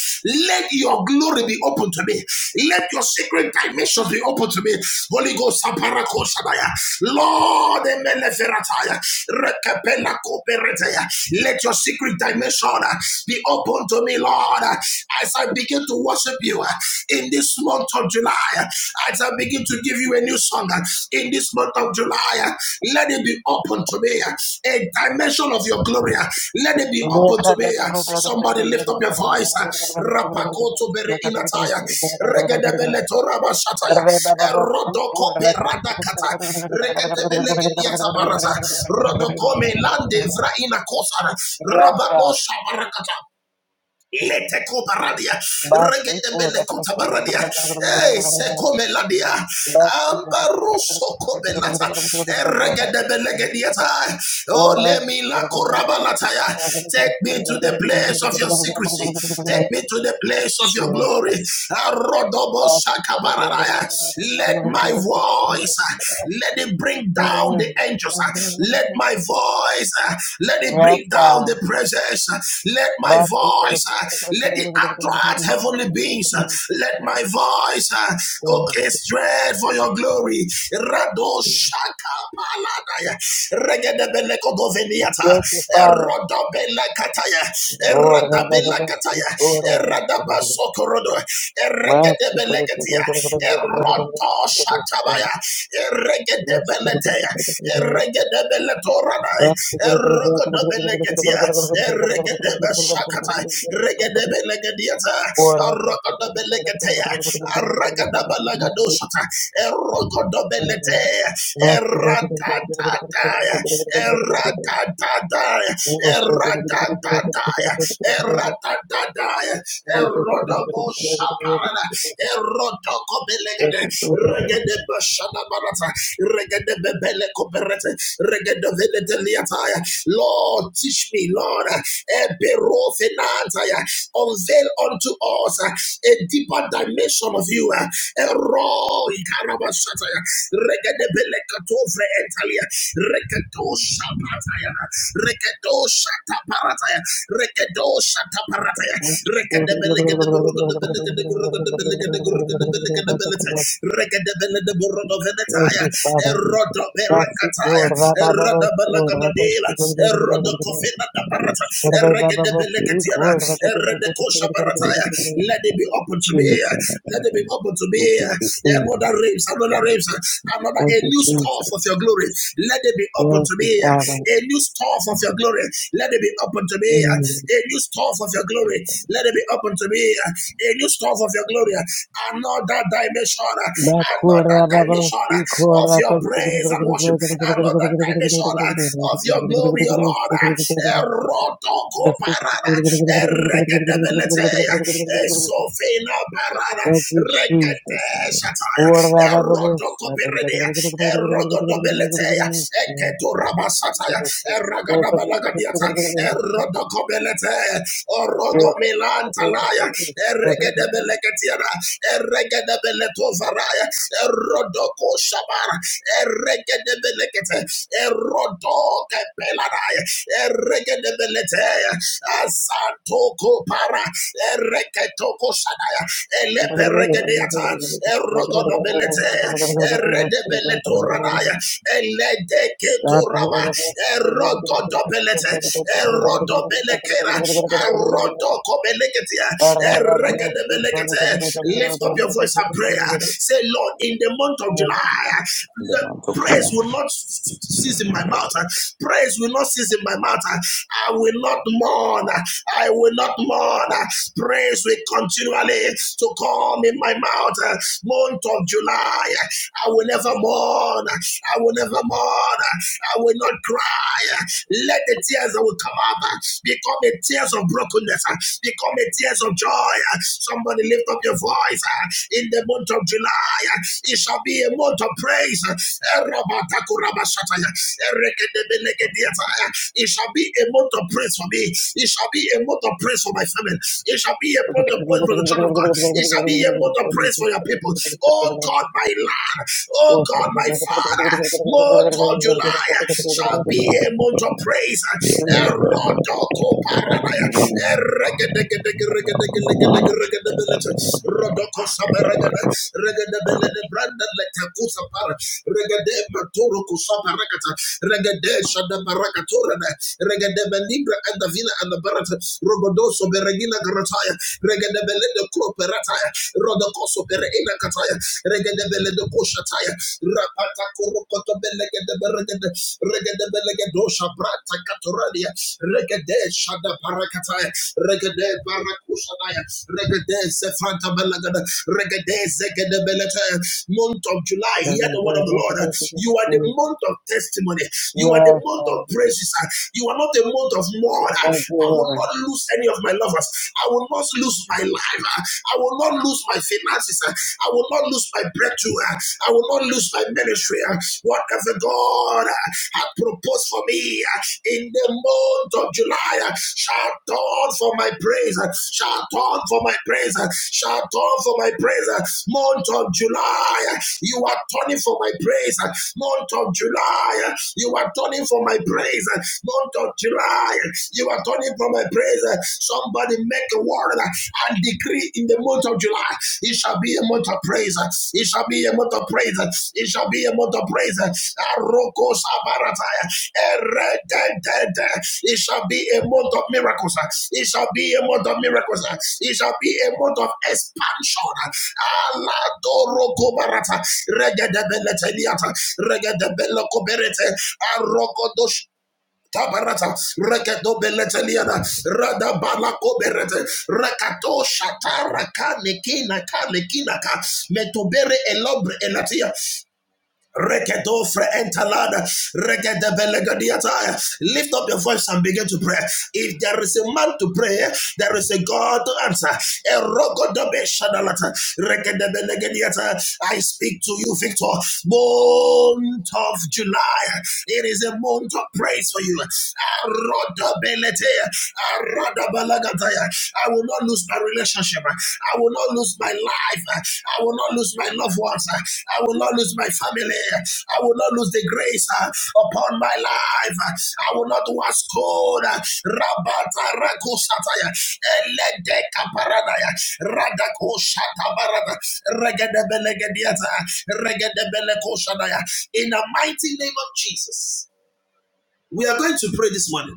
F: let your glory be open to me. Let your secret dimension be open to me. Holy Ghost, Aparakosadaya. Lord, Emeleferataya. Rekepela Koperetaya. let your secret dimension uh, be open to me, Lord, as I begin to worship you uh, in this month of July. July, as I begin to give you a new song in this month of July, let it be open to me. A dimension of your glory, let it be open to me. Somebody lift up your voice. Rapakoto bere inataya. Regedebele toraba shataya. Erodoko perada kata. Regedebele gediata barata. Rodoko melande vra ina kosara. Rabano shabarakata. Lete baradia.
A: Last week,
F: Regete
A: oh,
F: bele kota baradia. Eh, se come la
A: last
F: Ambaruso come lata. Eh, regete bele gediata. Oh, let me la koraba lataya. Take me to the place of your secrecy. Take me to the place of your
A: Sure.
F: glory. Arodobo
A: Yes, God.
F: shakabararaya. Let my voice, uh, let it bring down the angels relationships. uh, Let my voice, uh, let it bring down the presence. uh, Let my
A: But
F: voice, uh, let it attract heavenly beings. uh, Let my voice uh, orchestrate for your glory. Rado shaka paladaya. Regedebelekogoveniata.
A: thank you, Father.
F: Erodobelekataya.
A: Lord,
F: Eradabelekataya.
A: cool. cool.
F: Eradabasokorodo
A: cool.
F: regedebeleketia, eroto shatabaya, eregedebeletea, eregedebeletoranai, erogodobeleketia, eregedebeshakatai,
A: cool.
F: regedebelekediata,
A: Thank
F: erogodobeleketea, aregedebelegedoshata, erogodobeletea, eratatataya, eratatataya, Eratatataya, eratatataya, erodobo shaparana, erotoko belegede, regede bashana barata, regede bebele koperete, regede vedete Lord, teach me, Lord, ebero fenataya, unveil unto us uh, a deeper dimension of you, uh, ero ikarabashataya, regede bele katovre entalia, regedo shabataya, Rekedo shata parataya. Rekedo shata parataya. Rekedebelegedeburugedebelegedebrugedebelegedebrugedebelegedebelete.
A: you, Father. That's it, Lord. Rabba, Baba, Lord. I can speak. Rabba, Baba, speak, Lord.
F: Let it be open to me.
A: Jesus.
F: Let it be open to me.
B: Open, open,
F: Another
B: open
A: Jesus.
F: race, another race, another
A: Thank
F: a
A: you,
F: new
A: Jesus.
F: store of your glory. Let it be open
A: Thank
F: to
A: you,
F: me.
A: Father.
F: A new store of your glory. Let it be open to me.
A: Mm.
F: A new store of your glory. Let it be open to me. A new store of your glory. Another dimension. Another
A: Makura baba
F: dimension of
A: sikura
F: your
A: kas-
F: praise and worship. Another dimension of your glory, O Lord. Erotoko parada. Ereketebeleteya. Esofina parada.
A: Thank you, Jesus.
F: Rekete shataya.
A: Ora baba
F: Erodoko
A: bosa.
F: peredea. Erogodobeleteya. Eketorabasataya, Eragadabalagadiata, Erodokobelete,
A: Yes.
F: Orogomilantalaya, Eregedebeleketiana, Eregedebeletovaraya, Erodokoshabara, Eregedebelekete, Erodo Kepelanaya, Eregedebeletea, Asantoko Para, Ereketoko Shadaya, Eleperegedeata, Erogodobeletea, Eredebeletoranaya, Eledeketoraba, Erogodobelete, Erodobelekera, Erodokobeleketia, Eregedebelekete. Lift up your voice and prayer. Say, Lord, in the month of
B: in the
F: July,
B: month of
F: Praise
B: July.
F: will not cease in my mouth. uh, Praise will not cease in my mouth. uh, I will not mourn. uh, I will not mourn. uh, Praise will continually to come in my mouth. uh, Month of July, uh, I will never mourn. uh, I will never mourn. I will not cry. Let the tears that will come up uh, become the tears of brokenness, uh, become the tears of joy. Uh, Somebody lift up your voice uh, in the month of July. uh, It shall be a month of praise. uh, uh, It shall be a month of praise for me. It shall be a month of praise for my family. It shall be a month of praise for the children of God. It shall be a month of praise for your people. Oh God, my land, oh God, my Father, month of July shall be a month of praise.
B: Yeah.
F: Erodoko paranaya, rodoko saberegede, regede Rodokoso Pereira Kataya, Regedebele de Koshataya, Rapata Kurokoto Belegede Beregede, Regedebelegedosa Brata Katoradia, Regede Shada Parakataya, Regede Barakushanaya, Regede Sefranta Belegede, Regede Zegede Beletaya. Month of July, hear the word of the Lord. You are the month of testimony. You are the
A: Yes,
F: month of
A: um,
F: praises. You are not the month of mourn.
A: thank you,
F: I will
A: Lord.
F: not lose any of my lovers. I will not lose my life. I will not lose my finances. I will not lose my breakthrough. I will not lose my ministry. Whatever God has proposed for me in the month of July shall turn for my praise. Shall turn for my praise. Shall turn for my praise. Month of July, you are turning for my praise. Month of July, you are turning for my praise. Month of July, you are turning for my praise praise. Somebody make a word and decree in the month of July. It shall be a month of praise. It shall be a month of praise. It shall be a month of praise. Aroko sabarataya. Erededede. It shall be a month of miracles. It shall be a month of miracles. It shall be a month of expansion. Aladoroko barata. Regedebele teliata. Regedebele koberete. Aroko dosh Tabarata, Reketo Beleteliana, Rada Balako Berete, Rakato Shatara nekina Kanekinaka, Metobere Elobre Elatia, Rekedo fre entalada, rekede belegadiata. Lift up your voice and begin to pray. If there is a man to pray, there is a God to answer. Erogodobe shadalata, rekede belegadiata. I speak to you, Victor. Month of July. It is a month of praise for you. Erodobelete, erodobalagata. I will not lose lose my relationship. I will not lose my life. I will not lose my loved ones. I will not lose my family. I will not lose the grace uh, upon my life. I will not was cold. Rabata rakosataya. Elede kaparadaya. Radakoshata barada. Regedebelegedeata. Regedebelekoshadaya. In the mighty name of Jesus. We are going to pray this morning.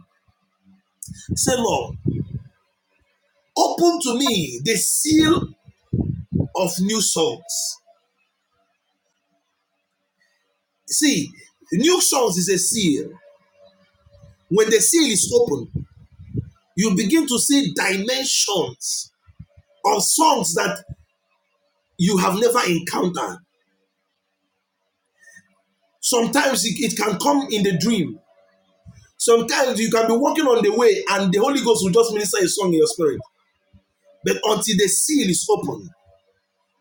F: Say, Lord, open to me the seal of new songs. See, new songs is a seal. When the seal is open, you begin to see dimensions of songs that you have never encountered. Sometimes it, it can come in the dream. Sometimes you can be walking on the way and the Holy Ghost will just minister a song in your spirit. But until the seal is open,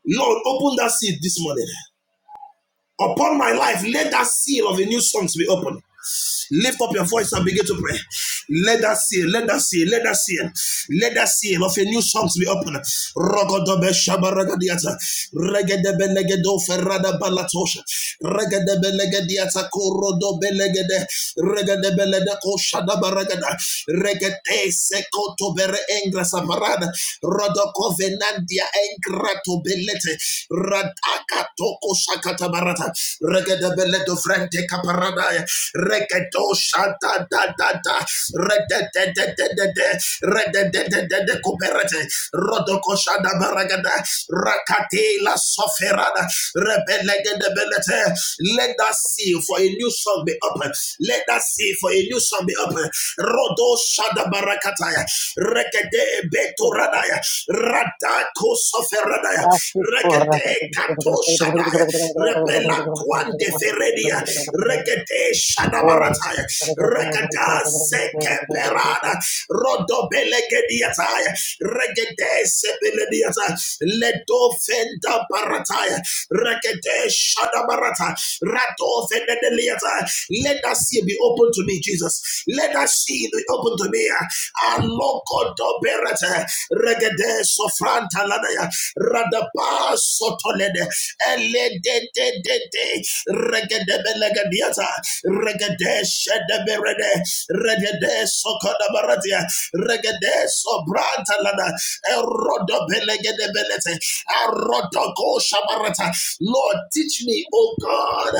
F: Lord, open that seal this morning. Upon my life, let that seal of the new songs be open. Lift up your voice and begin to pray. Let us seal, let us seal, let us seal, let us seal of a new songs be open. Rogodobe shabaragadiata, regedebe legedo ferrada balatosha, regedebe legediata korodobe legede, regedebe ledeko shadabaragada, regete sekoto bere engra sabarada, rodoko venandia engrato belete, radaka toko shakata barata, regedebe ledo frente kaparadaya, Redo shanta da da da. Rede de de de de de. Rede de de de de kuberete. Rodoko shanda baragada. Rakati la soferada. Rebelege de belete. Let that seal for a new song be open. Let that seal for a new song be open. Rodo shanda barakataya. Rekede beturadaya. Radako soferadaya.
A: Thank
F: Regede kato shadaya. Rebelanquan de Feredia, Regate Diatai, Regada seke
A: you.
F: perada. Rodo belegediataya. Regede sebelediata. Ledo fenda barataya. Regede shada barata. Rato fenedeliata. Let that sea be open to me, Jesus. Let that sea be open to me. Aloko do berete. sofranta lanaya. Radaba sotolede. Ele de de de Shedeberede, Regede Sokodabaratia, Regede Sobrantalada, Erodo Belegede Belete, Erodoko Shabarata. Lord, teach me, oh God,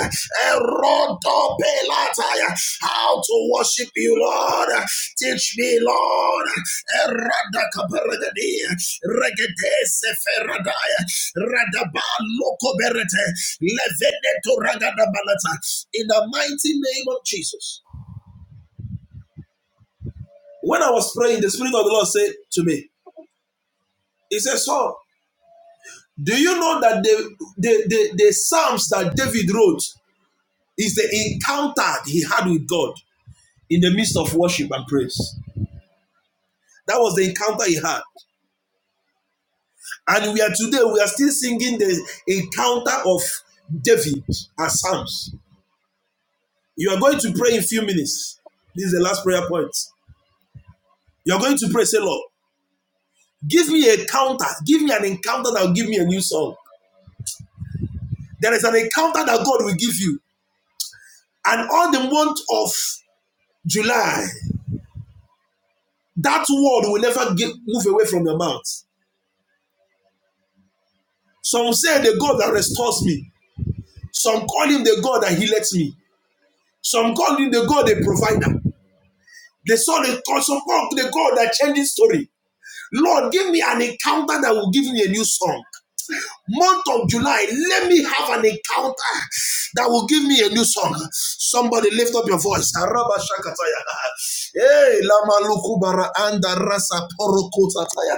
F: Erodo Belataya, how to worship you, Lord. Teach me, Lord, Eradakabaragadi, Regede Seferadaya, Radaba Lokoberete, Levene to Ragadabalata, in the mighty name of Jesus. He said, Saul, do you know that the, the, the, the Psalms that David wrote is the encounter he had with God in the midst of worship and praise? That was the encounter he had. And we are today, we are still singing the encounter of David as Psalms. You are going to pray in a few minutes. This is the last prayer point. You are going to pray, say, Lord, give me a counter. Give me an encounter that will give me a new song. There is an encounter that God will give you. And on the month of July, That word will never get, move away from your mouth. Some say the God that restores me. Some call him the God that heals me. Some call him the God the provider. They saw the God, some call the God that changes story. Lord, give me an encounter that will give me a new song. Month of July, let me have an encounter that will give me a new song. Somebody lift up your voice. Hey, lama lukubara anda rasa porokotaya.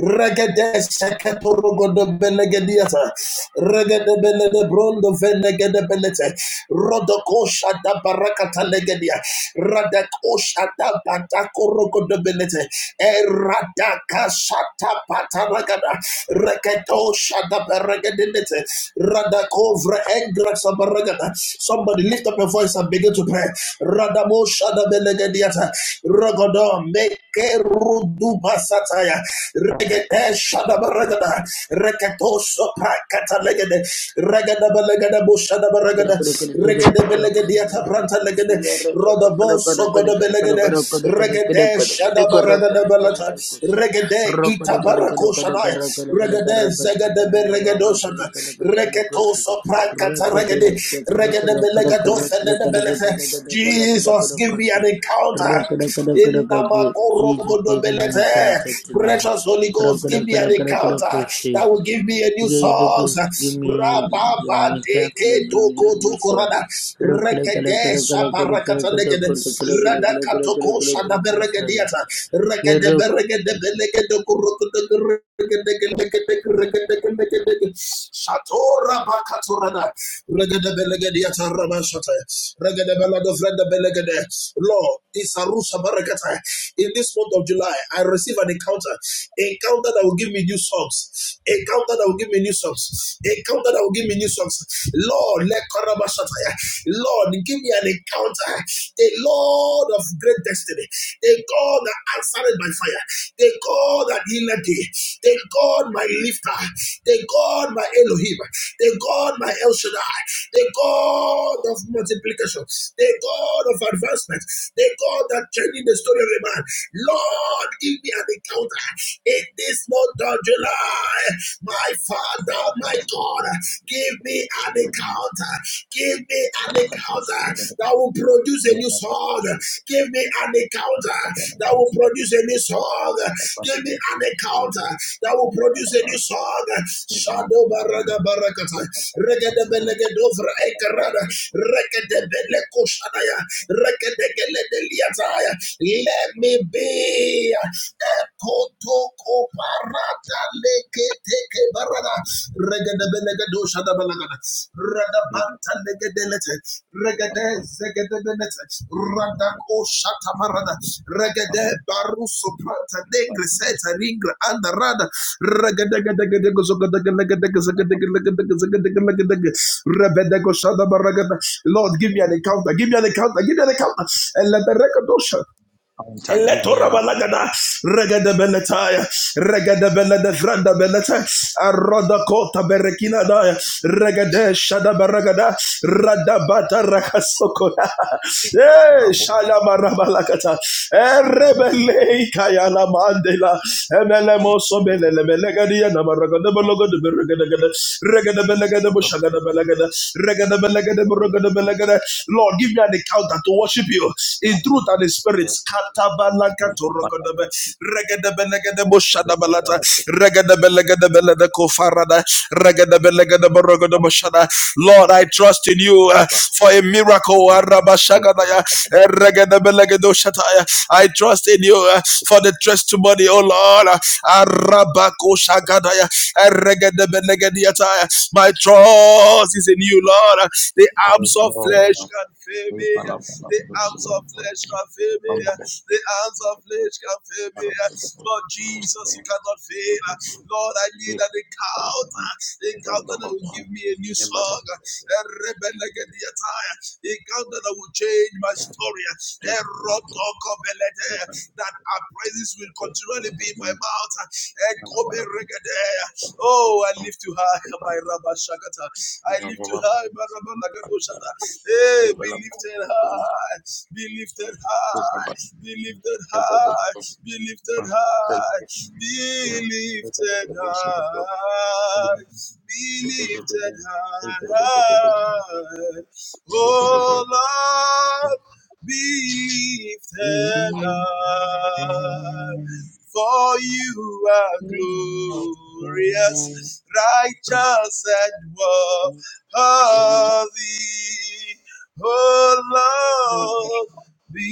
F: Regede seketorogo de benegediata. Regede benede brondo venegede benete. Rodokosha da barakata legedia. Radakosha da batakorogo de benete. Radaka Shata Pataragada Reketo Shata Beregadinete Radakovra Engra Sabaragada. Somebody lift up your voice and begin to pray. Radamo Shada Belegadiata Rogodo Meke Ruduba Sataya Regete Shada Baragada Reketo Sopra Catalegade Regada Belegada Bushada
G: Jesus,
F: Baragada Regade Belegadiata Branta Legade Roda the boss, so God of Belegade, Regade, Shadabaraga de Belata, Regade, Itabarako Shadai, Regade, Zagade Beregadoshana, Regeto Soprankata Regade, Regade Belegado Fende Belete. Jesus, give me an encounter in Namakorogo
G: give
F: de
G: me an
F: Belete.
G: encounter tonight.
F: Precious Holy Ghost, give me an encounter that will give me a new song.
G: Give, give, give me uh,
F: Rababa de
G: encounter that
F: Leke
G: give me
F: toko toko
G: resource.
F: rada. Rekete sabarakata legede. Rada katoko shada beregediata. Rekede beregede belegede kurukude Shatora bakatorada. Regede belegediata raba shata. belado freda belegede. Lord, Isarusha barakata. In this month of July, I receive an encounter. Encounter that will give me new song songs. A counter that will give me new songs. A counter that will give me new songs. Lord, let Korabashataya. Lord, give me an encounter. The Lord of great destiny. The God that answered by fire. The God that healed thee. The God my lifter. The God my Elohim. The God my El Shaddai. The God of multiplication. The God of advancement. The God that changing the story of a man. Lord, give me an encounter in this month of July. My Father, my God, give me an encounter. Give me an encounter that will produce a new song. Give me an encounter that will produce a new song. Give me an encounter that will produce a new song. Shadow Barada Barakata. Regada Belegado for Ekarada. Regada Lord, give me an encounter. Give me an encounter. Give me an encounter. Eleberegadosha.
B: Counter, give me
F: Eletora
B: an
F: balagada regada beletaya regada belede franda belete aroda kota Eletorabalagada, regedebeletaya, regedebeledefrandabelete, arodakota berekinadaya, regedeshadabaragada, radabatarakasokona. Eh, shalamarabalakata, erebeleikayalamandela, emelemosomelelemelegadiyanamaragadebelogodeberegedegede, regedebelegedebushagadabelegede, Lord, give me an encounter to worship you in truth and in spirit. Lord, I trust in you uh, for a miracle. I trust in you uh, for the testimony, oh Lord.
B: Slow, we follow, follow, follow, follow, follow, Let's
F: that our praises will continually be in my mouth. Eh, Kobe Regedea. Oh, I lift you high, my Rabba Shakata. I lift you high, my Rabba Nagato Shata. Hey, be lifted high, be lifted high, be lifted high, be lifted high, be lifted high, be lifted high. Oh, Lord be lifted up. For you are glorious, righteous, and worthy.
B: go.
F: Oh Lord, be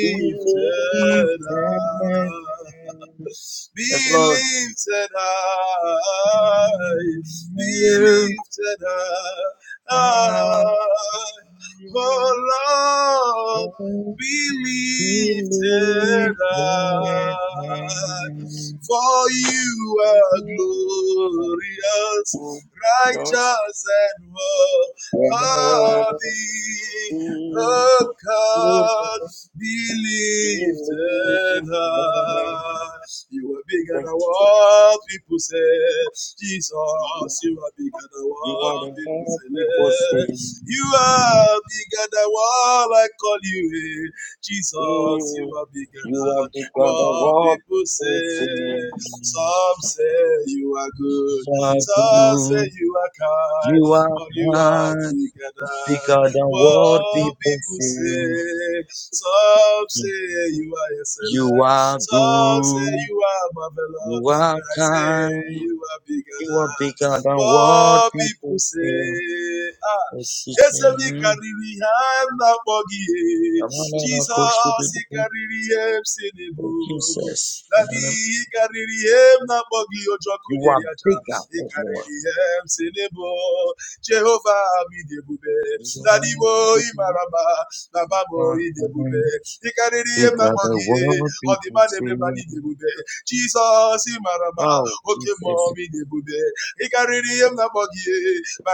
B: Be
F: lifted
B: lifted.
F: up
B: Yes,
F: be
B: Lord.
F: lifted high, be
B: Higher,
F: lifted
B: higher,
F: high. Oh Lord,
B: Lord,
F: be
B: We
F: lifted
B: lift our
F: high.
B: hands.
F: For you are glorious,
B: Just
F: righteous and worthy.
B: in. lifted. Yes.
F: Oh God, be
B: Be
F: lifted
B: lifted.
F: high. You are bigger
B: Thank
F: than
B: you.
F: what people say. Jesus, you are bigger than
B: You are
F: what
B: the
F: people
B: happy
F: say. You
B: person.
F: are bigger than what I call you. eh. Jesus, you
B: You
F: are bigger
B: you
F: than
B: have become the
F: what
B: world
F: people
B: to
F: say.
B: see.
F: Some say you are good. Some say
B: Cycle,
F: you are kind.
B: you are
F: But you are
B: kind,
F: bigger than.
B: bigger than what
F: What
B: people
F: people
B: see.
F: say, some say you are
B: You
F: excellent,
B: are
F: some say
B: good,
F: you are
B: you
F: marvelous,
B: are
F: but I
B: kind,
F: say you are bigger
B: you are
F: than
B: bigger than what
F: what people
B: people feel.
F: say. Ah,
B: Oh,
F: yes,
B: Jesus.
F: we
B: Mhm.
F: carry the hand up
B: Amanana
F: Jesus, he
B: koshibibi.
F: carry him
B: Oh,
F: sinable.
B: Jesus.
F: Daddy,
B: Amanana.
F: he carry him na bogi ojoku
B: You are
F: neri aja.
B: bigger,
F: He
B: oh
F: carry
B: Lord.
F: him sinable. Jehovah, mi debube
B: You
F: na
B: are
F: n'ime
B: good,
F: oyi
B: you
F: mara mma na mma ma
B: are
F: oyi dị ebube
B: kind.
F: ị karịrị ihe
B: Because
F: mmakpọ
B: the
F: gị
B: world people
F: ọdịmma na-eme
B: see.
F: ma n'ịdị ebube jizọs ị mara mma
B: Oh,
F: oke mmụọ
B: Jesus.
F: m ịdị ị karịrị ihe mmakpọ gị ma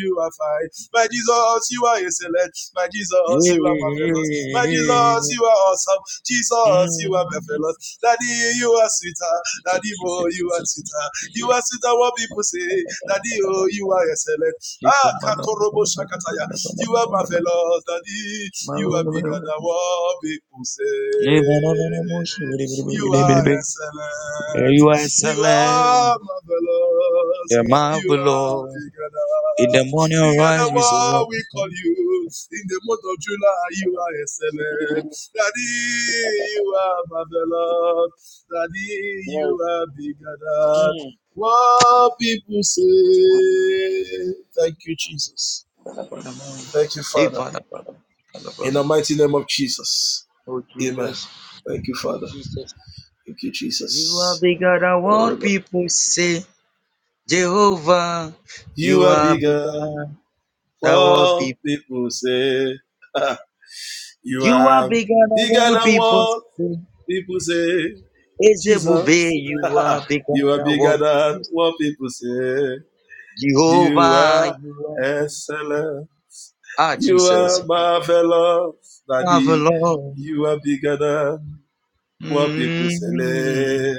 F: you are fine my jesus you are excellent my
B: Yeah.
F: jesus you are marvelous my jesus you are awesome jesus you
B: Mm.
F: are marvelous daddy oh, you are sweeter
B: Jesus,
F: daddy
B: Jesus,
F: you are
B: Jesus, Jesus,
F: sweeter you
B: Jesus.
F: are sweeter what people say daddy oh you are excellent Ah, Katorobo Shakataya. You are marvelous, Daddy. You are bigger than what people say. You are excellent.
B: You are
F: You
B: excellent,
F: are marvelous.
B: the
F: You are
B: marvelous.
F: bigger
B: In the
F: than,
B: morning,
F: bigger than
B: arise, we say, you
F: what we call
B: are.
F: you. In the month of July, you are excellent. Daddy, you are marvelous. Daddy, you
B: Yes.
F: are bigger than. What people say. Thank you, Jesus.
B: Mm.
F: Thank you,
B: Hey,
F: Father.
B: Father, Father, Father,
F: In
B: Father.
F: the mighty name of Jesus.
B: Oh
F: Amen.
B: Jesus,
F: Thank you, Father.
B: Jesus,
F: Thank you,
B: you are
F: Jesus.
B: bigger than
F: Oh,
B: what
F: Lord.
B: people say. Jehovah,
F: you
B: you
F: are
B: are
F: bigger.
B: bigger than what
F: What
B: people.
F: people say. you
B: You are
F: are
B: bigger than
F: bigger
B: what
F: than
B: people
F: what
B: say.
F: people say.
B: Ezebube,
F: Jesus.
B: you are bigger
F: you are
B: than
F: bigger
B: what
F: than
B: people say.
F: what people say. You
B: Jehovah,
F: are
B: you are.
F: excellent.
B: Ah,
F: You
B: Jesus,
F: are marvelous,
B: have
F: Daddy.
B: Lord.
F: You are bigger than what people
B: Mm,
F: say.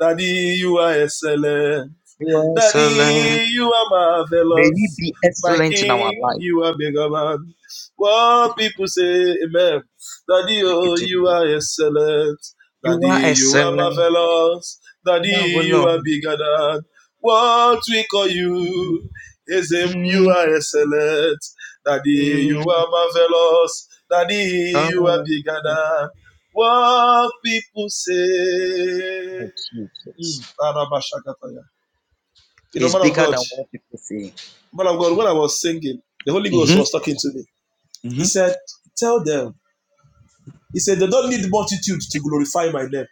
F: Daddy, you are excellent.
B: You are excellent.
F: Daddy, you are
B: May we
F: marvelous.
B: be
F: My
B: excellent in our
F: king,
B: life.
F: you are bigger man. What people say, amen. Daddy, oh, you are excellent.
B: You
F: Daddy,
B: are
F: you are
B: excellent.
F: marvelous. Daddy, you
B: Marvelous.
F: are bigger than what we call you. Ism, you
B: Mhm.
F: are excellent. Daddy, you are marvelous. Daddy, you are
B: Oh,
F: bigger than what people say.
B: Jesus.
F: Mm. You know,
B: He's
F: man of
B: bigger
F: God,
B: than what people see.
F: man of God, when I was singing, the Holy Ghost was
B: Mm-hmm.
F: talking to me. He
B: Mm-hmm.
F: said, Tell them. He said, They don't need multitude to glorify my name.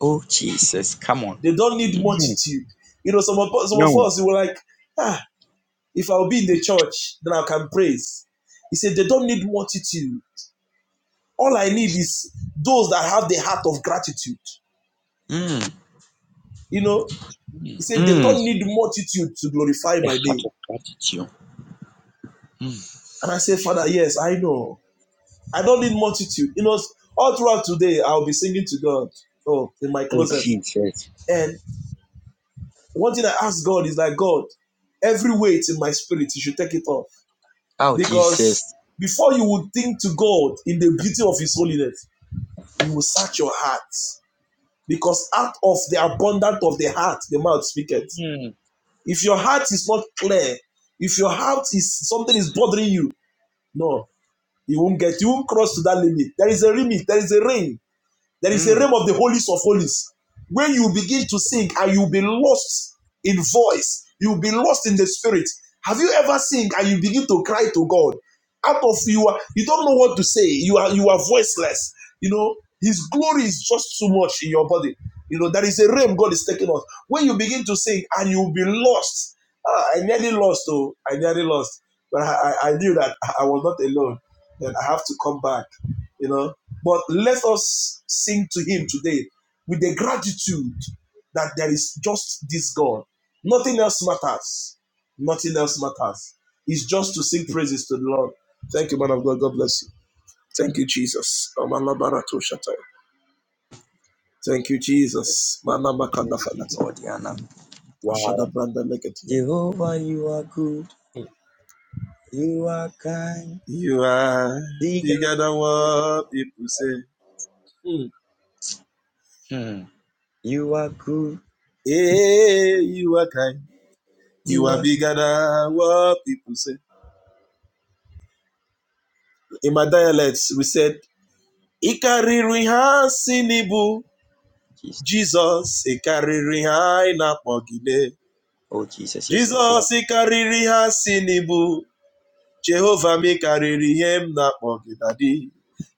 B: Oh, Jesus. Come on.
F: They don't need
B: Mm.
F: multitude. You know, some of, some of
B: No.
F: us, we were like, Ah, if I'll be in the church, then I can praise. He said, They don't need multitude. All I need is those that have the heart of gratitude.
B: Mm.
F: You know, he said, They
B: Mm.
F: don't need multitude to glorify
B: The
F: my
B: heart
F: name.
B: of gratitude. Mm.
F: And I said, Father, yes, I know. I don't need multitude. You know, all throughout today, I'll be singing to God. Oh, in my
B: Oh,
F: closet.
B: Jesus.
F: And one thing I ask God is like, God, every weight in my spirit, you should take it off.
B: Oh,
F: Because
B: Jesus.
F: before you would think to God in the beauty of His holiness, He will search your heart. Because out of the abundance of the heart, the mouth speaketh.
B: Mm.
F: If your heart is not clear, if your heart is something is bothering you, no, you won't get, you won't cross to that limit. There is a limit, there is a ring. There is a
B: Mm.
F: realm of the holies of holies. When you begin to sing and you'll be lost in voice, you'll be lost in the spirit. Have you ever sing and you begin to cry to God? Out of you are you don't know what to say. You are you are voiceless. You know, his glory is just too much in your body. You know, there is a realm God is taking us. When you begin to sing and you'll be lost. Ah, I nearly lost, oh, I nearly lost. But I, I I knew that I was not alone. Then I have to come back. You know. But let us sing to him today with the gratitude that there is just this God. Nothing else matters. Nothing else matters. It's just to sing praises to the Lord. Thank you, man of God. God bless you. Thank you, Jesus. Thank you,
B: Let's
F: Jesus.
B: pray to give you all the honor. Wow. Jehovah, you are good. You are kind.
F: You are
B: Bigger
F: bigger
B: than
F: than
B: all.
F: what people say. Hmm.
B: Hmm. You are good.
F: Hey, you are kind. You
B: You
F: are
B: are
F: bigger than what people say. In my dialects, we said, Ikariri ha sinibu,
B: Jesus.
F: Jesus, Ikariri ha inapogide.
B: Oh, Jesus. Yes, Lord. Come on.
F: Jesus, Ikariri ha sinibu, Jehova mekarịrị ihe m na-akpọ daddy.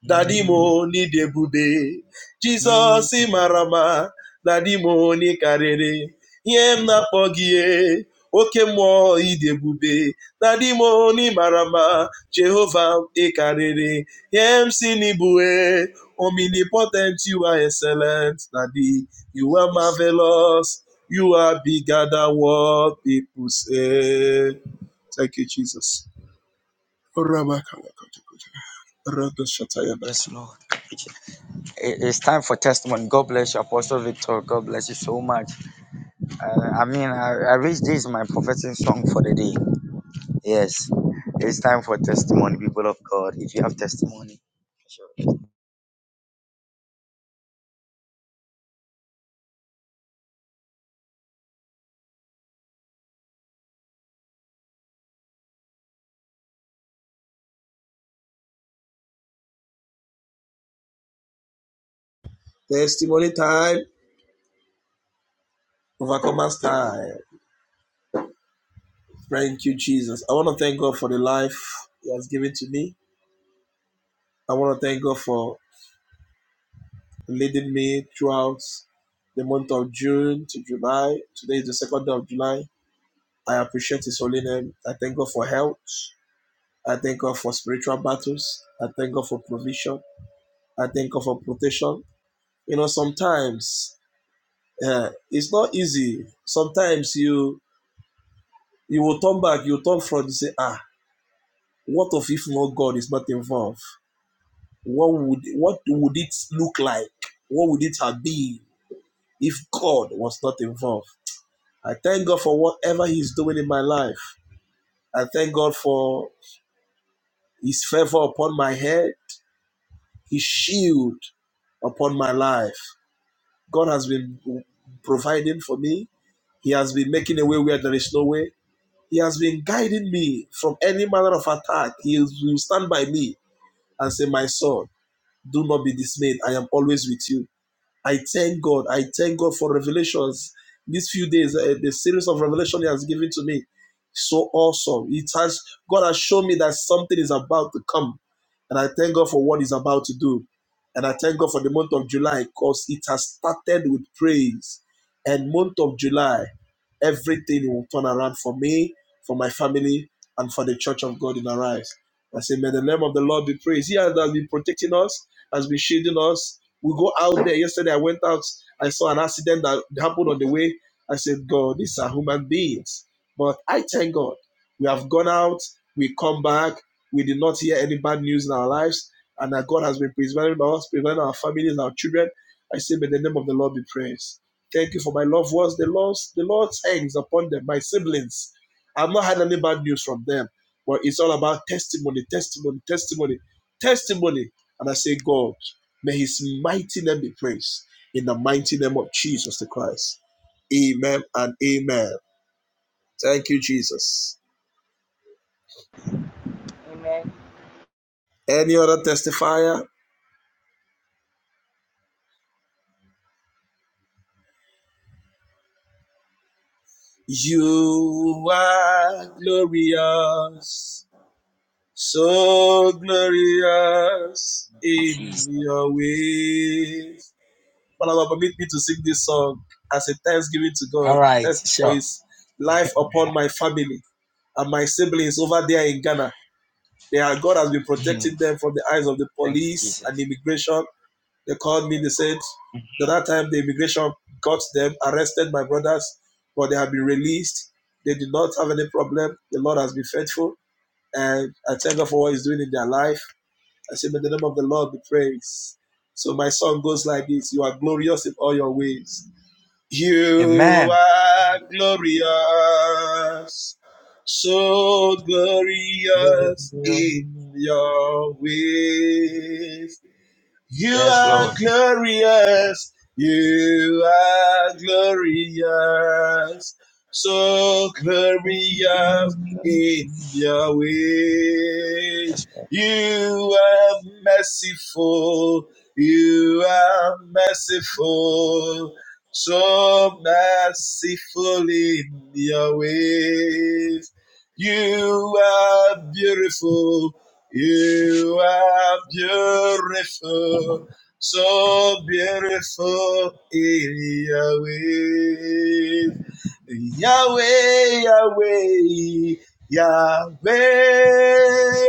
F: Daddy, mo ni onye Jesus,
B: Mm.
F: ị mara mma dadi m onye karịrị ihe m
B: Jesus.
F: na-akpọ gị ee. oke mmụọ ị dị ebube dadi m onye mara mma ị karịrị ihe m si n'ibue omnipotent you are excellent Daddy, you are
B: Yes.
F: marvelous you are bigger than what people say thank you Jesus
B: Yes, Lord. It- It's time for testimony. God bless you, Apostle Victor. God bless you so much. Uh, I mean, I, I reached this my prophetic song for the day. Yes, it's time for testimony, people of God. If you have testimony, sure.
F: he has given to me. I want to thank God for leading me throughout the month of June to July. Today is the second day of July. I appreciate His holy name. I thank God for health. I thank God for spiritual battles. I thank God for provision. I thank God for protection. You know, sometimes uh, it's not easy. Sometimes you you will turn back, you turn front, you say, ah, what of if not God is not involved? what would what would it look like? What would it have been if God was not involved? I thank God for whatever He's doing in my life. I thank God for His favor upon my head, His shield upon my life. God has been providing for me. He has been making a way where there is no way. He has been guiding me from any manner of attack. He will stand by me and say, My son, do not be dismayed. I am always with you. I thank God. I thank God for revelations. These few days, uh, the series of revelation He has given to me, so awesome. It has God has shown me that something is about to come, and I thank God for what He's about to do, and I thank God for the month of July because it has started with praise, and month of July, everything will turn around for me, for my family, and for the Church of God in our lives. I say, may the name of the Lord be praised. He has been protecting us, has been shielding us, we go out there. Yesterday, I went out. I saw an accident that happened on the way. I said, God, these are human beings. But I thank God. We have gone out. We come back. We did not hear any bad news in our lives. And that God has been preserving us, preserving our families, our children. I say, may the name of the Lord be praised. Thank you for my loved ones. The Lord, the Lord's hands upon them, my siblings. I've not had any bad news from them. But it's all about testimony, testimony, testimony, testimony. And I say, God, May his mighty name be praised in the mighty name of Jesus the Christ. Amen and amen. Thank you, Jesus.
C: be. Amen.
F: Any other testifier? You are glorious, so glorious in your ways. But Father, permit me to sing this song as a thanksgiving to God.
B: All right,
F: Thanks for
B: sure.
F: his life upon my family and my siblings over there in Ghana. They are, God has been protecting
B: Mhm.
F: them from the eyes of the
B: Thank you,
F: police and
B: Jesus.
F: immigration. They called me, they said, the that time the immigration got them, arrested my brothers, but they have been released. They did not have any problem. The Lord has been faithful, and I thank God for what He's doing in their life. I say, may the name of the Lord be praised. So my song goes like this You are glorious in all your ways. You
B: Amen.
F: are glorious, so glorious in your ways. You
B: Yes,
F: are
B: Lord.
F: glorious. You are glorious. So glorious in your ways.
B: Yes,
F: You are merciful. You are merciful. So merciful in your ways. You are beautiful. You are beautiful, so beautiful in Yahweh. Yahweh, Yahweh, Yahweh,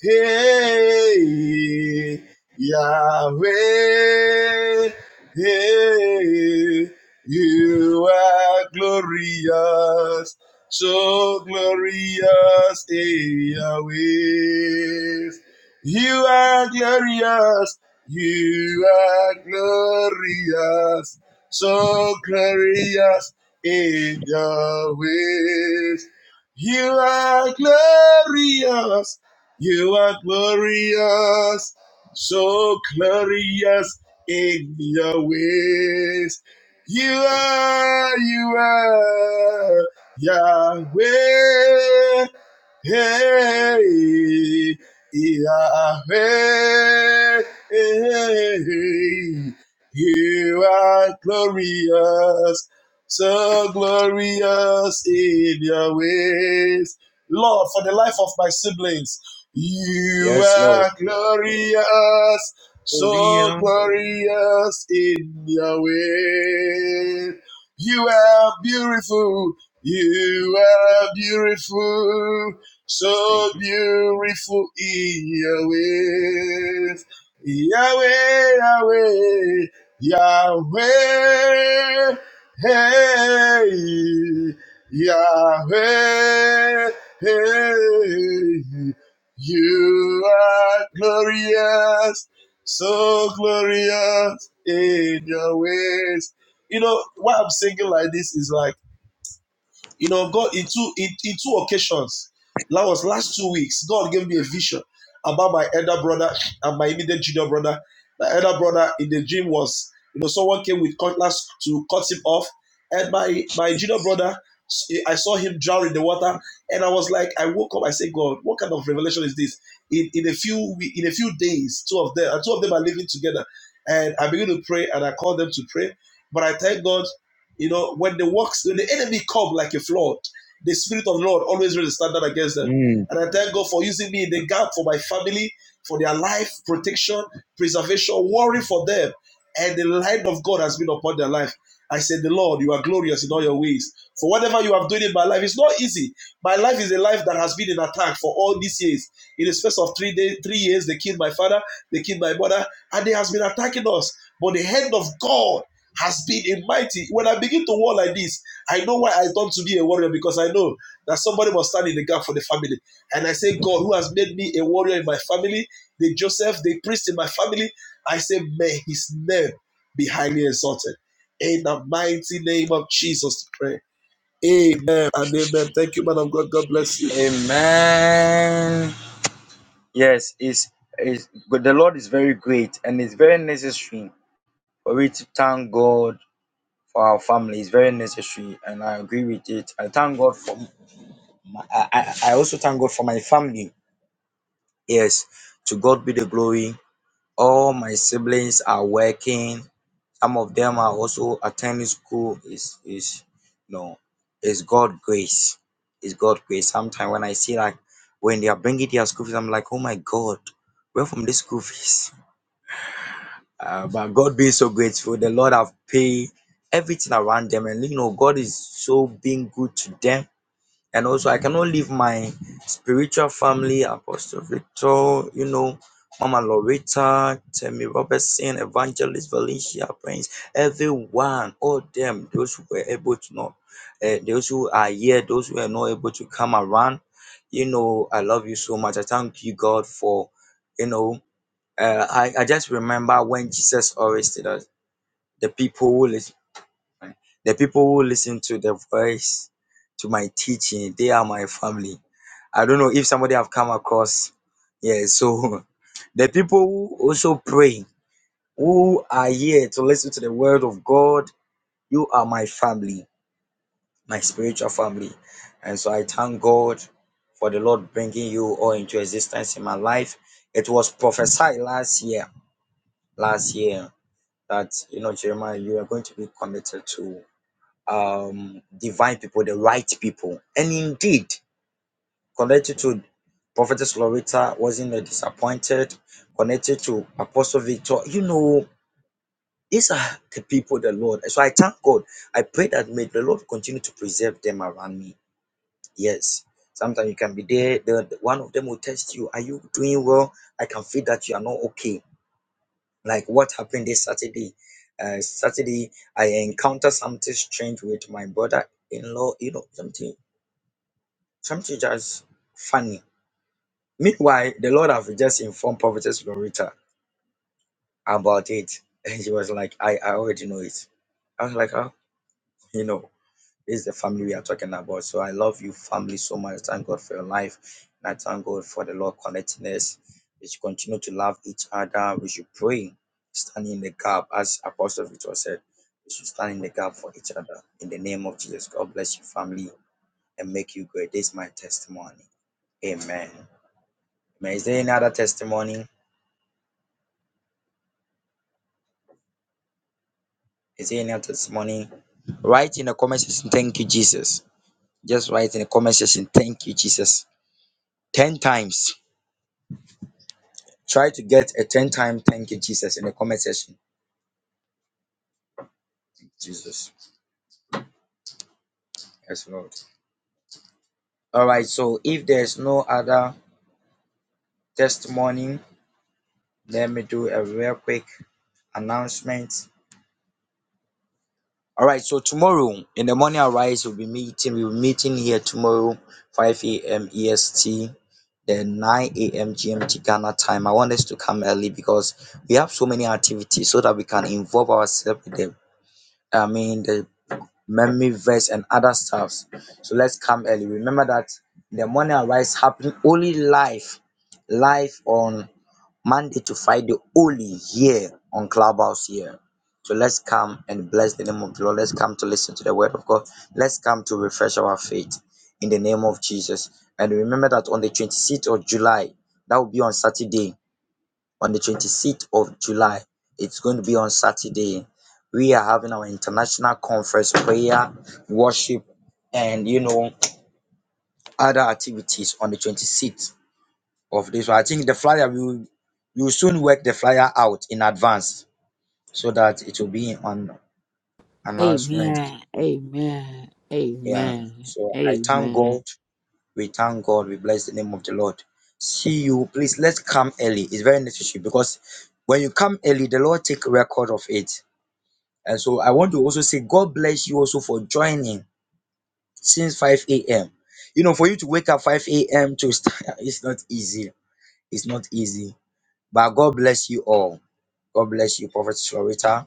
F: hey, Yahweh, hey, you are glorious. So glorious in your ways. You are glorious. You are glorious. So glorious in your ways. You are glorious. You are glorious. So glorious in your ways. You are, you are. Yahweh, hey, Yahweh, hey, you are glorious, so glorious in your ways. Lord, for the life of my siblings, you
B: yes Lord.
F: are glorious, so glorious in your ways. You are beautiful you are beautiful,
B: Thank
F: so
B: you.
F: beautiful in your ways. Yahweh, Yahweh, Yahweh, hey, Yahweh, hey. You are glorious, so glorious in your ways. You know, why I'm singing like this is like, you know, God in two in, in two occasions, that was last two weeks, God gave me a vision about my elder brother and my immediate junior brother. My elder brother in the dream was, you know, someone came with cutlass to cut him off, and my my junior brother, I saw him drown in the water, and I was like, I woke up, I said, God, what kind of revelation is this? In in a few in a few days, two of them, and two of them are living together, and I began to pray, and I called them to pray, but I thank God you know, when the works, when the enemy come like a flood, the spirit of the Lord always raise a standard against them.
B: Mm.
F: And I thank God for using me in the gap for my family, for their life, protection, preservation, worry for them and the light of God has been upon their life. I said, The Lord, you are glorious in all your ways. For whatever you have done in my life, it's not easy. My life is a life that has been in attack for all these years. In the space of three days, three years, they killed my father, they killed my mother, and they has been attacking us. But the hand of God has been a mighty. When I begin to war like this, I know why I turn to be a warrior because I know that somebody must stand in the gap for the family. And I say, God, who has made me a warrior in my family, the Joseph, the priest in my family, I say, may his name be highly exalted. In the mighty name of Jesus, we pray. Amen and amen. Thank you, man of God. God bless you.
B: Amen. Yes, it's, it's but the Lord is very great and it's very necessary for we to thank God for our family is very necessary, and I agree with it. I thank God for my, I, I I also thank God for my family. Yes, to God be the glory. All my siblings are working. Some of them are also attending school. Is is no, it's God grace. It's God grace. Sometimes when I see like when they are bringing their school fees, I'm like, oh my God, where from this school fees? Uh, but God being so grateful, the Lord have paid everything around them, and you know God is so being good to them. And also, I cannot leave my spiritual family, Apostle Victor, you know, Mama Loretta, Tammy Robertson, Evangelist Valencia Prince, everyone, all them, those who were able to know, uh, those who are here, those who are not able to come around, you know, I love you so much. I thank you, God, for you know. Uh, I, I just remember when Jesus always said that the people who listen, the people who listen to the voice, to my teaching, they are my family. I don't know if somebody have come across. Yeah, so the people who also pray, who are here to listen to the word of God, you are my family, my spiritual family. And so I thank God for the Lord bringing you all into existence in my life. It was prophesied last year, last year. that you know jeremiah you are going to be connected to um divine people the right people and indeed connected to prophetess loretta wasn't a disappointed connected to apostle victor you know these are the people the lord so i thank god i pray that may the lord continue to preserve them around me yes sometimes you can be there the, the- one of them will test you are you doing well i can feel that you are not okay like what happened this Saturday. Uh, Saturday, I encountered something strange with my brother-in-law. You know, something, something just funny. Meanwhile, the Lord have just informed Prophetess Loretta about it, and she was like, "I, I already know it." I was like, "Oh, you know." This is the family we are talking about. So I love you, family, so much. Thank God for your life. And I thank God for the Lord connecting us. We should continue to love each other. We should pray, stand in the gap, as Apostle Victor said. We should stand in the gap for each other. In the name of Jesus, God bless your family and make you great. This is my testimony. Amen. Amen. Is there any other testimony? Is there any other testimony? Write in the comment section, thank you, Jesus. Just write in the comment section, thank you, Jesus. 10 times Try to get a 10 time thank you, Jesus, in the comment section. Jesus, yes, Lord. All right, so if there's no other testimony, let me do a real quick announcement. All right, so tomorrow in the morning, arise, we'll be meeting. We'll be meeting here tomorrow, 5 a.m. EST, then 9 a.m. GMT Ghana time. I want us to come early because we have so many activities so that we can involve ourselves with them. I mean, the memory verse, and other stuffs. So let's come early. Remember that the morning arise happening only live, live on Monday to Friday, only here on Clubhouse here. So let's come and bless the name of the Lord. Let's come to listen to the word of God. Let's come to refresh our faith in the name of Jesus. And remember that on the 26th of July, that will be on Saturday, on the 26th of July. It's going to be on Saturday. We are having our international conference prayer, worship, and you know, other activities on the 26th of this. one. I think the flyer we will you will soon work the flyer out in advance so that it will be on announcement.
G: Amen. Amen.
B: Yeah.
G: Amen.
B: So I thank
G: Amen.
B: God. We thank God. We bless the name of the Lord. See you. Please let's come early. It's very necessary because when you come early, the Lord take record of it. And so I want to also say, God bless you also for joining since 5 a.m. You know, for you to wake up 5 a.m. to start, it's not easy. It's not easy. But God bless you all. God bless you, Prophet Florita.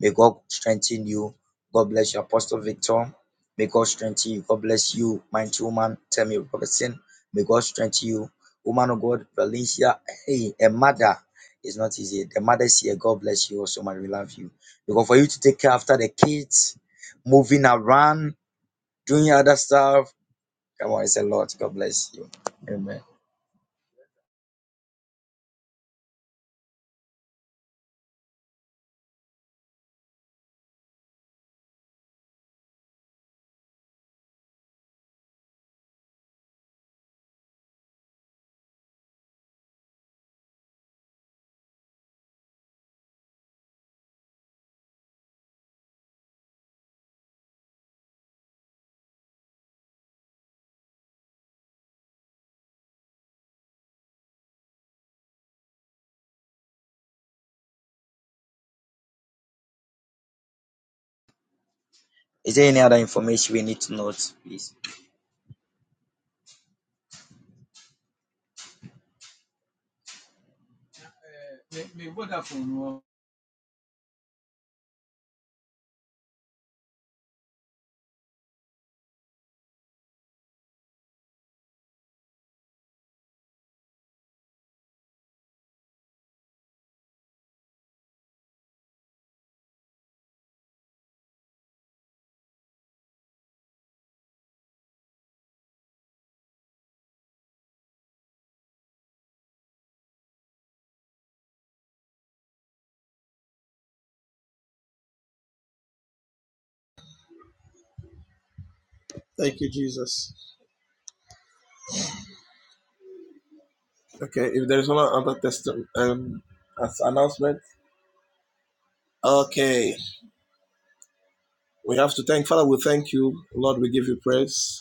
B: May God strengthen you. God bless you, Apostle Victor. May God strengthen you. God bless you, mighty woman. Tell me, Robertson. May God strengthen you. Woman of God, Valencia. Hey, a mother. is not easy. The mother's here. God bless you also, man. We love you. Because for you to take care after the kids, moving around, doing other stuff. Come on, it's a lot. God bless you. Amen. Is there any other information we need to note, please?
F: Thank you, Jesus. Okay, if there is no other testimony, um, as announcement. Okay, we have to thank Father. We thank you, Lord. We give you praise,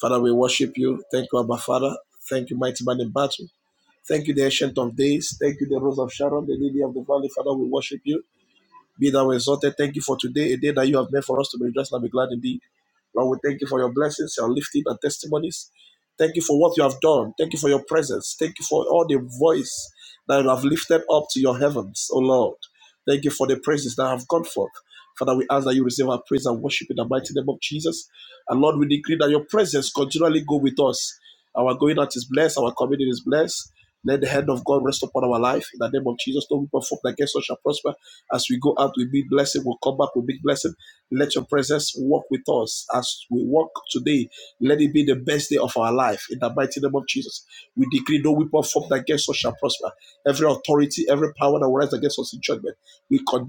F: Father. We worship you. Thank you, Abba Father. Thank you, mighty man in battle. Thank you, the Ancient of Days. Thank you, the Rose of Sharon, the Lily of the Valley. Father, we worship you. Be thou exalted. Thank you for today, a day that you have made for us to be just and be glad indeed. Lord, we thank you for your blessings, your lifting, and testimonies. Thank you for what you have done. Thank you for your presence. Thank you for all the voice that you have lifted up to your heavens, O Lord. Thank you for the praises that have gone forth. Father, we ask that you receive our praise and worship in the mighty name of Jesus. And Lord, we decree that your presence continually go with us. Our going out is blessed, our coming in is blessed. Let our life. In the name of Jesus, no weapon formed against us shall prosper. As we go out, we be blessed in the mighty name of Jesus. We decree no weapon formed against us shall prosper. As against judgment, we condemn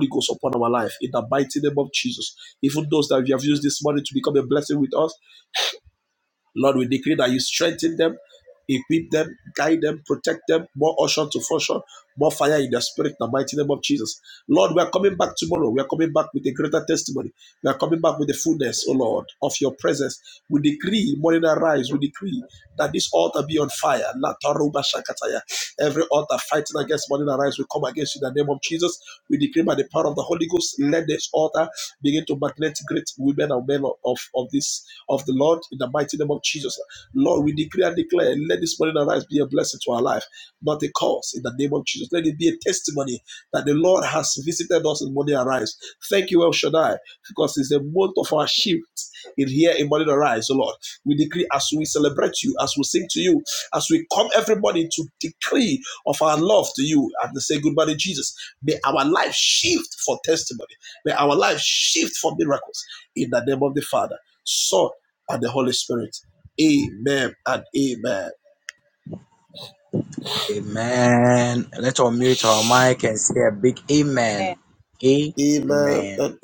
F: the ghost upon our life. In the mi- those that we have used this become Lord, we decree that you strengthen them, equip them, guide them, protect them, more ocean to function, more fire in their spirit, in the mighty name of Jesus. Lord, we are coming back tomorrow. We are coming back with a greater testimony. We are coming back with the fullness, O Lord, of your presence. We decree, morning arise, we decree that this altar be on fire. La taruba shakataya. Every altar fighting against morning arise, we come against you in the name of Jesus. We decree by the power of the Holy Ghost, let this altar begin to magnet great women and men of, of this of the Lord in the mighty name of Jesus. Lord, we decree and declare, let this morning arise be a blessing to our life, not a curse in the name of Jesus. Let it be a testimony that the Lord has visited us in morning arise. Thank you, El Shaddai, because it's a month of our shift in here in morning arise, O Lord. We decree as we celebrate you, as we sing to you, as we come every morning to decree of our love to you and to say good morning, Jesus. May our life shift
B: Amen. Let's all mute our mic and say a big amen. Amen.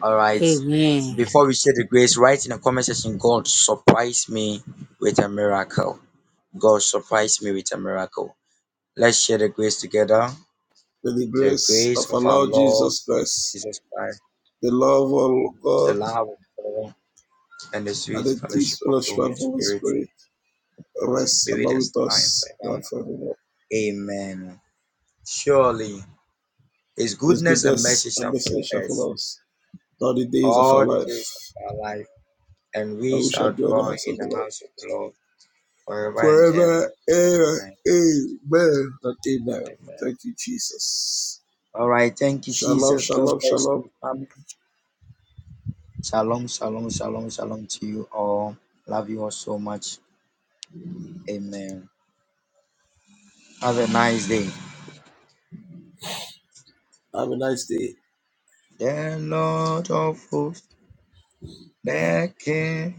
B: All right.
G: Amen.
B: Before we share the grace, write in the comment section, God surprise me with a miracle. God surprise me with a miracle. Let's share the grace together.
F: with the
B: The
F: grace
B: grace
F: of our
B: of our
F: Lord
B: Lord
F: Jesus Christ,
B: Jesus Christ,
F: the love of
B: the
F: God
B: love of God, and the
F: and
B: sweet
F: the this
B: fellowship of the
F: fellowship
B: Holy
F: of Holy
B: Spirit
F: Spirit rests
B: be with
F: about
B: us
F: with
B: now and
F: us now
B: forevermore.
F: forevermore.
B: Amen. Surely His
F: His
B: goodness and mercy
F: goodness and
B: shall
F: mercy
B: follow
F: shall
B: us
F: follow us all the days of our
B: all the days
F: life,
B: of our life, and we
F: and we shall
B: shall
F: dwell in the
B: dwell
F: house
B: in
F: of the
B: the house
F: Lord
B: of the Lord forever and ever. Amen. Amen. All right. Thank you, Jesus. God bless you, family. Shalom, shalom, shalom, shalom to you all. Love you all so much. Amen. Have a nice day. The Lord of hosts, the King.